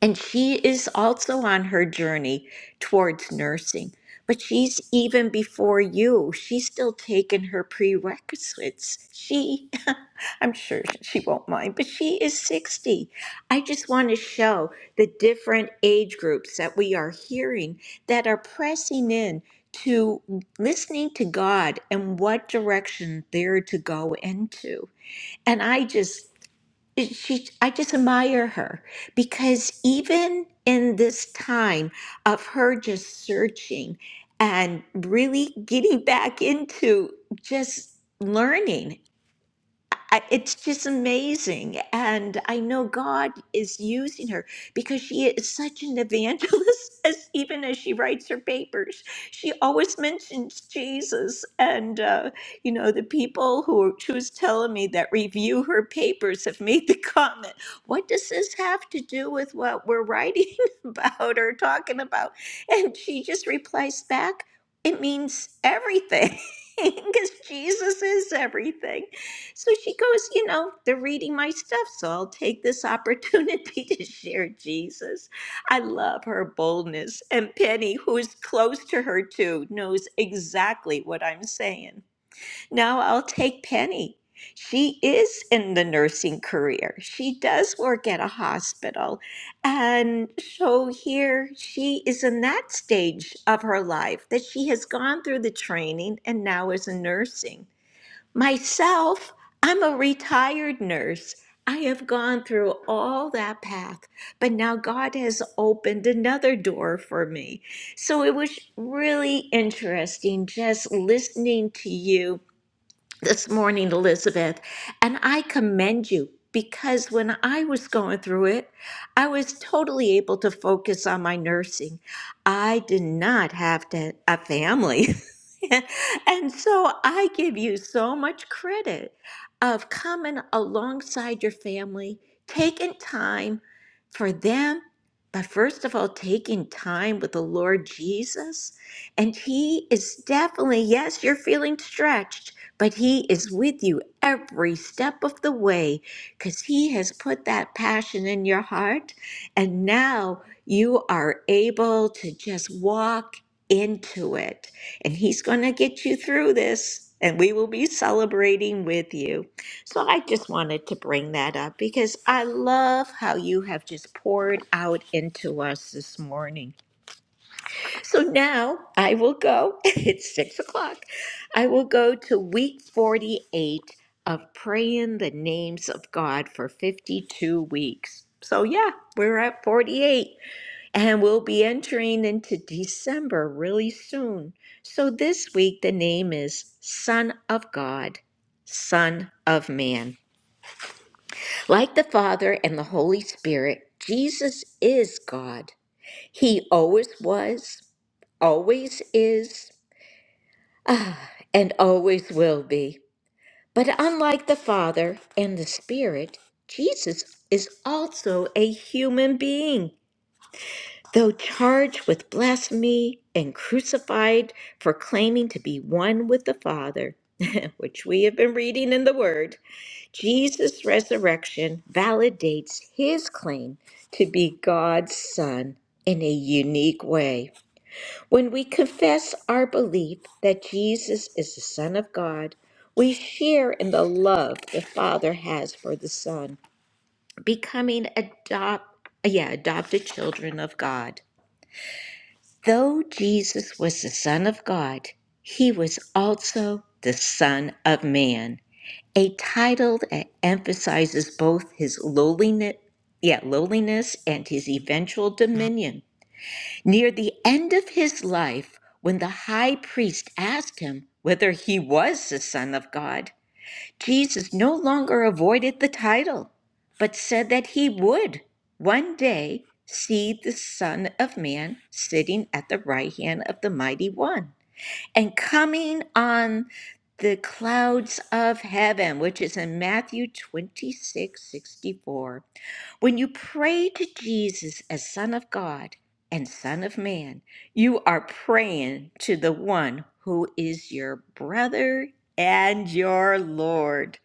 Speaker 4: And she is also on her journey towards nursing, but she's even before you. She's still taking her prerequisites. She, I'm sure she won't mind, but she is 60. I just want to show the different age groups that we are hearing that are pressing in to listening to God and what direction they're to go into. And I just she I just admire her because even in this time of her just searching and really getting back into just learning I- It's just amazing. And I know God is using her because she is such an evangelist, as even as she writes her papers. She always mentions Jesus. And, uh, you know, the people who are- she was telling me that review her papers have made the comment what does this have to do with what we're writing about or talking about? And she just replies back, it means everything because Jesus is everything. So she goes, You know, they're reading my stuff, so I'll take this opportunity to share Jesus. I love her boldness. And Penny, who is close to her too, knows exactly what I'm saying. Now I'll take Penny. She is in the nursing career. She does work at a hospital. And so here she is in that stage of her life that she has gone through the training and now is in nursing. Myself, I'm a retired nurse. I have gone through all that path, but now God has opened another door for me. So it was really interesting just listening to you this morning, Elizabeth, and I commend you because when I was going through it, I was totally able to focus on my nursing. I did not have to a family. and so I give you so much credit of coming alongside your family, taking time for them, but first of all, taking time with the Lord Jesus. And He is definitely, yes, you're feeling stretched, but He is with you every step of the way because He has put that passion in your heart. And now you are able to just walk into it. And He's going to get you through this, and we will be celebrating with you. So I just wanted to bring that up because I love how you have just poured out into us this morning. So now I will go, it's six o'clock. I will go to week 48 of praying the names of God for 52 weeks. So, yeah, we're at 48 and we'll be entering into December really soon. So, this week the name is Son of God, Son of Man. Like the Father and the Holy Spirit, Jesus is God. He always was, always is, Ah, and always will be. But unlike the Father and the Spirit, Jesus is also a human being. Though charged with blasphemy and crucified for claiming to be one with the Father, which we have been reading in the Word, Jesus' resurrection validates his claim to be God's Son in a unique way. When we confess our belief that Jesus is the Son of God, we share in the love the Father has for the Son, becoming adopt, yeah, adopted children of God. Though Jesus was the Son of God, he was also the Son of Man, a title that emphasizes both his lowliness, yeah, lowliness and his eventual dominion Near the end of his life, when the high priest asked him whether he was the Son of God, Jesus no longer avoided the title, but said that he would one day see the Son of Man sitting at the right hand of the Mighty One and coming on the clouds of heaven, which is in Matthew 26 64. When you pray to Jesus as Son of God and Son of Man, you are praying to the one who is your brother and your Lord.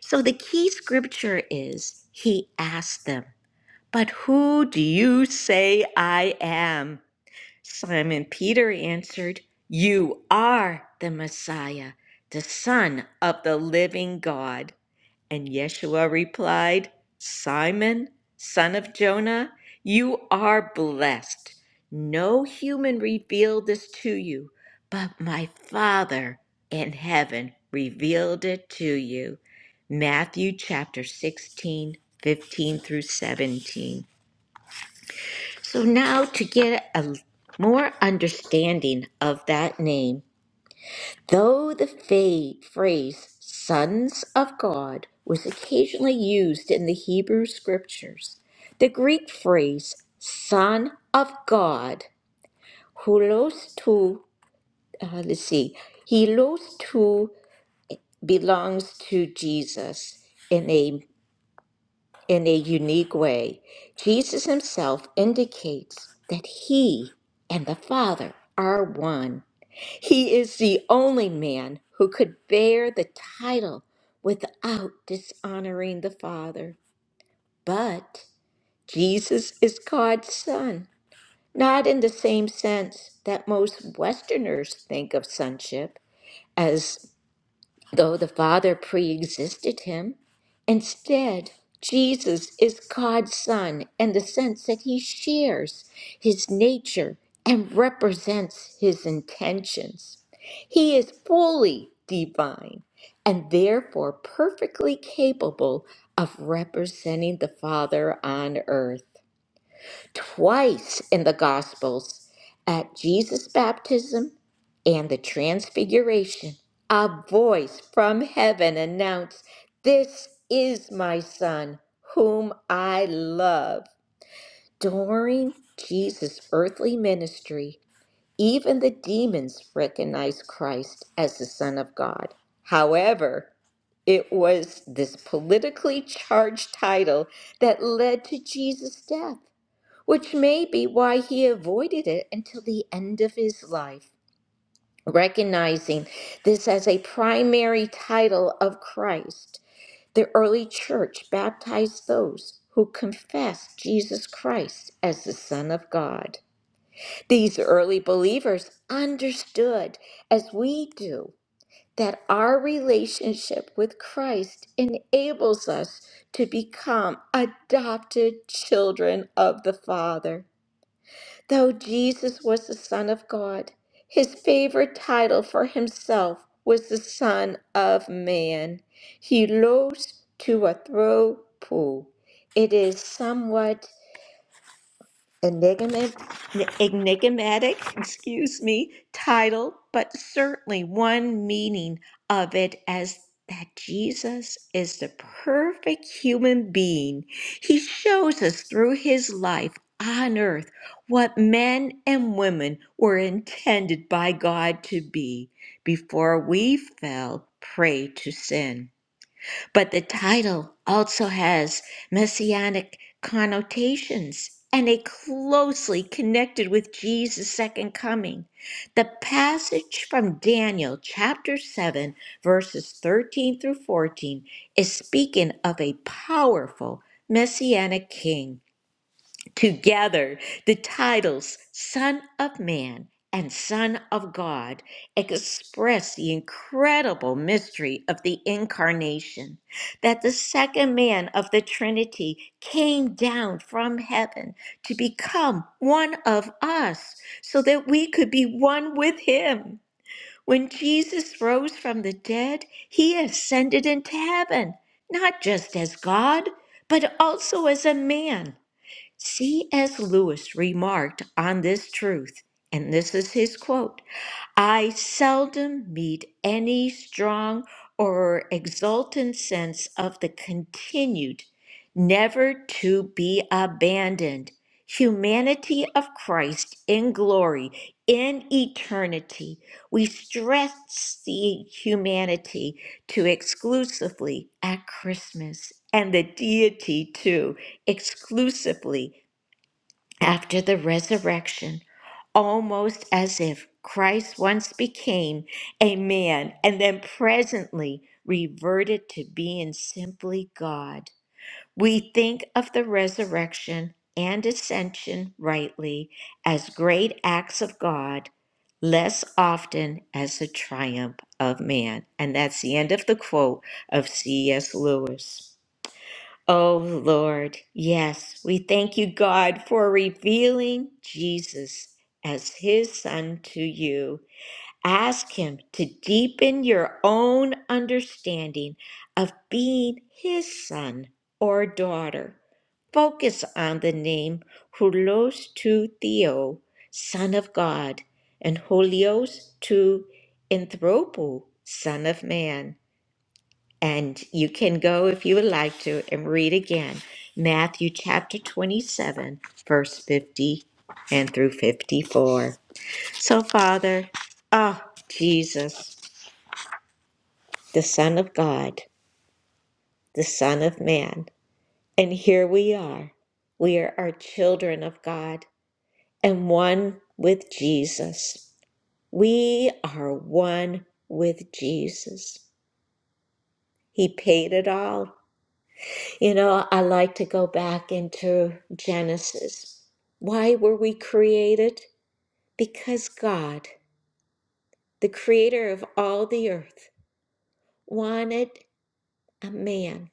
Speaker 4: So the key scripture is He asked them, But who do you say I am? Simon Peter answered, You are the Messiah, the Son of the living God. And Yeshua replied, Simon, son of Jonah, you are blessed. No human revealed this to you, but my Father in heaven revealed it to you. Matthew chapter 16, 15 through 17. So now to get a more understanding of that name, Though the fa- phrase sons of God was occasionally used in the Hebrew scriptures, the Greek phrase son of God, hulos tou, uh, let's see, hilos tou belongs to Jesus in a in a unique way. Jesus himself indicates that he and the Father are one. He is the only man who could bear the title without dishonoring the Father. But Jesus is God's Son, not in the same sense that most Westerners think of sonship, as though the Father pre-existed him. Instead, Jesus is God's Son in the sense that he shares his nature and represents his intentions. He is fully divine and therefore perfectly capable of representing the Father on earth twice in the Gospels at Jesus' baptism and the Transfiguration. A voice from heaven announced, This is my Son, whom I love. During Jesus' earthly ministry, even the demons recognized Christ as the Son of God. However, it was this politically charged title that led to Jesus' death which may be why he avoided it until the end of his life, recognizing this as a primary title of Christ. The early church baptized those who confessed Jesus Christ as the Son of God. These early believers understood, as we do, that our relationship with Christ enables us to become adopted children of the Father. Though Jesus was the Son of God, his favorite title for himself was the Son of Man. He rose to a throne pool. It is somewhat enigmatic, enigmatic, excuse me, title, but certainly one meaning of it as that Jesus is the perfect human being. He shows us through his life on earth what men and women were intended by God to be before we fell prey to sin. But the title also has messianic connotations, and they closely connected with Jesus' second coming. The passage from Daniel chapter 7, verses 13 through 14, is speaking of a powerful messianic king Together, the titles Son of Man and Son of God express the incredible mystery of the incarnation, that the second man of the Trinity came down from heaven to become one of us so that we could be one with him. When Jesus rose from the dead, he ascended into heaven, not just as God, but also as a man C.S. Lewis remarked on this truth, and this is his quote I seldom meet any strong or exultant sense of the continued, never to be abandoned humanity of Christ in glory, in eternity. We stress the humanity to exclusively at Christmas and the deity too exclusively after the resurrection, almost as if Christ once became a man and then presently reverted to being simply God. We think of the resurrection and ascension rightly as great acts of God, less often as the triumph of man. And that's the end of the quote of C.S. Lewis. Oh Lord, yes, we thank you, God, for revealing Jesus as his son to you. Ask him to deepen your own understanding of being his son or daughter. Focus on the name Hulos tu Theo, Son of God, and Holios tu Anthropo, Son of Man. And you can go, if you would like to, and read again Matthew chapter 27, verse 50 and through 54. So, Father, oh, Jesus, the Son of God, the Son of Man, and here we are. We are our children of God and one with Jesus. We are one with Jesus. He paid it all You know, I like to go back into Genesis. Why were we created? Because God, the creator of all the earth, wanted a man,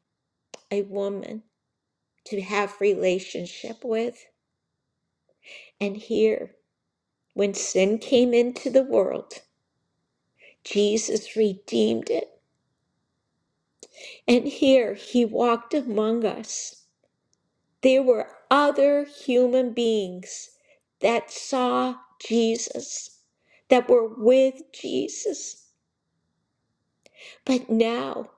Speaker 4: a woman to have relationship with. And here, when sin came into the world, Jesus redeemed it. And here he walked among us. There were other human beings that saw Jesus, that were with Jesus. But now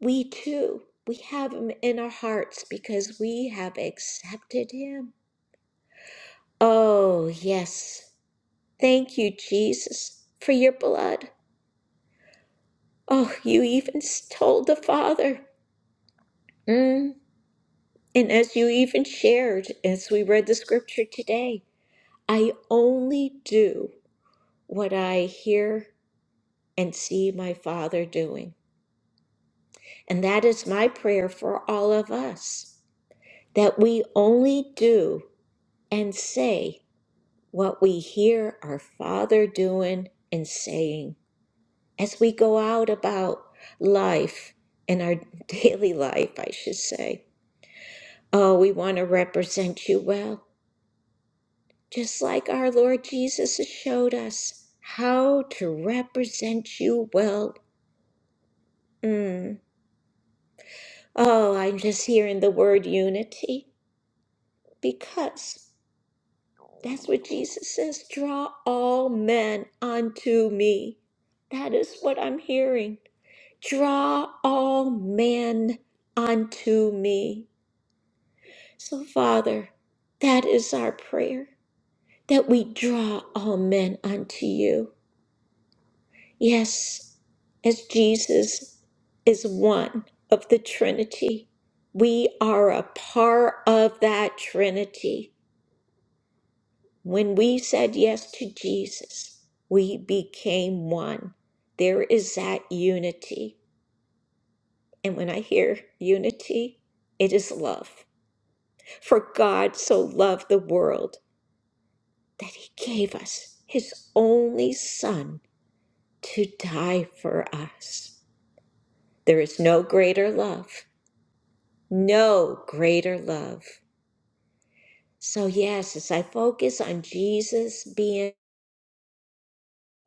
Speaker 4: we too, we have him in our hearts because we have accepted him. Oh, yes. Thank you, Jesus, for your blood. Oh, you even told the Father. Mm. And as you even shared, as we read the scripture today, I only do. what I hear and see my Father doing. And that is my prayer for all of us that we only do and say what we hear our Father doing and saying as we go out about life in our daily life, I should say. Oh, we want to represent you well, just like our Lord Jesus has showed us how to represent you well. Mm. Oh, I'm just hearing the word unity because that's what Jesus says draw all men unto me. That is what I'm hearing. Draw all men unto me. So, Father, that is our prayer that we draw all men unto you. Yes, as Jesus is one of the Trinity, we are a part of that Trinity. When we said yes to Jesus, we became one. There is that unity. And when I hear unity, it is love. For God so loved the world that he gave us his only Son to die for us. There is no greater love, no greater love. So, yes, as I focus on Jesus being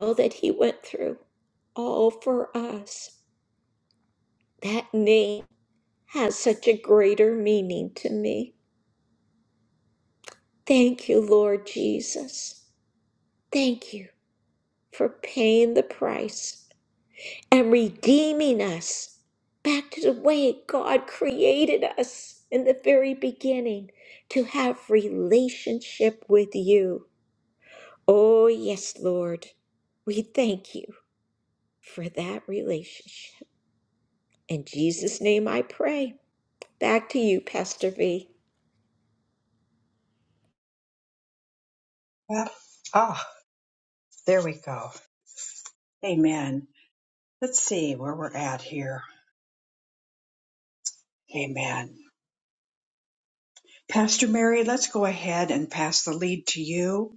Speaker 4: all that he went through, all for us. That name has such a greater meaning to me. Thank you, Lord Jesus. Thank you for paying the price and redeeming us back to the way God created us in the very beginning to have relationship with you. Oh, yes, Lord. We thank you for that relationship. In Jesus' name I pray. Back to you, Pastor V.
Speaker 1: Well, ah, there we go. Amen. Let's see where we're at here. Amen. Pastor Mary, let's go ahead and pass the lead to you.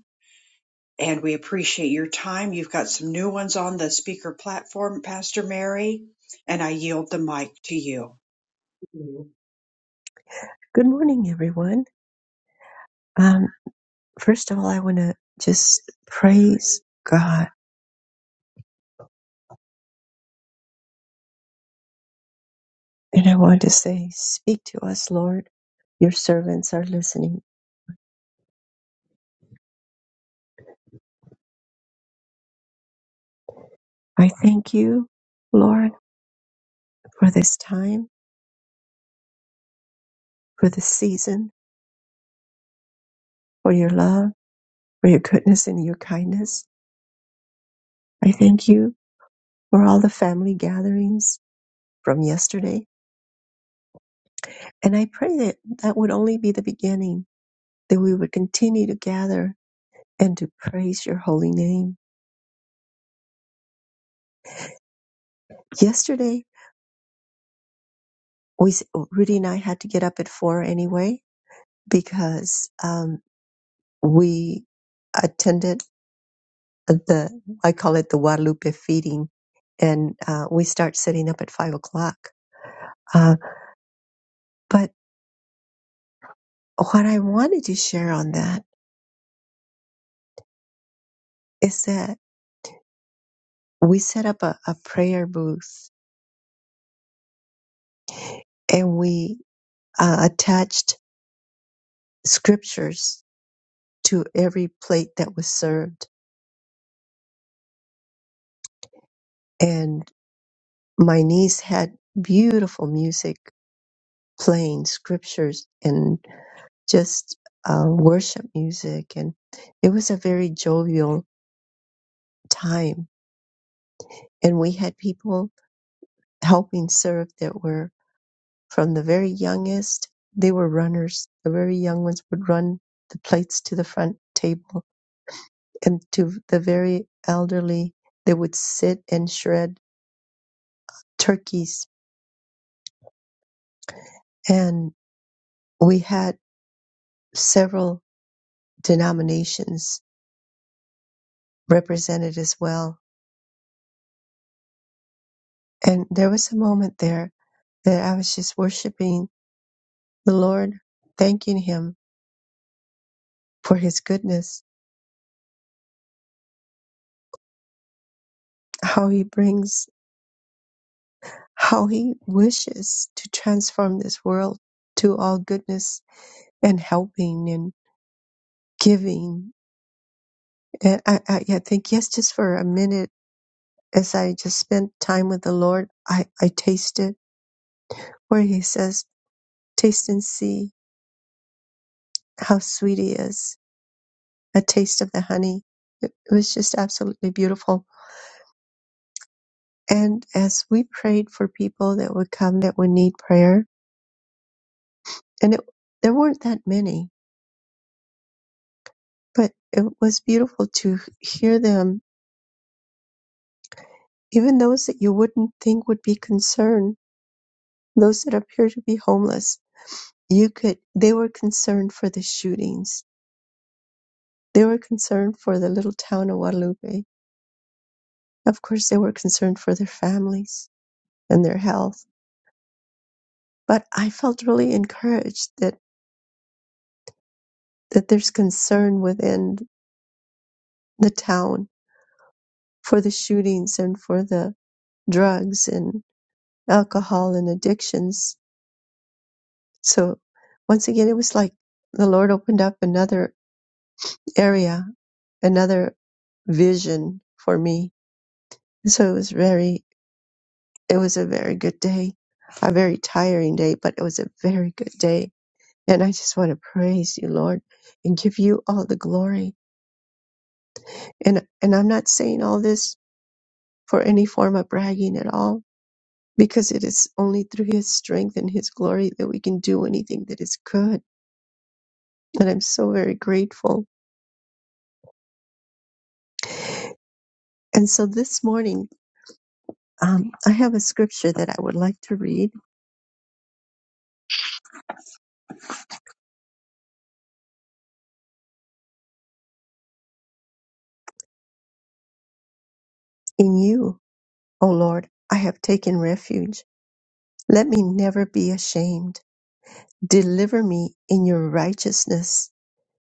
Speaker 1: and we appreciate your time. You've got some new ones on the speaker platform, Pastor Mary, and I yield the mic to you.
Speaker 2: Good morning, everyone. Um, first of all, I want to just praise God. And I want to say, speak to us, Lord. Your servants are listening. I thank you, Lord, for this time, for this season, for your love. for your goodness and your kindness. I thank you for all the family gatherings from yesterday. And I pray that that would only be the beginning, that we would continue to gather and to praise your holy name. Yesterday, we, Rudy and I had to get up at four anyway because um, we attended the, I call it the Guadalupe feeding, and uh, we start setting up at five o'clock. Uh, but what I wanted to share on that is that we set up a, a prayer booth and we uh, attached scriptures to every plate that was served. And my niece had beautiful music playing scriptures and just uh, worship music. And it was a very jovial time. And we had people helping serve that were from the very youngest, they were runners. The very young ones would run the plates to the front table and to the very elderly, they would sit and shred turkeys. And we had several denominations represented as well. And there was a moment there that I was just worshiping the Lord, thanking Him for His goodness, how He brings, how He wishes to transform this world to all goodness and helping and giving. And I, I, I think, yes, just for a minute as I just spent time with the Lord, I, I tasted where He says, Taste and see how sweet He is, a taste of the honey. It, it was just absolutely beautiful. And as we prayed for people that would come that would need prayer, and it, there weren't that many, but it was beautiful to hear them, even those that you wouldn't think would be concerned, those that appear to be homeless. You could, they were concerned for the shootings They were concerned for the little town of Guadalupe. Of course, they were concerned for their families and their health. But I felt really encouraged that, that there's concern within the town for the shootings and for the drugs and alcohol and addictions. So once again, it was like the Lord opened up another area, another vision for me. So it was very, it was a very good day, a very tiring day, but it was a very good day And I just want to praise you, Lord, and give you all the glory. And and I'm not saying all this for any form of bragging at all, because it is only through his strength and his glory that we can do anything that is good. And I'm so very grateful. And so this morning, um, I have a scripture that I would like to read. In you, O Lord, I have taken refuge. Let me never be ashamed. Deliver me in your righteousness,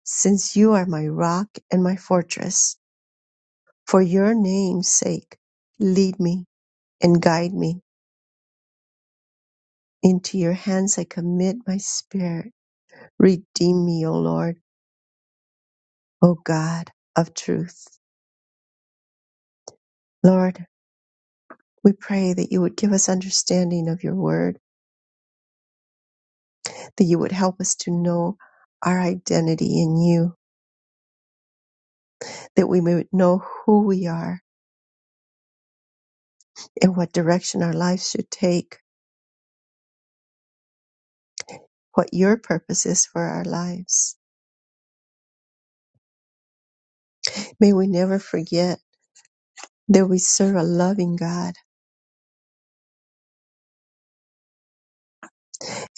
Speaker 2: since you are my rock and my fortress. For your name's sake, lead me and guide me. Into your hands I commit my spirit. Redeem me, O Lord, O God of truth. Lord, we pray that you would give us understanding of your word, that you would help us to know our identity in you, that we may know who we are and what direction our lives should take, what your purpose is for our lives. May we never forget that we serve a loving God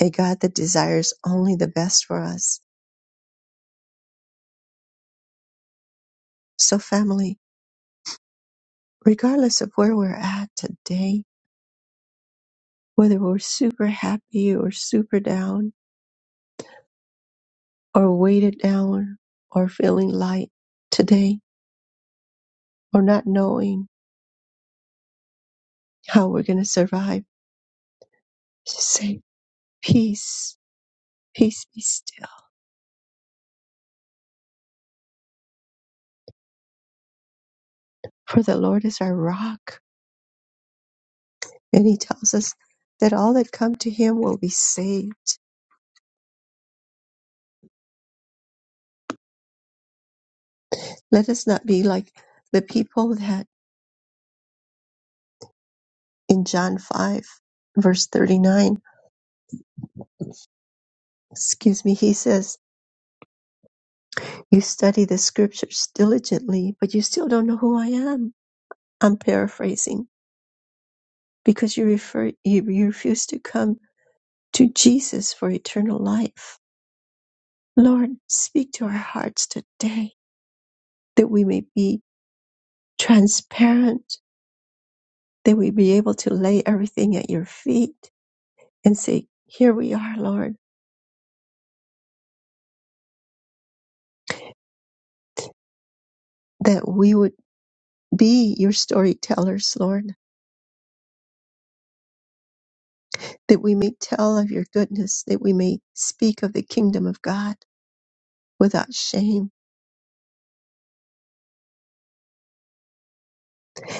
Speaker 2: a God that desires only the best for us. So, family, regardless of where we're at today, whether we're super happy or super down or weighted down or feeling light today or not knowing how we're going to survive, just say, Peace, peace be still. For the Lord is our rock. And He tells us that all that come to Him will be saved. Let us not be like the people that in John 5, verse 39 excuse me, he says, You study the scriptures diligently, but you still don't know who I am. I'm paraphrasing because you refer you, you refuse to come to Jesus for eternal life. Lord, speak to our hearts today that we may be transparent, that we be able to lay everything at your feet and say, Here we are, Lord, that we would be your storytellers, Lord, that we may tell of your goodness, that we may speak of the kingdom of God without shame.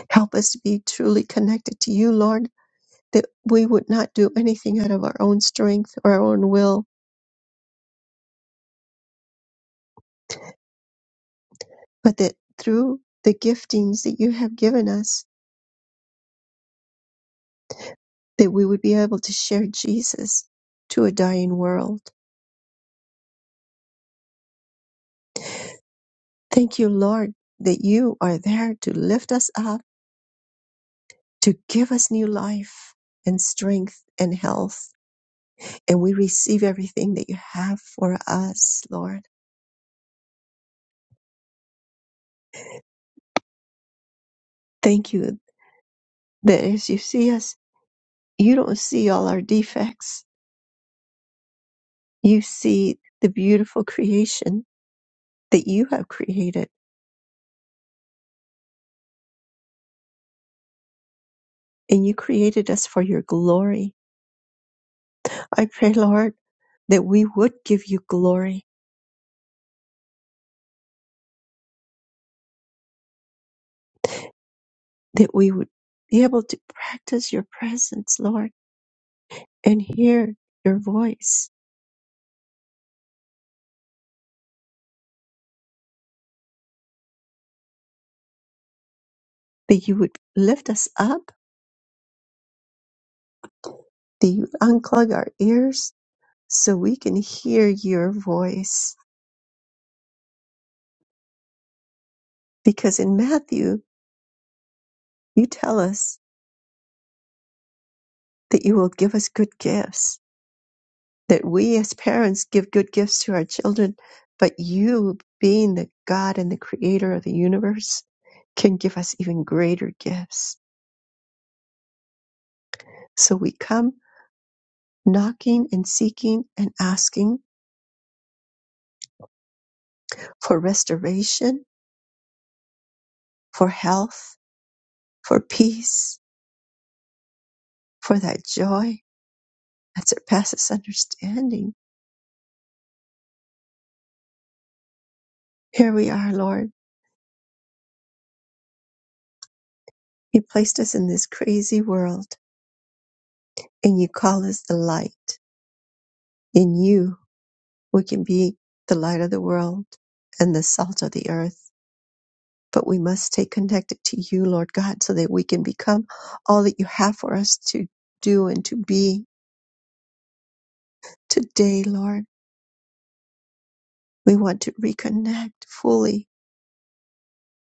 Speaker 2: Help us to be truly connected to you, Lord, that we would not do anything out of our own strength or our own will, but that through the giftings that you have given us, that we would be able to share Jesus to a dying world. Thank you, Lord, that you are there to lift us up, to give us new life and strength and health. And we receive everything that you have for us, Lord. Thank you that as you see us you don't see all our defects. You see the beautiful creation that you have created, and you created us for your glory. I pray, Lord, that we would give you glory, that we would be able to practice your presence, Lord, and hear your voice, that you would lift us up, that you would unclog our ears so we can hear your voice. Because in Matthew, you tell us that you will give us good gifts that we as parents give good gifts to our children, but you, being the God and the creator of the universe, can give us even greater gifts. So we come knocking and seeking and asking for restoration, for health, for peace, for that joy that surpasses understanding. Here we are, Lord. You placed us in this crazy world and you call us the light. In you We can be the light of the world and the salt of the earth, but we must stay connected to you, Lord God, so that we can become all that you have for us to do and to be. Today, Lord, we want to reconnect fully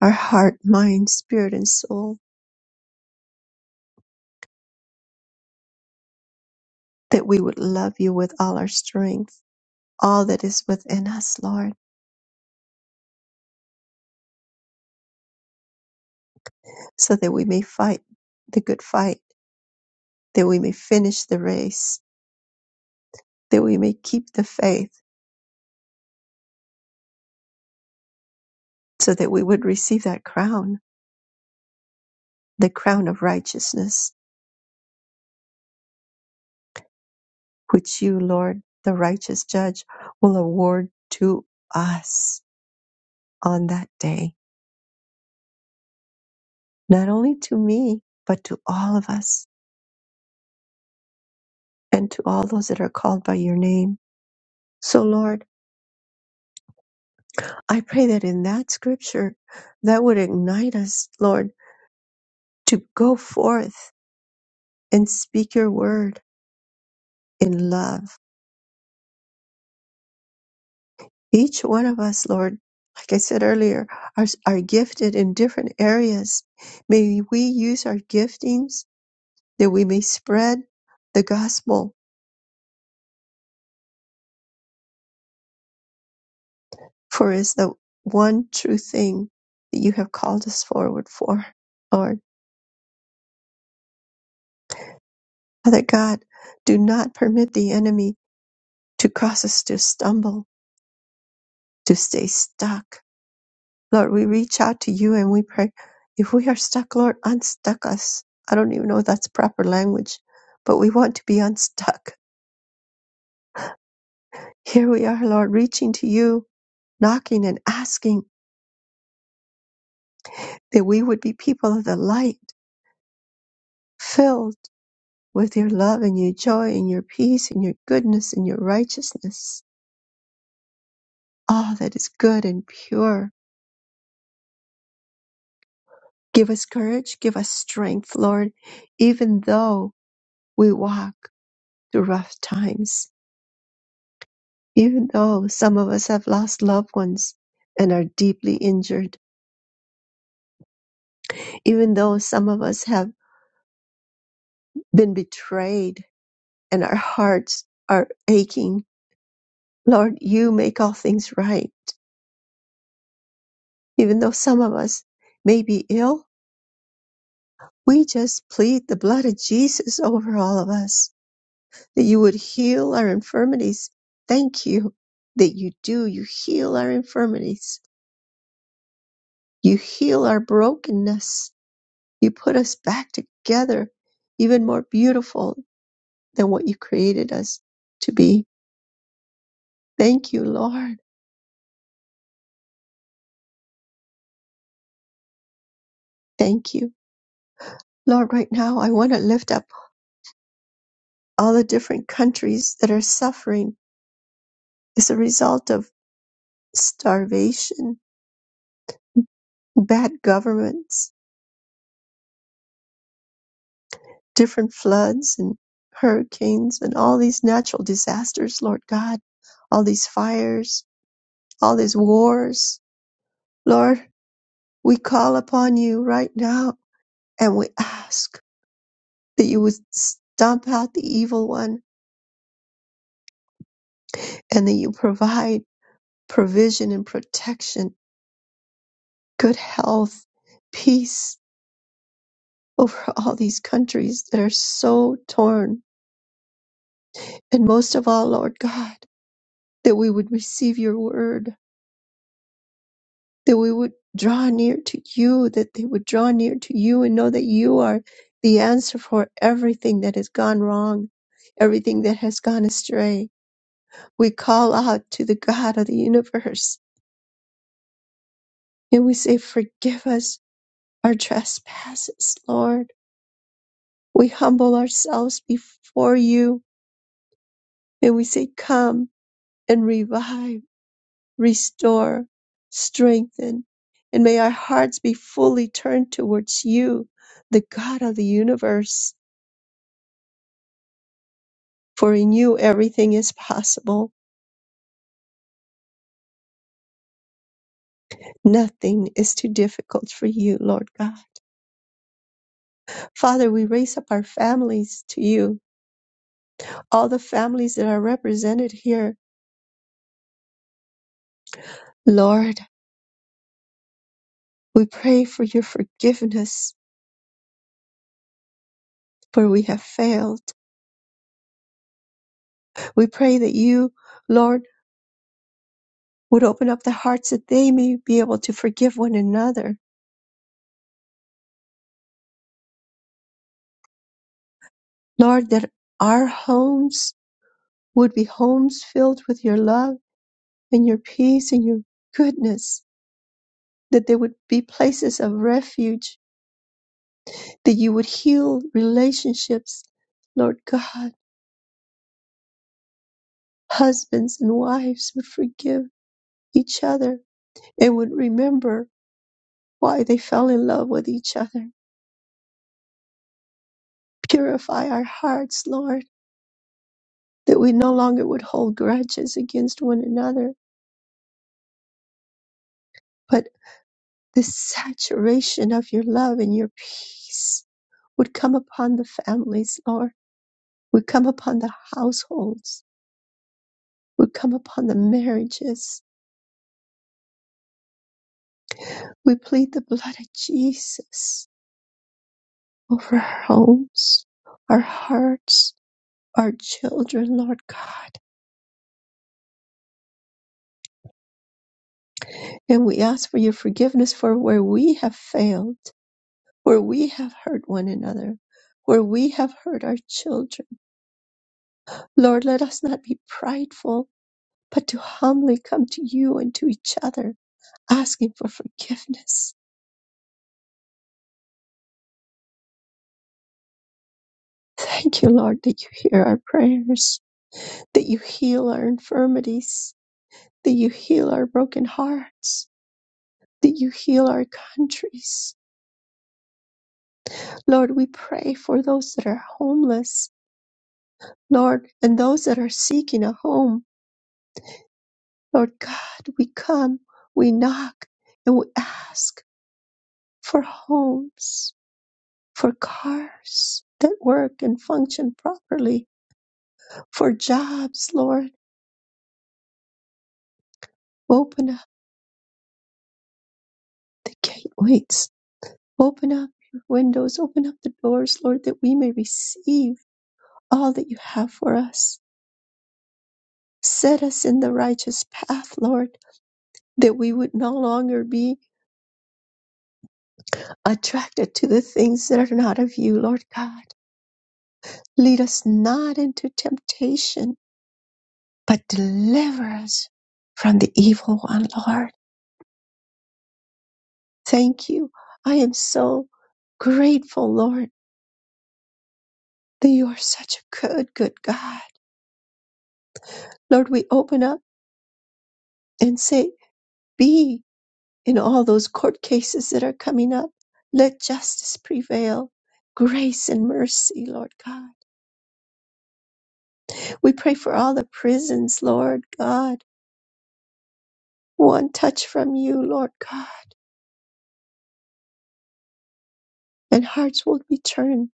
Speaker 2: our heart, mind, spirit, and soul, that we would love you with all our strength, all that is within us, Lord, so that we may fight the good fight, that we may finish the race, that we may keep the faith, so that we would receive that crown the crown of righteousness, which you, Lord, the righteous judge, will award to us on that day, not only to me, but to all of us and to all those that are called by your name. So, Lord, I pray that in that scripture, that would ignite us, Lord, to go forth and speak your word in love. Each one of us, Lord, like I said earlier, are, are gifted in different areas. May we use our giftings that we may spread the gospel, for it's the one true thing that you have called us forward for. Lord, Father God, do not permit the enemy to cause us to stumble, to stay stuck. Lord, we reach out to you and we pray. If we are stuck, Lord, unstuck us. I don't even know if that's proper language, but we want to be unstuck. Here we are, Lord, reaching to you, knocking and asking that we would be people of the light, filled with your love and your joy and your peace and your goodness and your righteousness, all that is good and pure. Give us courage, give us strength, Lord, even though we walk through rough times, even though some of us have lost loved ones and are deeply injured, even though some of us have been betrayed and our hearts are aching. Lord, you make all things right. Even though some of us may be ill, We just plead the blood of Jesus over all of us, that you would heal our infirmities. Thank you that you do. You heal our infirmities. You heal our brokenness. You put us back together, even more beautiful than what you created us to be. Thank you, Lord. Thank you. Lord, right now I want to lift up all the different countries that are suffering as a result of starvation, bad governments, different floods and hurricanes and all these natural disasters, Lord God, all these fires, all these wars. Lord, we call upon you right now and we ask that you would stomp out the evil one and that you provide provision and protection, good health, peace over all these countries that are so torn. And most of all, Lord God, that we would receive your word that we would draw near to you, that they would draw near to you and know that you are the answer for everything that has gone wrong, everything that has gone astray. We call out to the God of the universe and we say, Forgive us our trespasses, Lord. We humble ourselves before you and we say, Come and revive. restore, strengthen, and may our hearts be fully turned towards you, the God of the universe. For in you everything is possible. Nothing is too difficult for you, Lord God. Father, we raise up our families to you, all the families that are represented here. Lord, we pray for your forgiveness, for we have failed. We pray that you, Lord, would open up their hearts that they may be able to forgive one another Lord, that our homes would be homes filled with your love and your peace and your goodness, that they would be places of refuge, that you would heal relationships. Lord God, husbands and wives would forgive each other and would remember why they fell in love with each other. Purify our hearts, Lord, that we no longer would hold grudges against one another, but the saturation of your love and your peace would come upon the families, Lord, would come upon the households, would come upon the marriages. We plead the blood of Jesus over our homes, our hearts, our children, Lord God. And we ask for your forgiveness for where we have failed, where we have hurt one another, where we have hurt our children. Lord, let us not be prideful but to humbly come to you and to each other, asking for forgiveness. Thank you, Lord, that you hear our prayers, that you heal our infirmities, that you heal our broken hearts, that you heal our countries. Lord, we pray for those that are homeless, Lord, and those that are seeking a home. Lord God, we come, we knock, and we ask for homes, for cars that work and function properly for jobs, Lord. Open up the gateways. Open up your windows. Open up the doors, Lord, that we may receive all that you have for us. Set us in the righteous path, Lord, that we would no longer be attracted to the things that are not of you, Lord God. Lead us not into temptation, but deliver us from the evil one, Lord. Thank you. I am so grateful, Lord, that you are such a good, good God Lord, we open up and say, be in all those court cases that are coming up. Let justice prevail. Grace and mercy, Lord God. We pray for all the prisons, Lord God. One touch from you, Lord God, and hearts will be turned.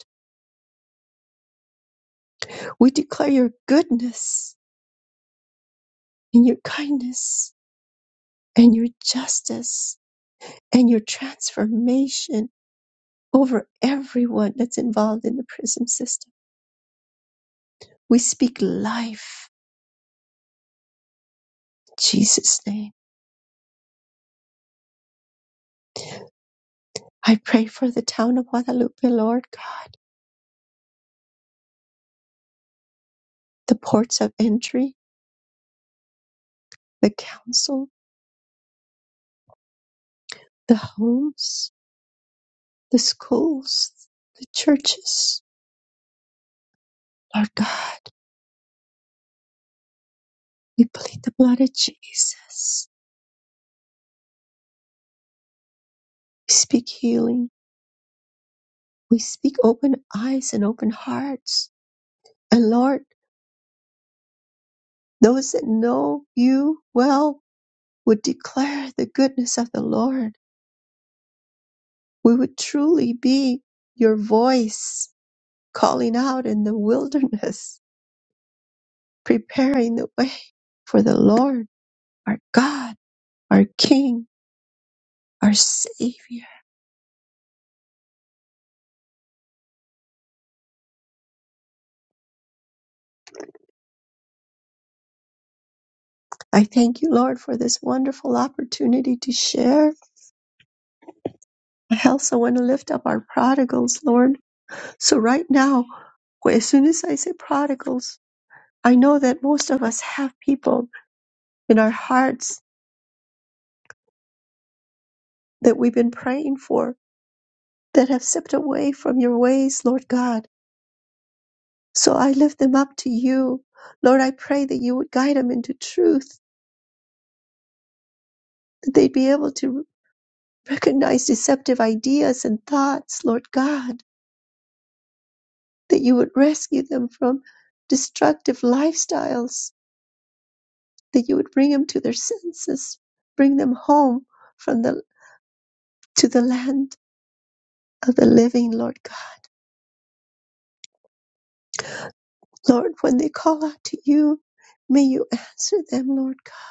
Speaker 2: We declare your goodness and your kindness and your justice and your transformation over everyone that's involved in the prison system. We speak life in Jesus' name. I pray for the town of Guadalupe, Lord God, the ports of entry, the council, the homes, the schools, the churches. Lord God, we plead the blood of Jesus. We speak healing. We speak open eyes and open hearts. And Lord, those that know you well would declare the goodness of the Lord. We would truly be your voice calling out in the wilderness preparing the way for the Lord, our God, our King, our Savior. I thank you, Lord, for this wonderful opportunity to share. I also want to lift up our prodigals, Lord. So, right now, as soon as I say prodigals, I know that most of us have people in our hearts that we've been praying for that have stepped away from your ways, Lord God. So I lift them up to you. Lord, I pray that you would guide them into truth, that they'd be able to Recognize deceptive ideas and thoughts, Lord God, that you would rescue them from destructive lifestyles, that you would bring them to their senses, bring them home from the to the land of the living, Lord God. Lord, when they call out to you, may you answer them, Lord God.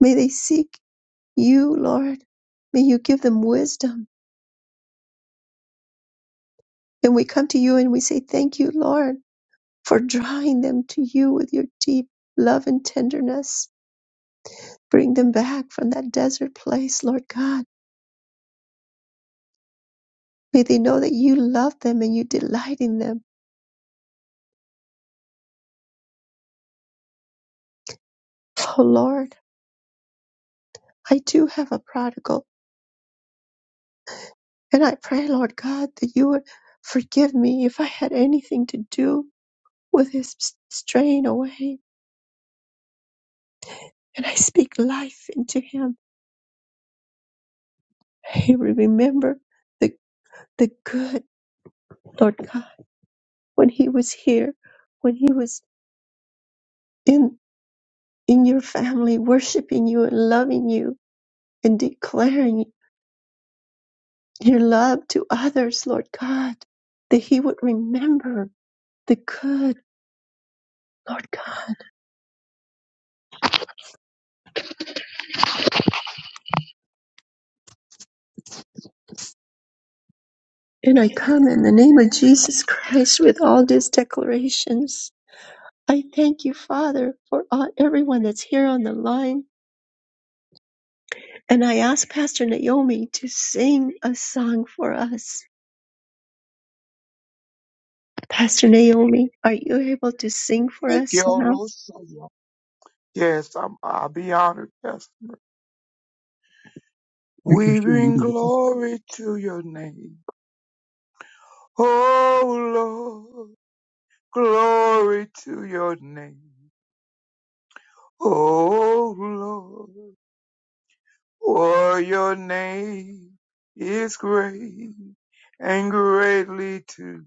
Speaker 2: May they seek you, Lord. May you give them wisdom. And we come to you and we say, Thank you, Lord, for drawing them to you with your deep love and tenderness Bring them back from that desert place, Lord God. May they know that you love them and you delight in them. Oh, Lord, I do have a prodigal, and I pray, Lord God, that you would forgive me if I had anything to do with his straying away. And I speak life into him. He will remember the, the good, Lord God, when he was here, when he was in, in your family, worshiping you and loving you and declaring your love to others, Lord God, that He would remember the good, Lord God. And I come in the name of Jesus Christ with all these declarations. I thank you, Father, for all, everyone that's here on the line. And I ask Pastor Naomi to sing a song for us. Pastor Naomi, are you able to sing for
Speaker 7: Thank
Speaker 2: us
Speaker 7: you,
Speaker 2: now?
Speaker 7: Lord. Yes, I'm, I'll be honored, Pastor. We bring glory to your name. Oh, Lord, glory to your name. Oh, Lord, for your name is great and greatly to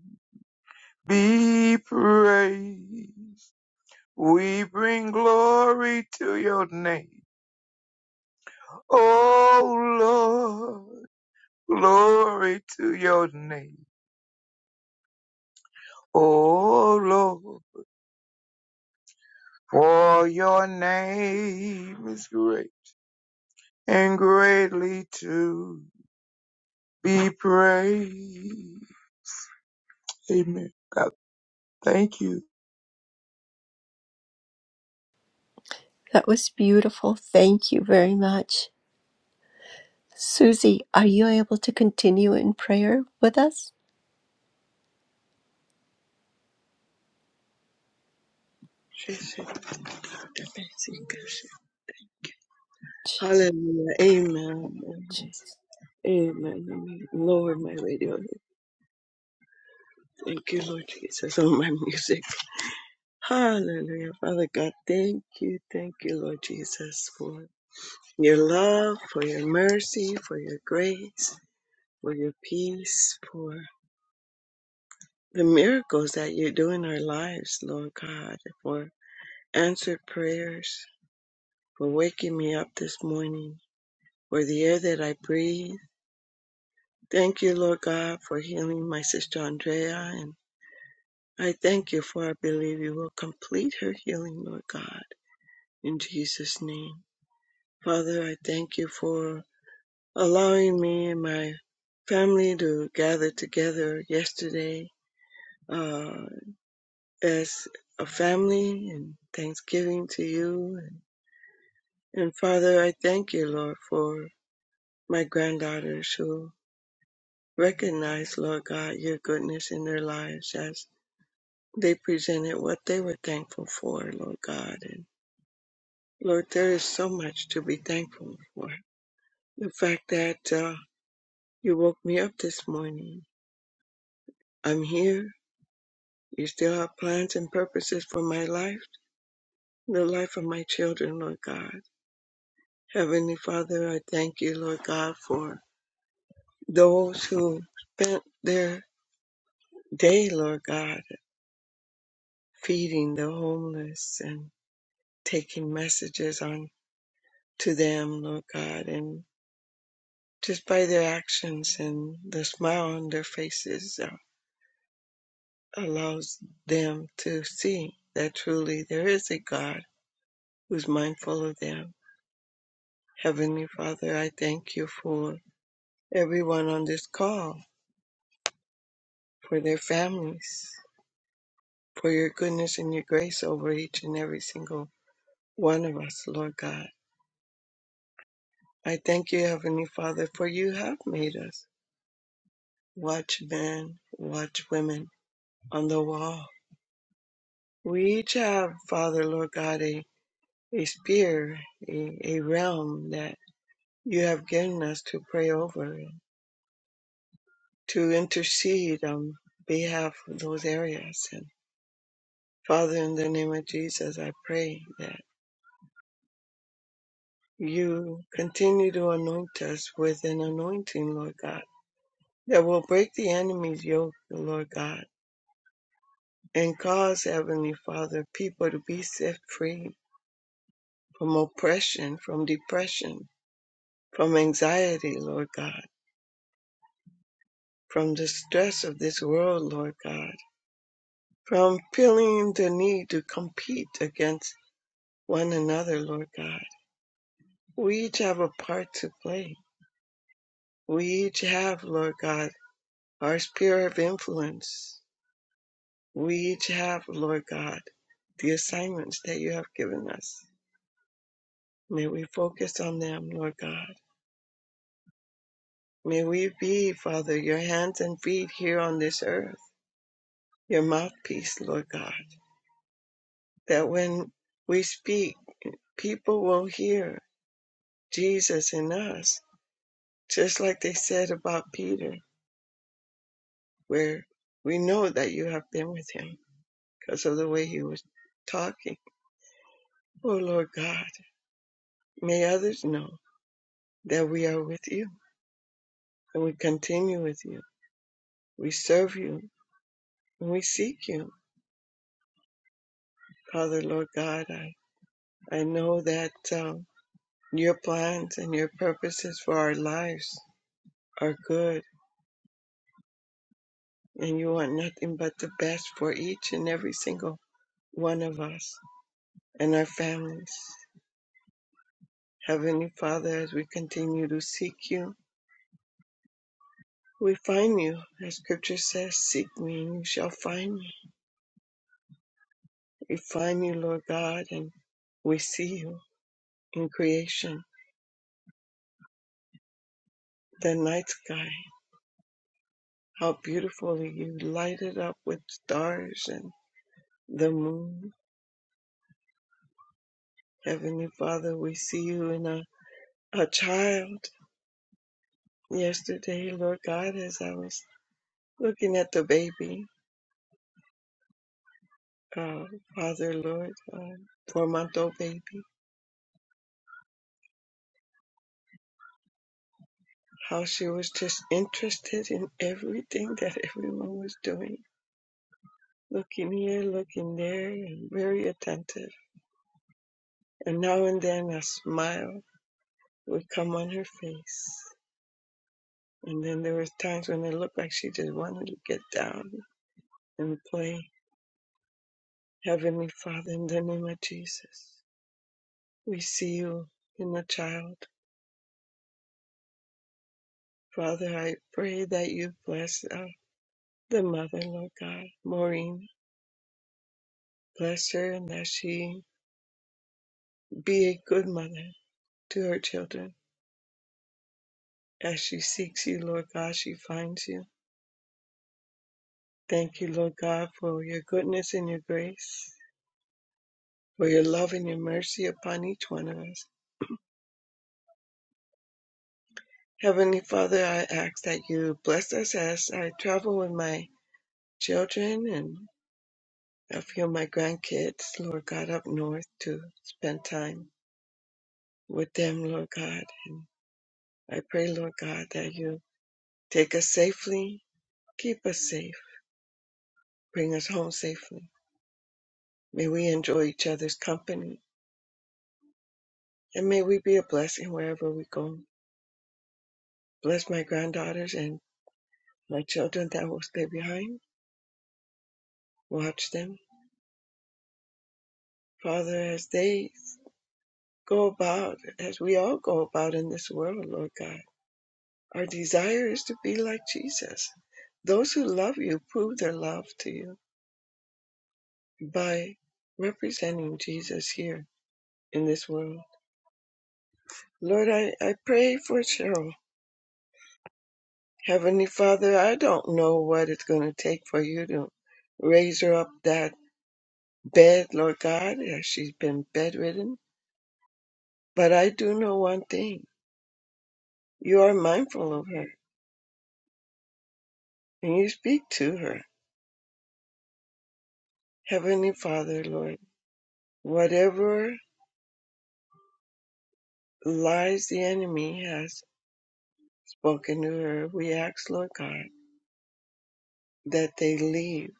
Speaker 7: be praised. We bring glory to your name. Oh, Lord. Glory to your name. Oh Lord, for your name is great and greatly to be praised. Amen. God, thank you.
Speaker 8: That was beautiful. Thank you very much. Susie, are you able to continue in prayer with us?
Speaker 9: Hallelujah. Amen. Amen. Amen. Lower my radio. Thank you, Lord Jesus, on my music. Hallelujah. Father God, thank you. Thank you, Lord Jesus, for your love, for your mercy, for your grace, for your peace, for the miracles that you do in our lives, Lord God, for answered prayers, for waking me up this morning, for the air that I breathe Thank you, Lord God, for healing my sister Andrea. And I thank you for I believe you will complete her healing, Lord God, in Jesus' name. Father, I thank you for allowing me and my family to gather together yesterday uh, as a family and thanksgiving to you. And, and Father, I thank you, Lord, for my granddaughters who recognize, Lord God, your goodness in their lives as They presented what they were thankful for, Lord God. And Lord, there is so much to be thankful for. The fact that uh, you woke me up this morning. I'm here. You still have plans and purposes for my life, the life of my children, Lord God. Heavenly Father, I thank you, Lord God, for those who spent their day, Lord God, feeding the homeless and taking messages on to them, Lord God, and just by their actions and the smile on their faces uh, allows them to see that truly there is a God who's mindful of them. Heavenly Father, I thank you for everyone on this call, for their families, for your goodness and your grace over each and every single one of us, Lord God. I thank you, Heavenly Father, for you have made us watchmen, watchwomen on the wall. We each have, Father, Lord God, a a sphere, a, a realm that you have given us to pray over, to intercede on behalf of those areas. And Father, in the name of Jesus, I pray that you continue to anoint us with an anointing, Lord God, that will break the enemy's yoke, Lord God, and cause, Heavenly Father, people to be set free from oppression, from depression, from anxiety, Lord God, from the stress of this world, Lord God From feeling the need to compete against one another, Lord God, we each have a part to play. We each have, Lord God, our sphere of influence. We each have, Lord God, the assignments that you have given us. May we focus on them, Lord God. May we be, Father, your hands and feet here on this earth, your mouthpiece, Lord God, that when we speak, people will hear Jesus in us Just like they said about Peter, where we know that you have been with him because of the way he was talking. Oh Lord God, may others know that we are with you and we continue with you. We serve you and we seek you. Father, Lord God, I, I know that um, your plans and your purposes for our lives are good and you want nothing but the best for each and every single one of us and our families. Heavenly Father, as we continue to seek you, we find you. As scripture says, seek me and you shall find me. We find you, Lord God, and we see you in creation, the night sky. How beautifully you light it up with stars and the moon. Heavenly Father, we see you in a, a child. Yesterday, Lord God, as I was looking at the baby, uh, Father, Lord, uh, four month old baby. how she was just interested in everything that everyone was doing, looking here, looking there, and very attentive. And now and then a smile would come on her face. And then there was times when it looked like she just wanted to get down and play Heavenly Father in the name of Jesus. We see you in the child. Father, I pray that you bless uh, the mother, Lord God, Maureen. Bless her and that she be a good mother to her children. As she seeks you, Lord God, she finds you. Thank you, Lord God, for your goodness and your grace, for your love and your mercy upon each one of us. Heavenly Father, I ask that you bless us as I travel with my children and a few of my grandkids, Lord God, up north to spend time with them, Lord God. And I pray, Lord God, that you take us safely, keep us safe, bring us home safely. May we enjoy each other's company And may we be a blessing wherever we go. Bless my granddaughters and my children that will stay behind. Watch them. Father, as they go about, as we all go about in this world, Lord God, our desire is to be like Jesus. Those who love you prove their love to you by representing Jesus here in this world. Lord, I, I pray for Cheryl. Heavenly Father, I don't know what it's going to take for you to raise her up that bed, Lord God, as she's been bedridden. But I do know one thing you are mindful of her and you speak to her. Heavenly Father, Lord, whatever lies the enemy has spoken to her, we ask, Lord God, that they leave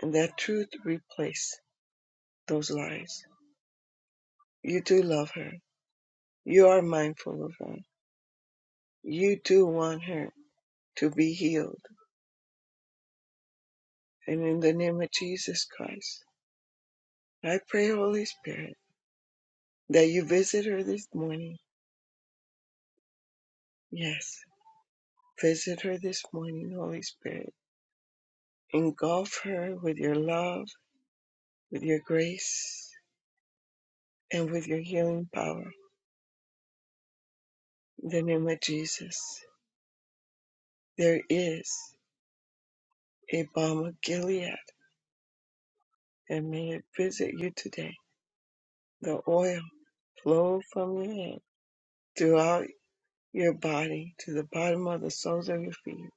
Speaker 9: and that truth replace those lies. You do love her. You are mindful of her. You do want her to be healed. And in the name of Jesus Christ, I pray, Holy Spirit. that you visit her this morning. Yes, visit her this morning, Holy Spirit. Engulf her with your love, with your grace, and with your healing power. In the name of Jesus, there is a balm of Gilead, and may it visit you today. The oil flow from your head throughout your body to the bottom of the soles of your feet,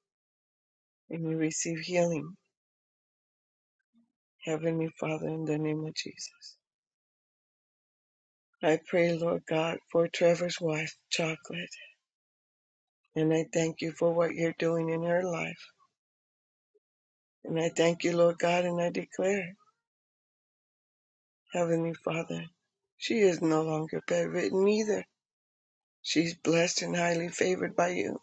Speaker 9: and you receive healing, Heavenly Father, in the name of Jesus. I pray, Lord God, for Trevor's wife, Chocolate. And I thank you for what you're doing in her life. And I thank you, Lord God, and I declare, Heavenly Father, she is no longer bedridden either. She's blessed and highly favored by you.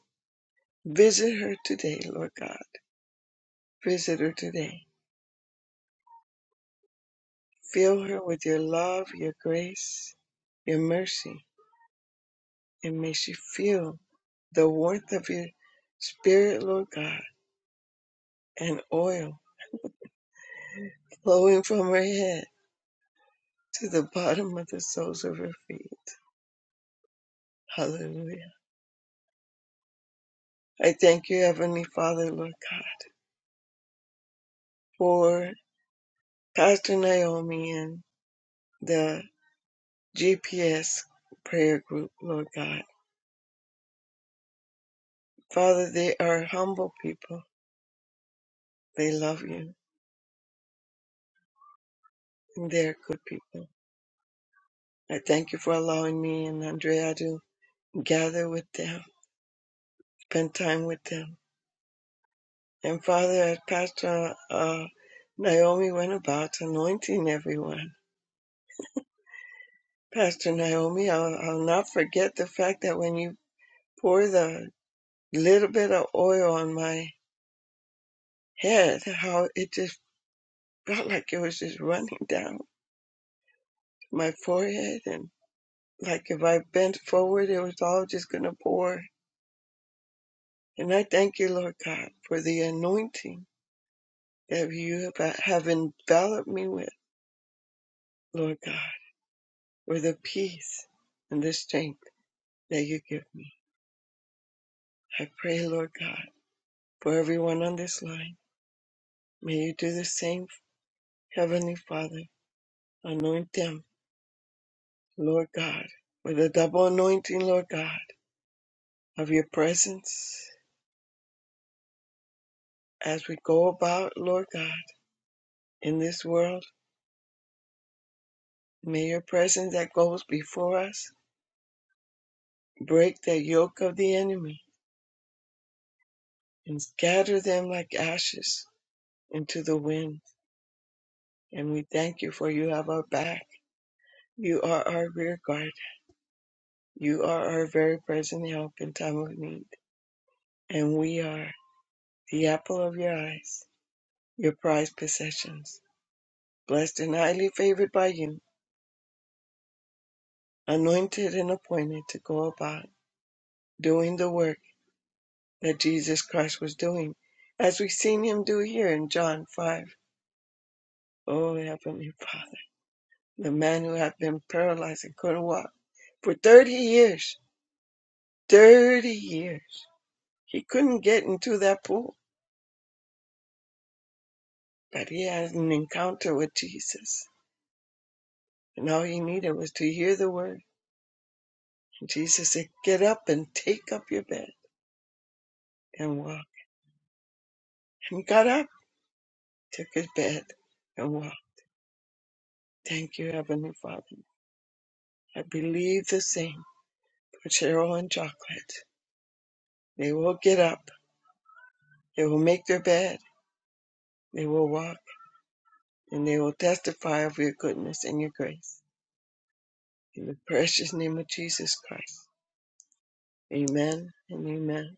Speaker 9: Visit her today, Lord God. Visit her today. Fill her with your love, your grace, your mercy, and may she feel the warmth of your spirit, Lord God, and oil flowing from her head to the bottom of the soles of her feet. Hallelujah. I thank you, Heavenly Father, Lord God, for Pastor Naomi and the GPS prayer group, Lord God. Father, they are humble people. They love you and they are good people. I thank you for allowing me and Andrea to gather with them, spend time with them. And Father, as Pastor uh, Naomi went about anointing everyone. Pastor Naomi, I'll, I'll not forget the fact that when you pour the little bit of oil on my head, how it just felt like it was just running down my forehead. And like if I bent forward, it was all just going to pour. And I thank you, Lord God, for the anointing that you have, uh, have enveloped me with, Lord God, for the peace and the strength that you give me. I pray, Lord God, for everyone on this line. May you do the same Heavenly Father, anoint them, Lord God, with a double anointing, Lord God, of your presence as we go about, Lord God, in this world. May your presence that goes before us break the yoke of the enemy and scatter them like ashes into the wind. And we thank you for you have our back. You are our rear guard. You are our very present help in time of need. And we are the apple of your eyes, your prized possessions. blessed and highly favored by you, anointed and appointed to go about doing the work that Jesus Christ was doing, as we've seen him do here in John 5. Oh, Heavenly Father, the man who had been paralyzed and couldn't walk for 30 years, 30 years, he couldn't get into that pool, but he had an encounter with Jesus. And all he needed was to hear the word. And Jesus said, Get up and take up your bed and walk. And he got up took his bed and walked. Thank you, Heavenly Father. I believe the same for Cheryl and Chocolate. They will get up, they will make their bed, they will walk, and they will testify of your goodness and your grace. In the precious name of Jesus Christ. Amen and amen.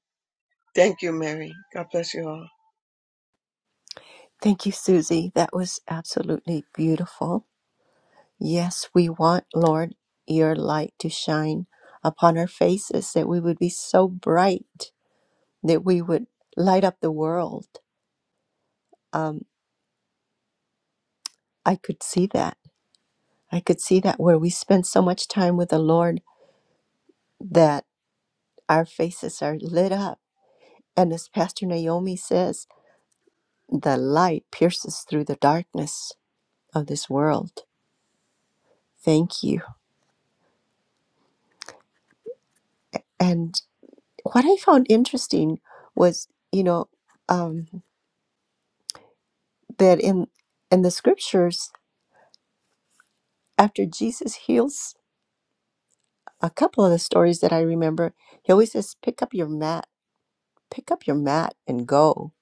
Speaker 9: Thank you, Mary. God bless you all.
Speaker 8: Thank you, Susie. That was absolutely beautiful. Yes, we want, Lord, your light to shine upon our faces, that we would be so bright, that we would light up the world. Um, I could see that. I could see that where we spend so much time with the Lord that our faces are lit up. And as Pastor Naomi says, the light pierces through the darkness of this world. Thank you. And what I found interesting was, you know, um, that in in the scriptures, after Jesus heals a couple of the stories that I remember, he always says, "Pick up your mat, pick up your mat, and go."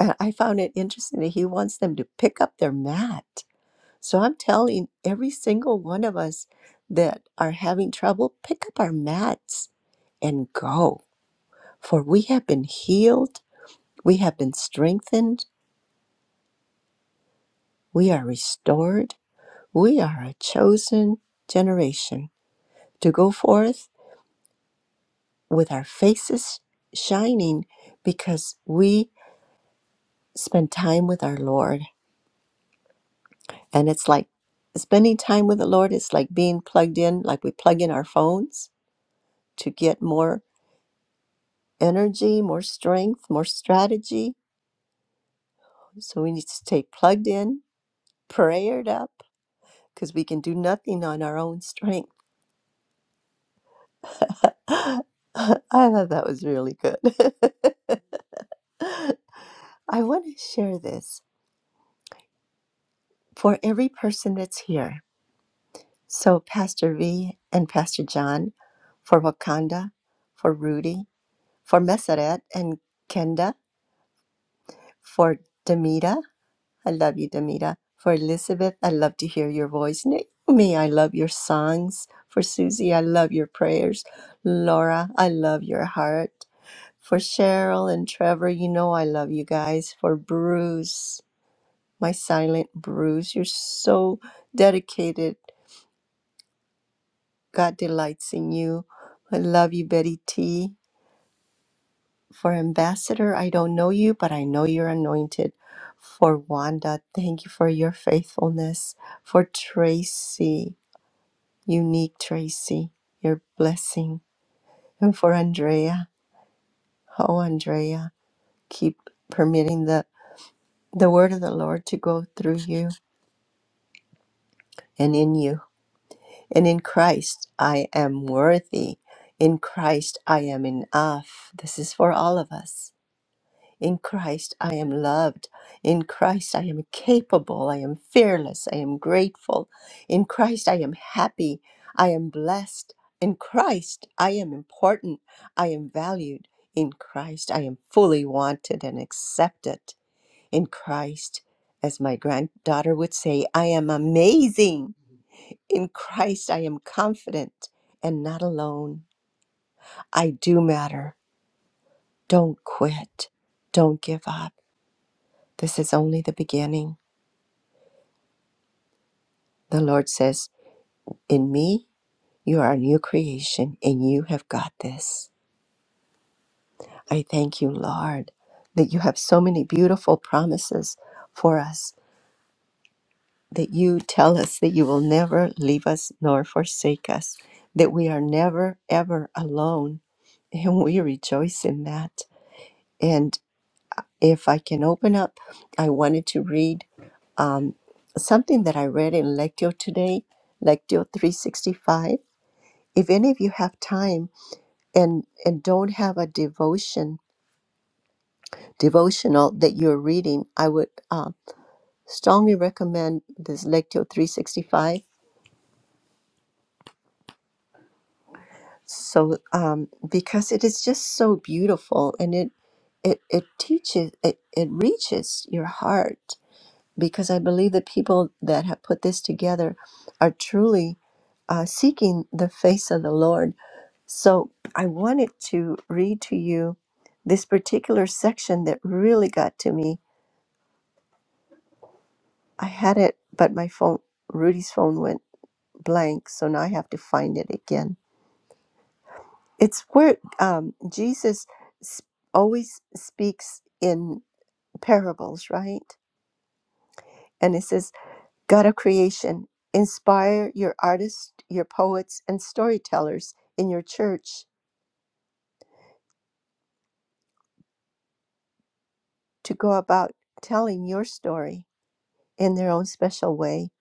Speaker 8: And I found it interesting that he wants them to pick up their mat. So I'm telling every single one of us that are having trouble, pick up our mats and go For we have been healed, we have been strengthened, we are restored, we are a chosen generation to go forth with our faces shining because we spend time with our Lord. And it's like spending time with the Lord is like being plugged in, like we plug in our phones to get more energy, more strength, more strategy. So we need to stay plugged in, prayered up, because we can do nothing on our own strength I thought that was really good. I want to share this for every person that's here. So, Pastor V and Pastor John, for Wakanda, for Rudy, for Messeret and Kenda, for Demita. I love you, Demita. For Elizabeth, I love to hear your voice. Naomi, I love your songs. For Susie, I love your prayers. Laura, I love your heart. For Cheryl and Trevor, you know I love you guys. For Bruce, my silent bruise. You're so dedicated. God delights in you. I love you, Betty T. For Ambassador, I don't know you, but I know you're anointed. For Wanda, thank you for your faithfulness. For Tracy, unique Tracy, your blessing. And for Andrea, oh, Andrea, keep permitting the, the word of the Lord to go through you and in you. And in Christ, I am worthy. In Christ, I am enough. This is for all of us. In Christ, I am loved. In Christ, I am capable. I am fearless. I am grateful. In Christ, I am happy. I am blessed. In Christ, I am important. I am valued. In Christ, I am fully wanted and accepted. In Christ, as my granddaughter would say, I am amazing. In Christ, I am confident and not alone. I do matter. Don't quit. Don't give up. This is only the beginning. The Lord says, In me, you are a new creation and you have got this. I thank you, Lord, that you have so many beautiful promises for us, that you tell us that you will never leave us nor forsake us, that we are never, ever alone. And we rejoice in that. And. If I can open up, I wanted to read um, something that I read in Lectio today, Lectio 365. If any of you have time and and don't have a devotion devotional that you're reading, I would uh, strongly recommend this Lectio 365. So um, because it is just so beautiful and it it, it teaches it, it reaches your heart because I believe the people that have put this together are truly uh, seeking the face of the Lord. So I wanted to read to you this particular section that really got to me. I had it, but my phone, Rudy's phone went blank, so now I have to find it again. It's where um, Jesus s- always speaks in parables, right? And it says, God of creation, inspire your artists, your poets, and storytellers in your church to go about telling your story in their own special way.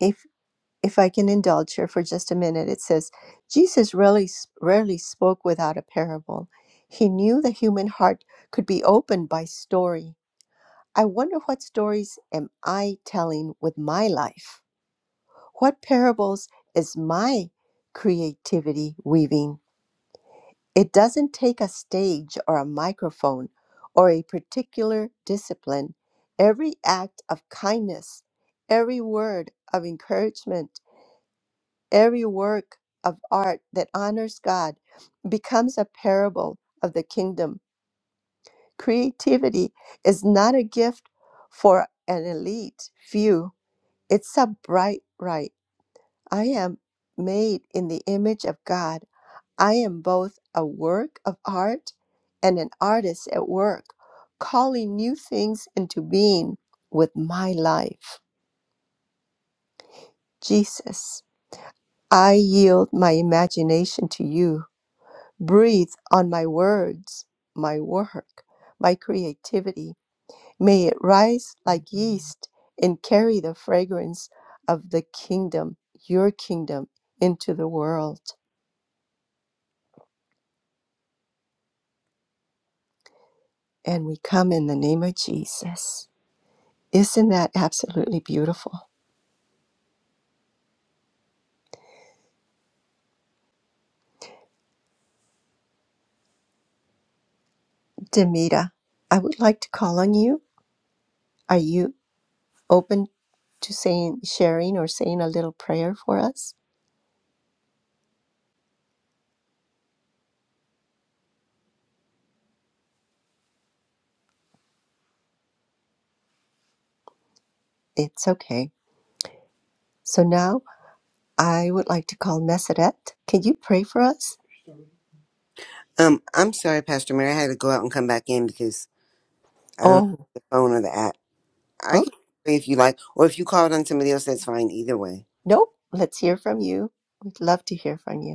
Speaker 8: If if I can indulge here for just a minute, it says Jesus rarely rarely spoke without a parable. He knew the human heart could be opened by story. I wonder what stories am I telling with my life? What parables is my creativity weaving? It doesn't take a stage or a microphone or a particular discipline. Every act of kindness, every word of encouragement, every work of art that honors God becomes a parable of the kingdom. Creativity is not a gift for an elite few, it's a bright right. I am made in the image of God. I am both a work of art and an artist at work, calling new things into being with my life. Jesus, I yield my imagination to you. Breathe on my words, my work, my creativity. May it rise like yeast and carry the fragrance of the kingdom, your kingdom, into the world. and we come in the name of Jesus. Isn't that absolutely beautiful? Demita, I would like to call on you. Are you open to saying, sharing, or saying a little prayer for us? It's okay. So now I would like to call Meseret. Can you pray for us?
Speaker 10: Um, I'm sorry, Pastor Mary. I had to go out and come back in because I don't have
Speaker 8: Oh,
Speaker 10: the phone or the app. I
Speaker 8: oh,
Speaker 10: can pray if you like, or if you called on somebody else, that's fine. Either way,
Speaker 8: nope. Let's hear from you. We'd love to hear from you.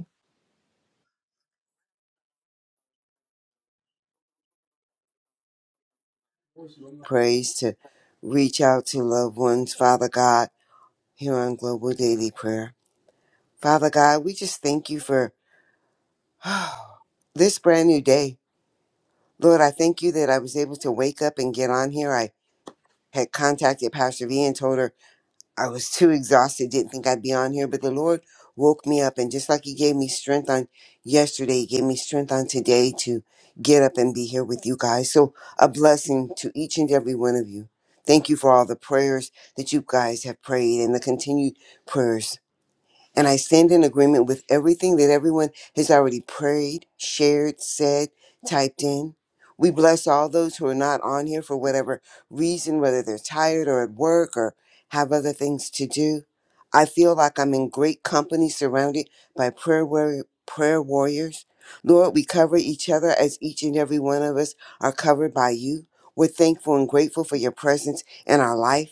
Speaker 10: praise to reach out to loved ones, Father God, here on Global Daily Prayer. Father God, we just thank you for this brand new day. Lord, I thank you that I was able to wake up and get on here. I had contacted Pastor V and told her. I was too exhausted, didn't think I'd be on here, but the Lord woke me up and just like he gave me strength on yesterday, he gave me strength on today to get up and be here with you guys. So a blessing to each and every one of you. Thank you for all the prayers that you guys have prayed and the continued prayers. And I stand in agreement with everything that everyone has already prayed, shared, said, typed in. We bless all those who are not on here for whatever reason, whether they're tired or at work or have other things to do. I feel like I'm in great company surrounded by prayer, warrior, prayer warriors. Lord, we cover each other as each and every one of us are covered by you. We're thankful and grateful for your presence in our life.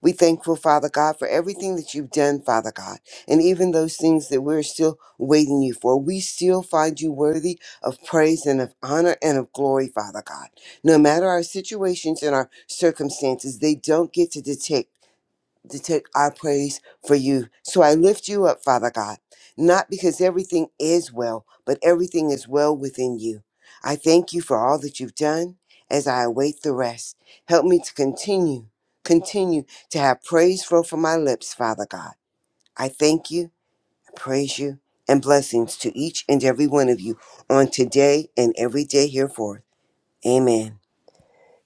Speaker 10: We thankful, Father God, for everything that you've done, Father God, and even those things that we're still waiting you for. We still find you worthy of praise and of honor and of glory, Father God. No matter our situations and our circumstances, they don't get to dictate to take our praise for you. So I lift you up, Father God, not because everything is well, but everything is well within you. I thank you for all that you've done as I await the rest. Help me to continue, continue to have praise flow from my lips, Father God. I thank you, I praise you, and blessings to each and every one of you on today and every day hereforth. Amen.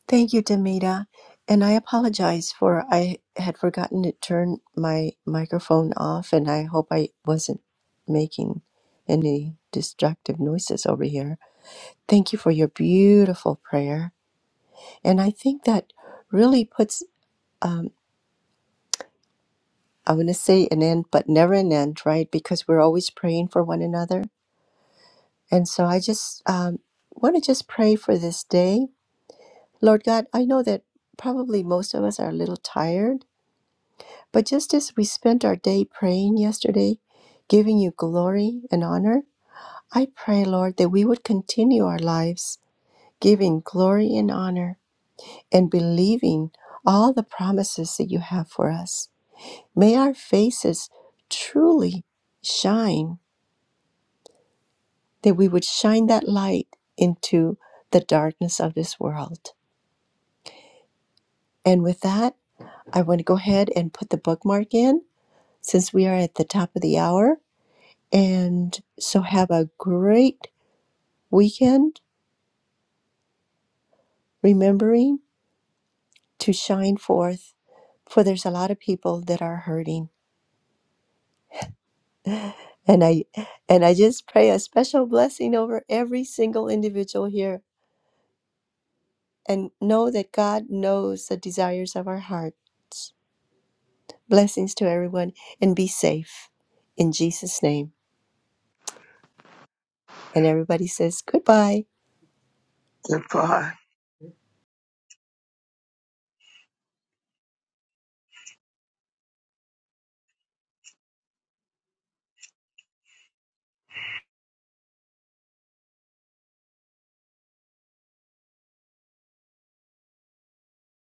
Speaker 8: Thank you, Demita. And I apologize for I had forgotten to turn my microphone off, and I hope I wasn't making any destructive noises over here. Thank you for your beautiful prayer. And I think that really puts, um, I want to say an end, but never an end, right? Because we're always praying for one another. And so I just um, want to just pray for this day. Lord God, I know that probably most of us are a little tired But just as we spent our day praying yesterday, giving you glory and honor, I pray, Lord, that we would continue our lives giving glory and honor and believing all the promises that you have for us. May our faces truly shine, that we would shine that light into the darkness of this world. And with that, I want to go ahead and put the bookmark in since we are at the top of the hour. And so have a great weekend, remembering to shine forth, for there's a lot of people that are hurting. And I and I just pray a special blessing over every single individual here and know that God knows the desires of our hearts. Blessings to everyone and be safe in Jesus' name. And everybody says goodbye.
Speaker 7: Goodbye.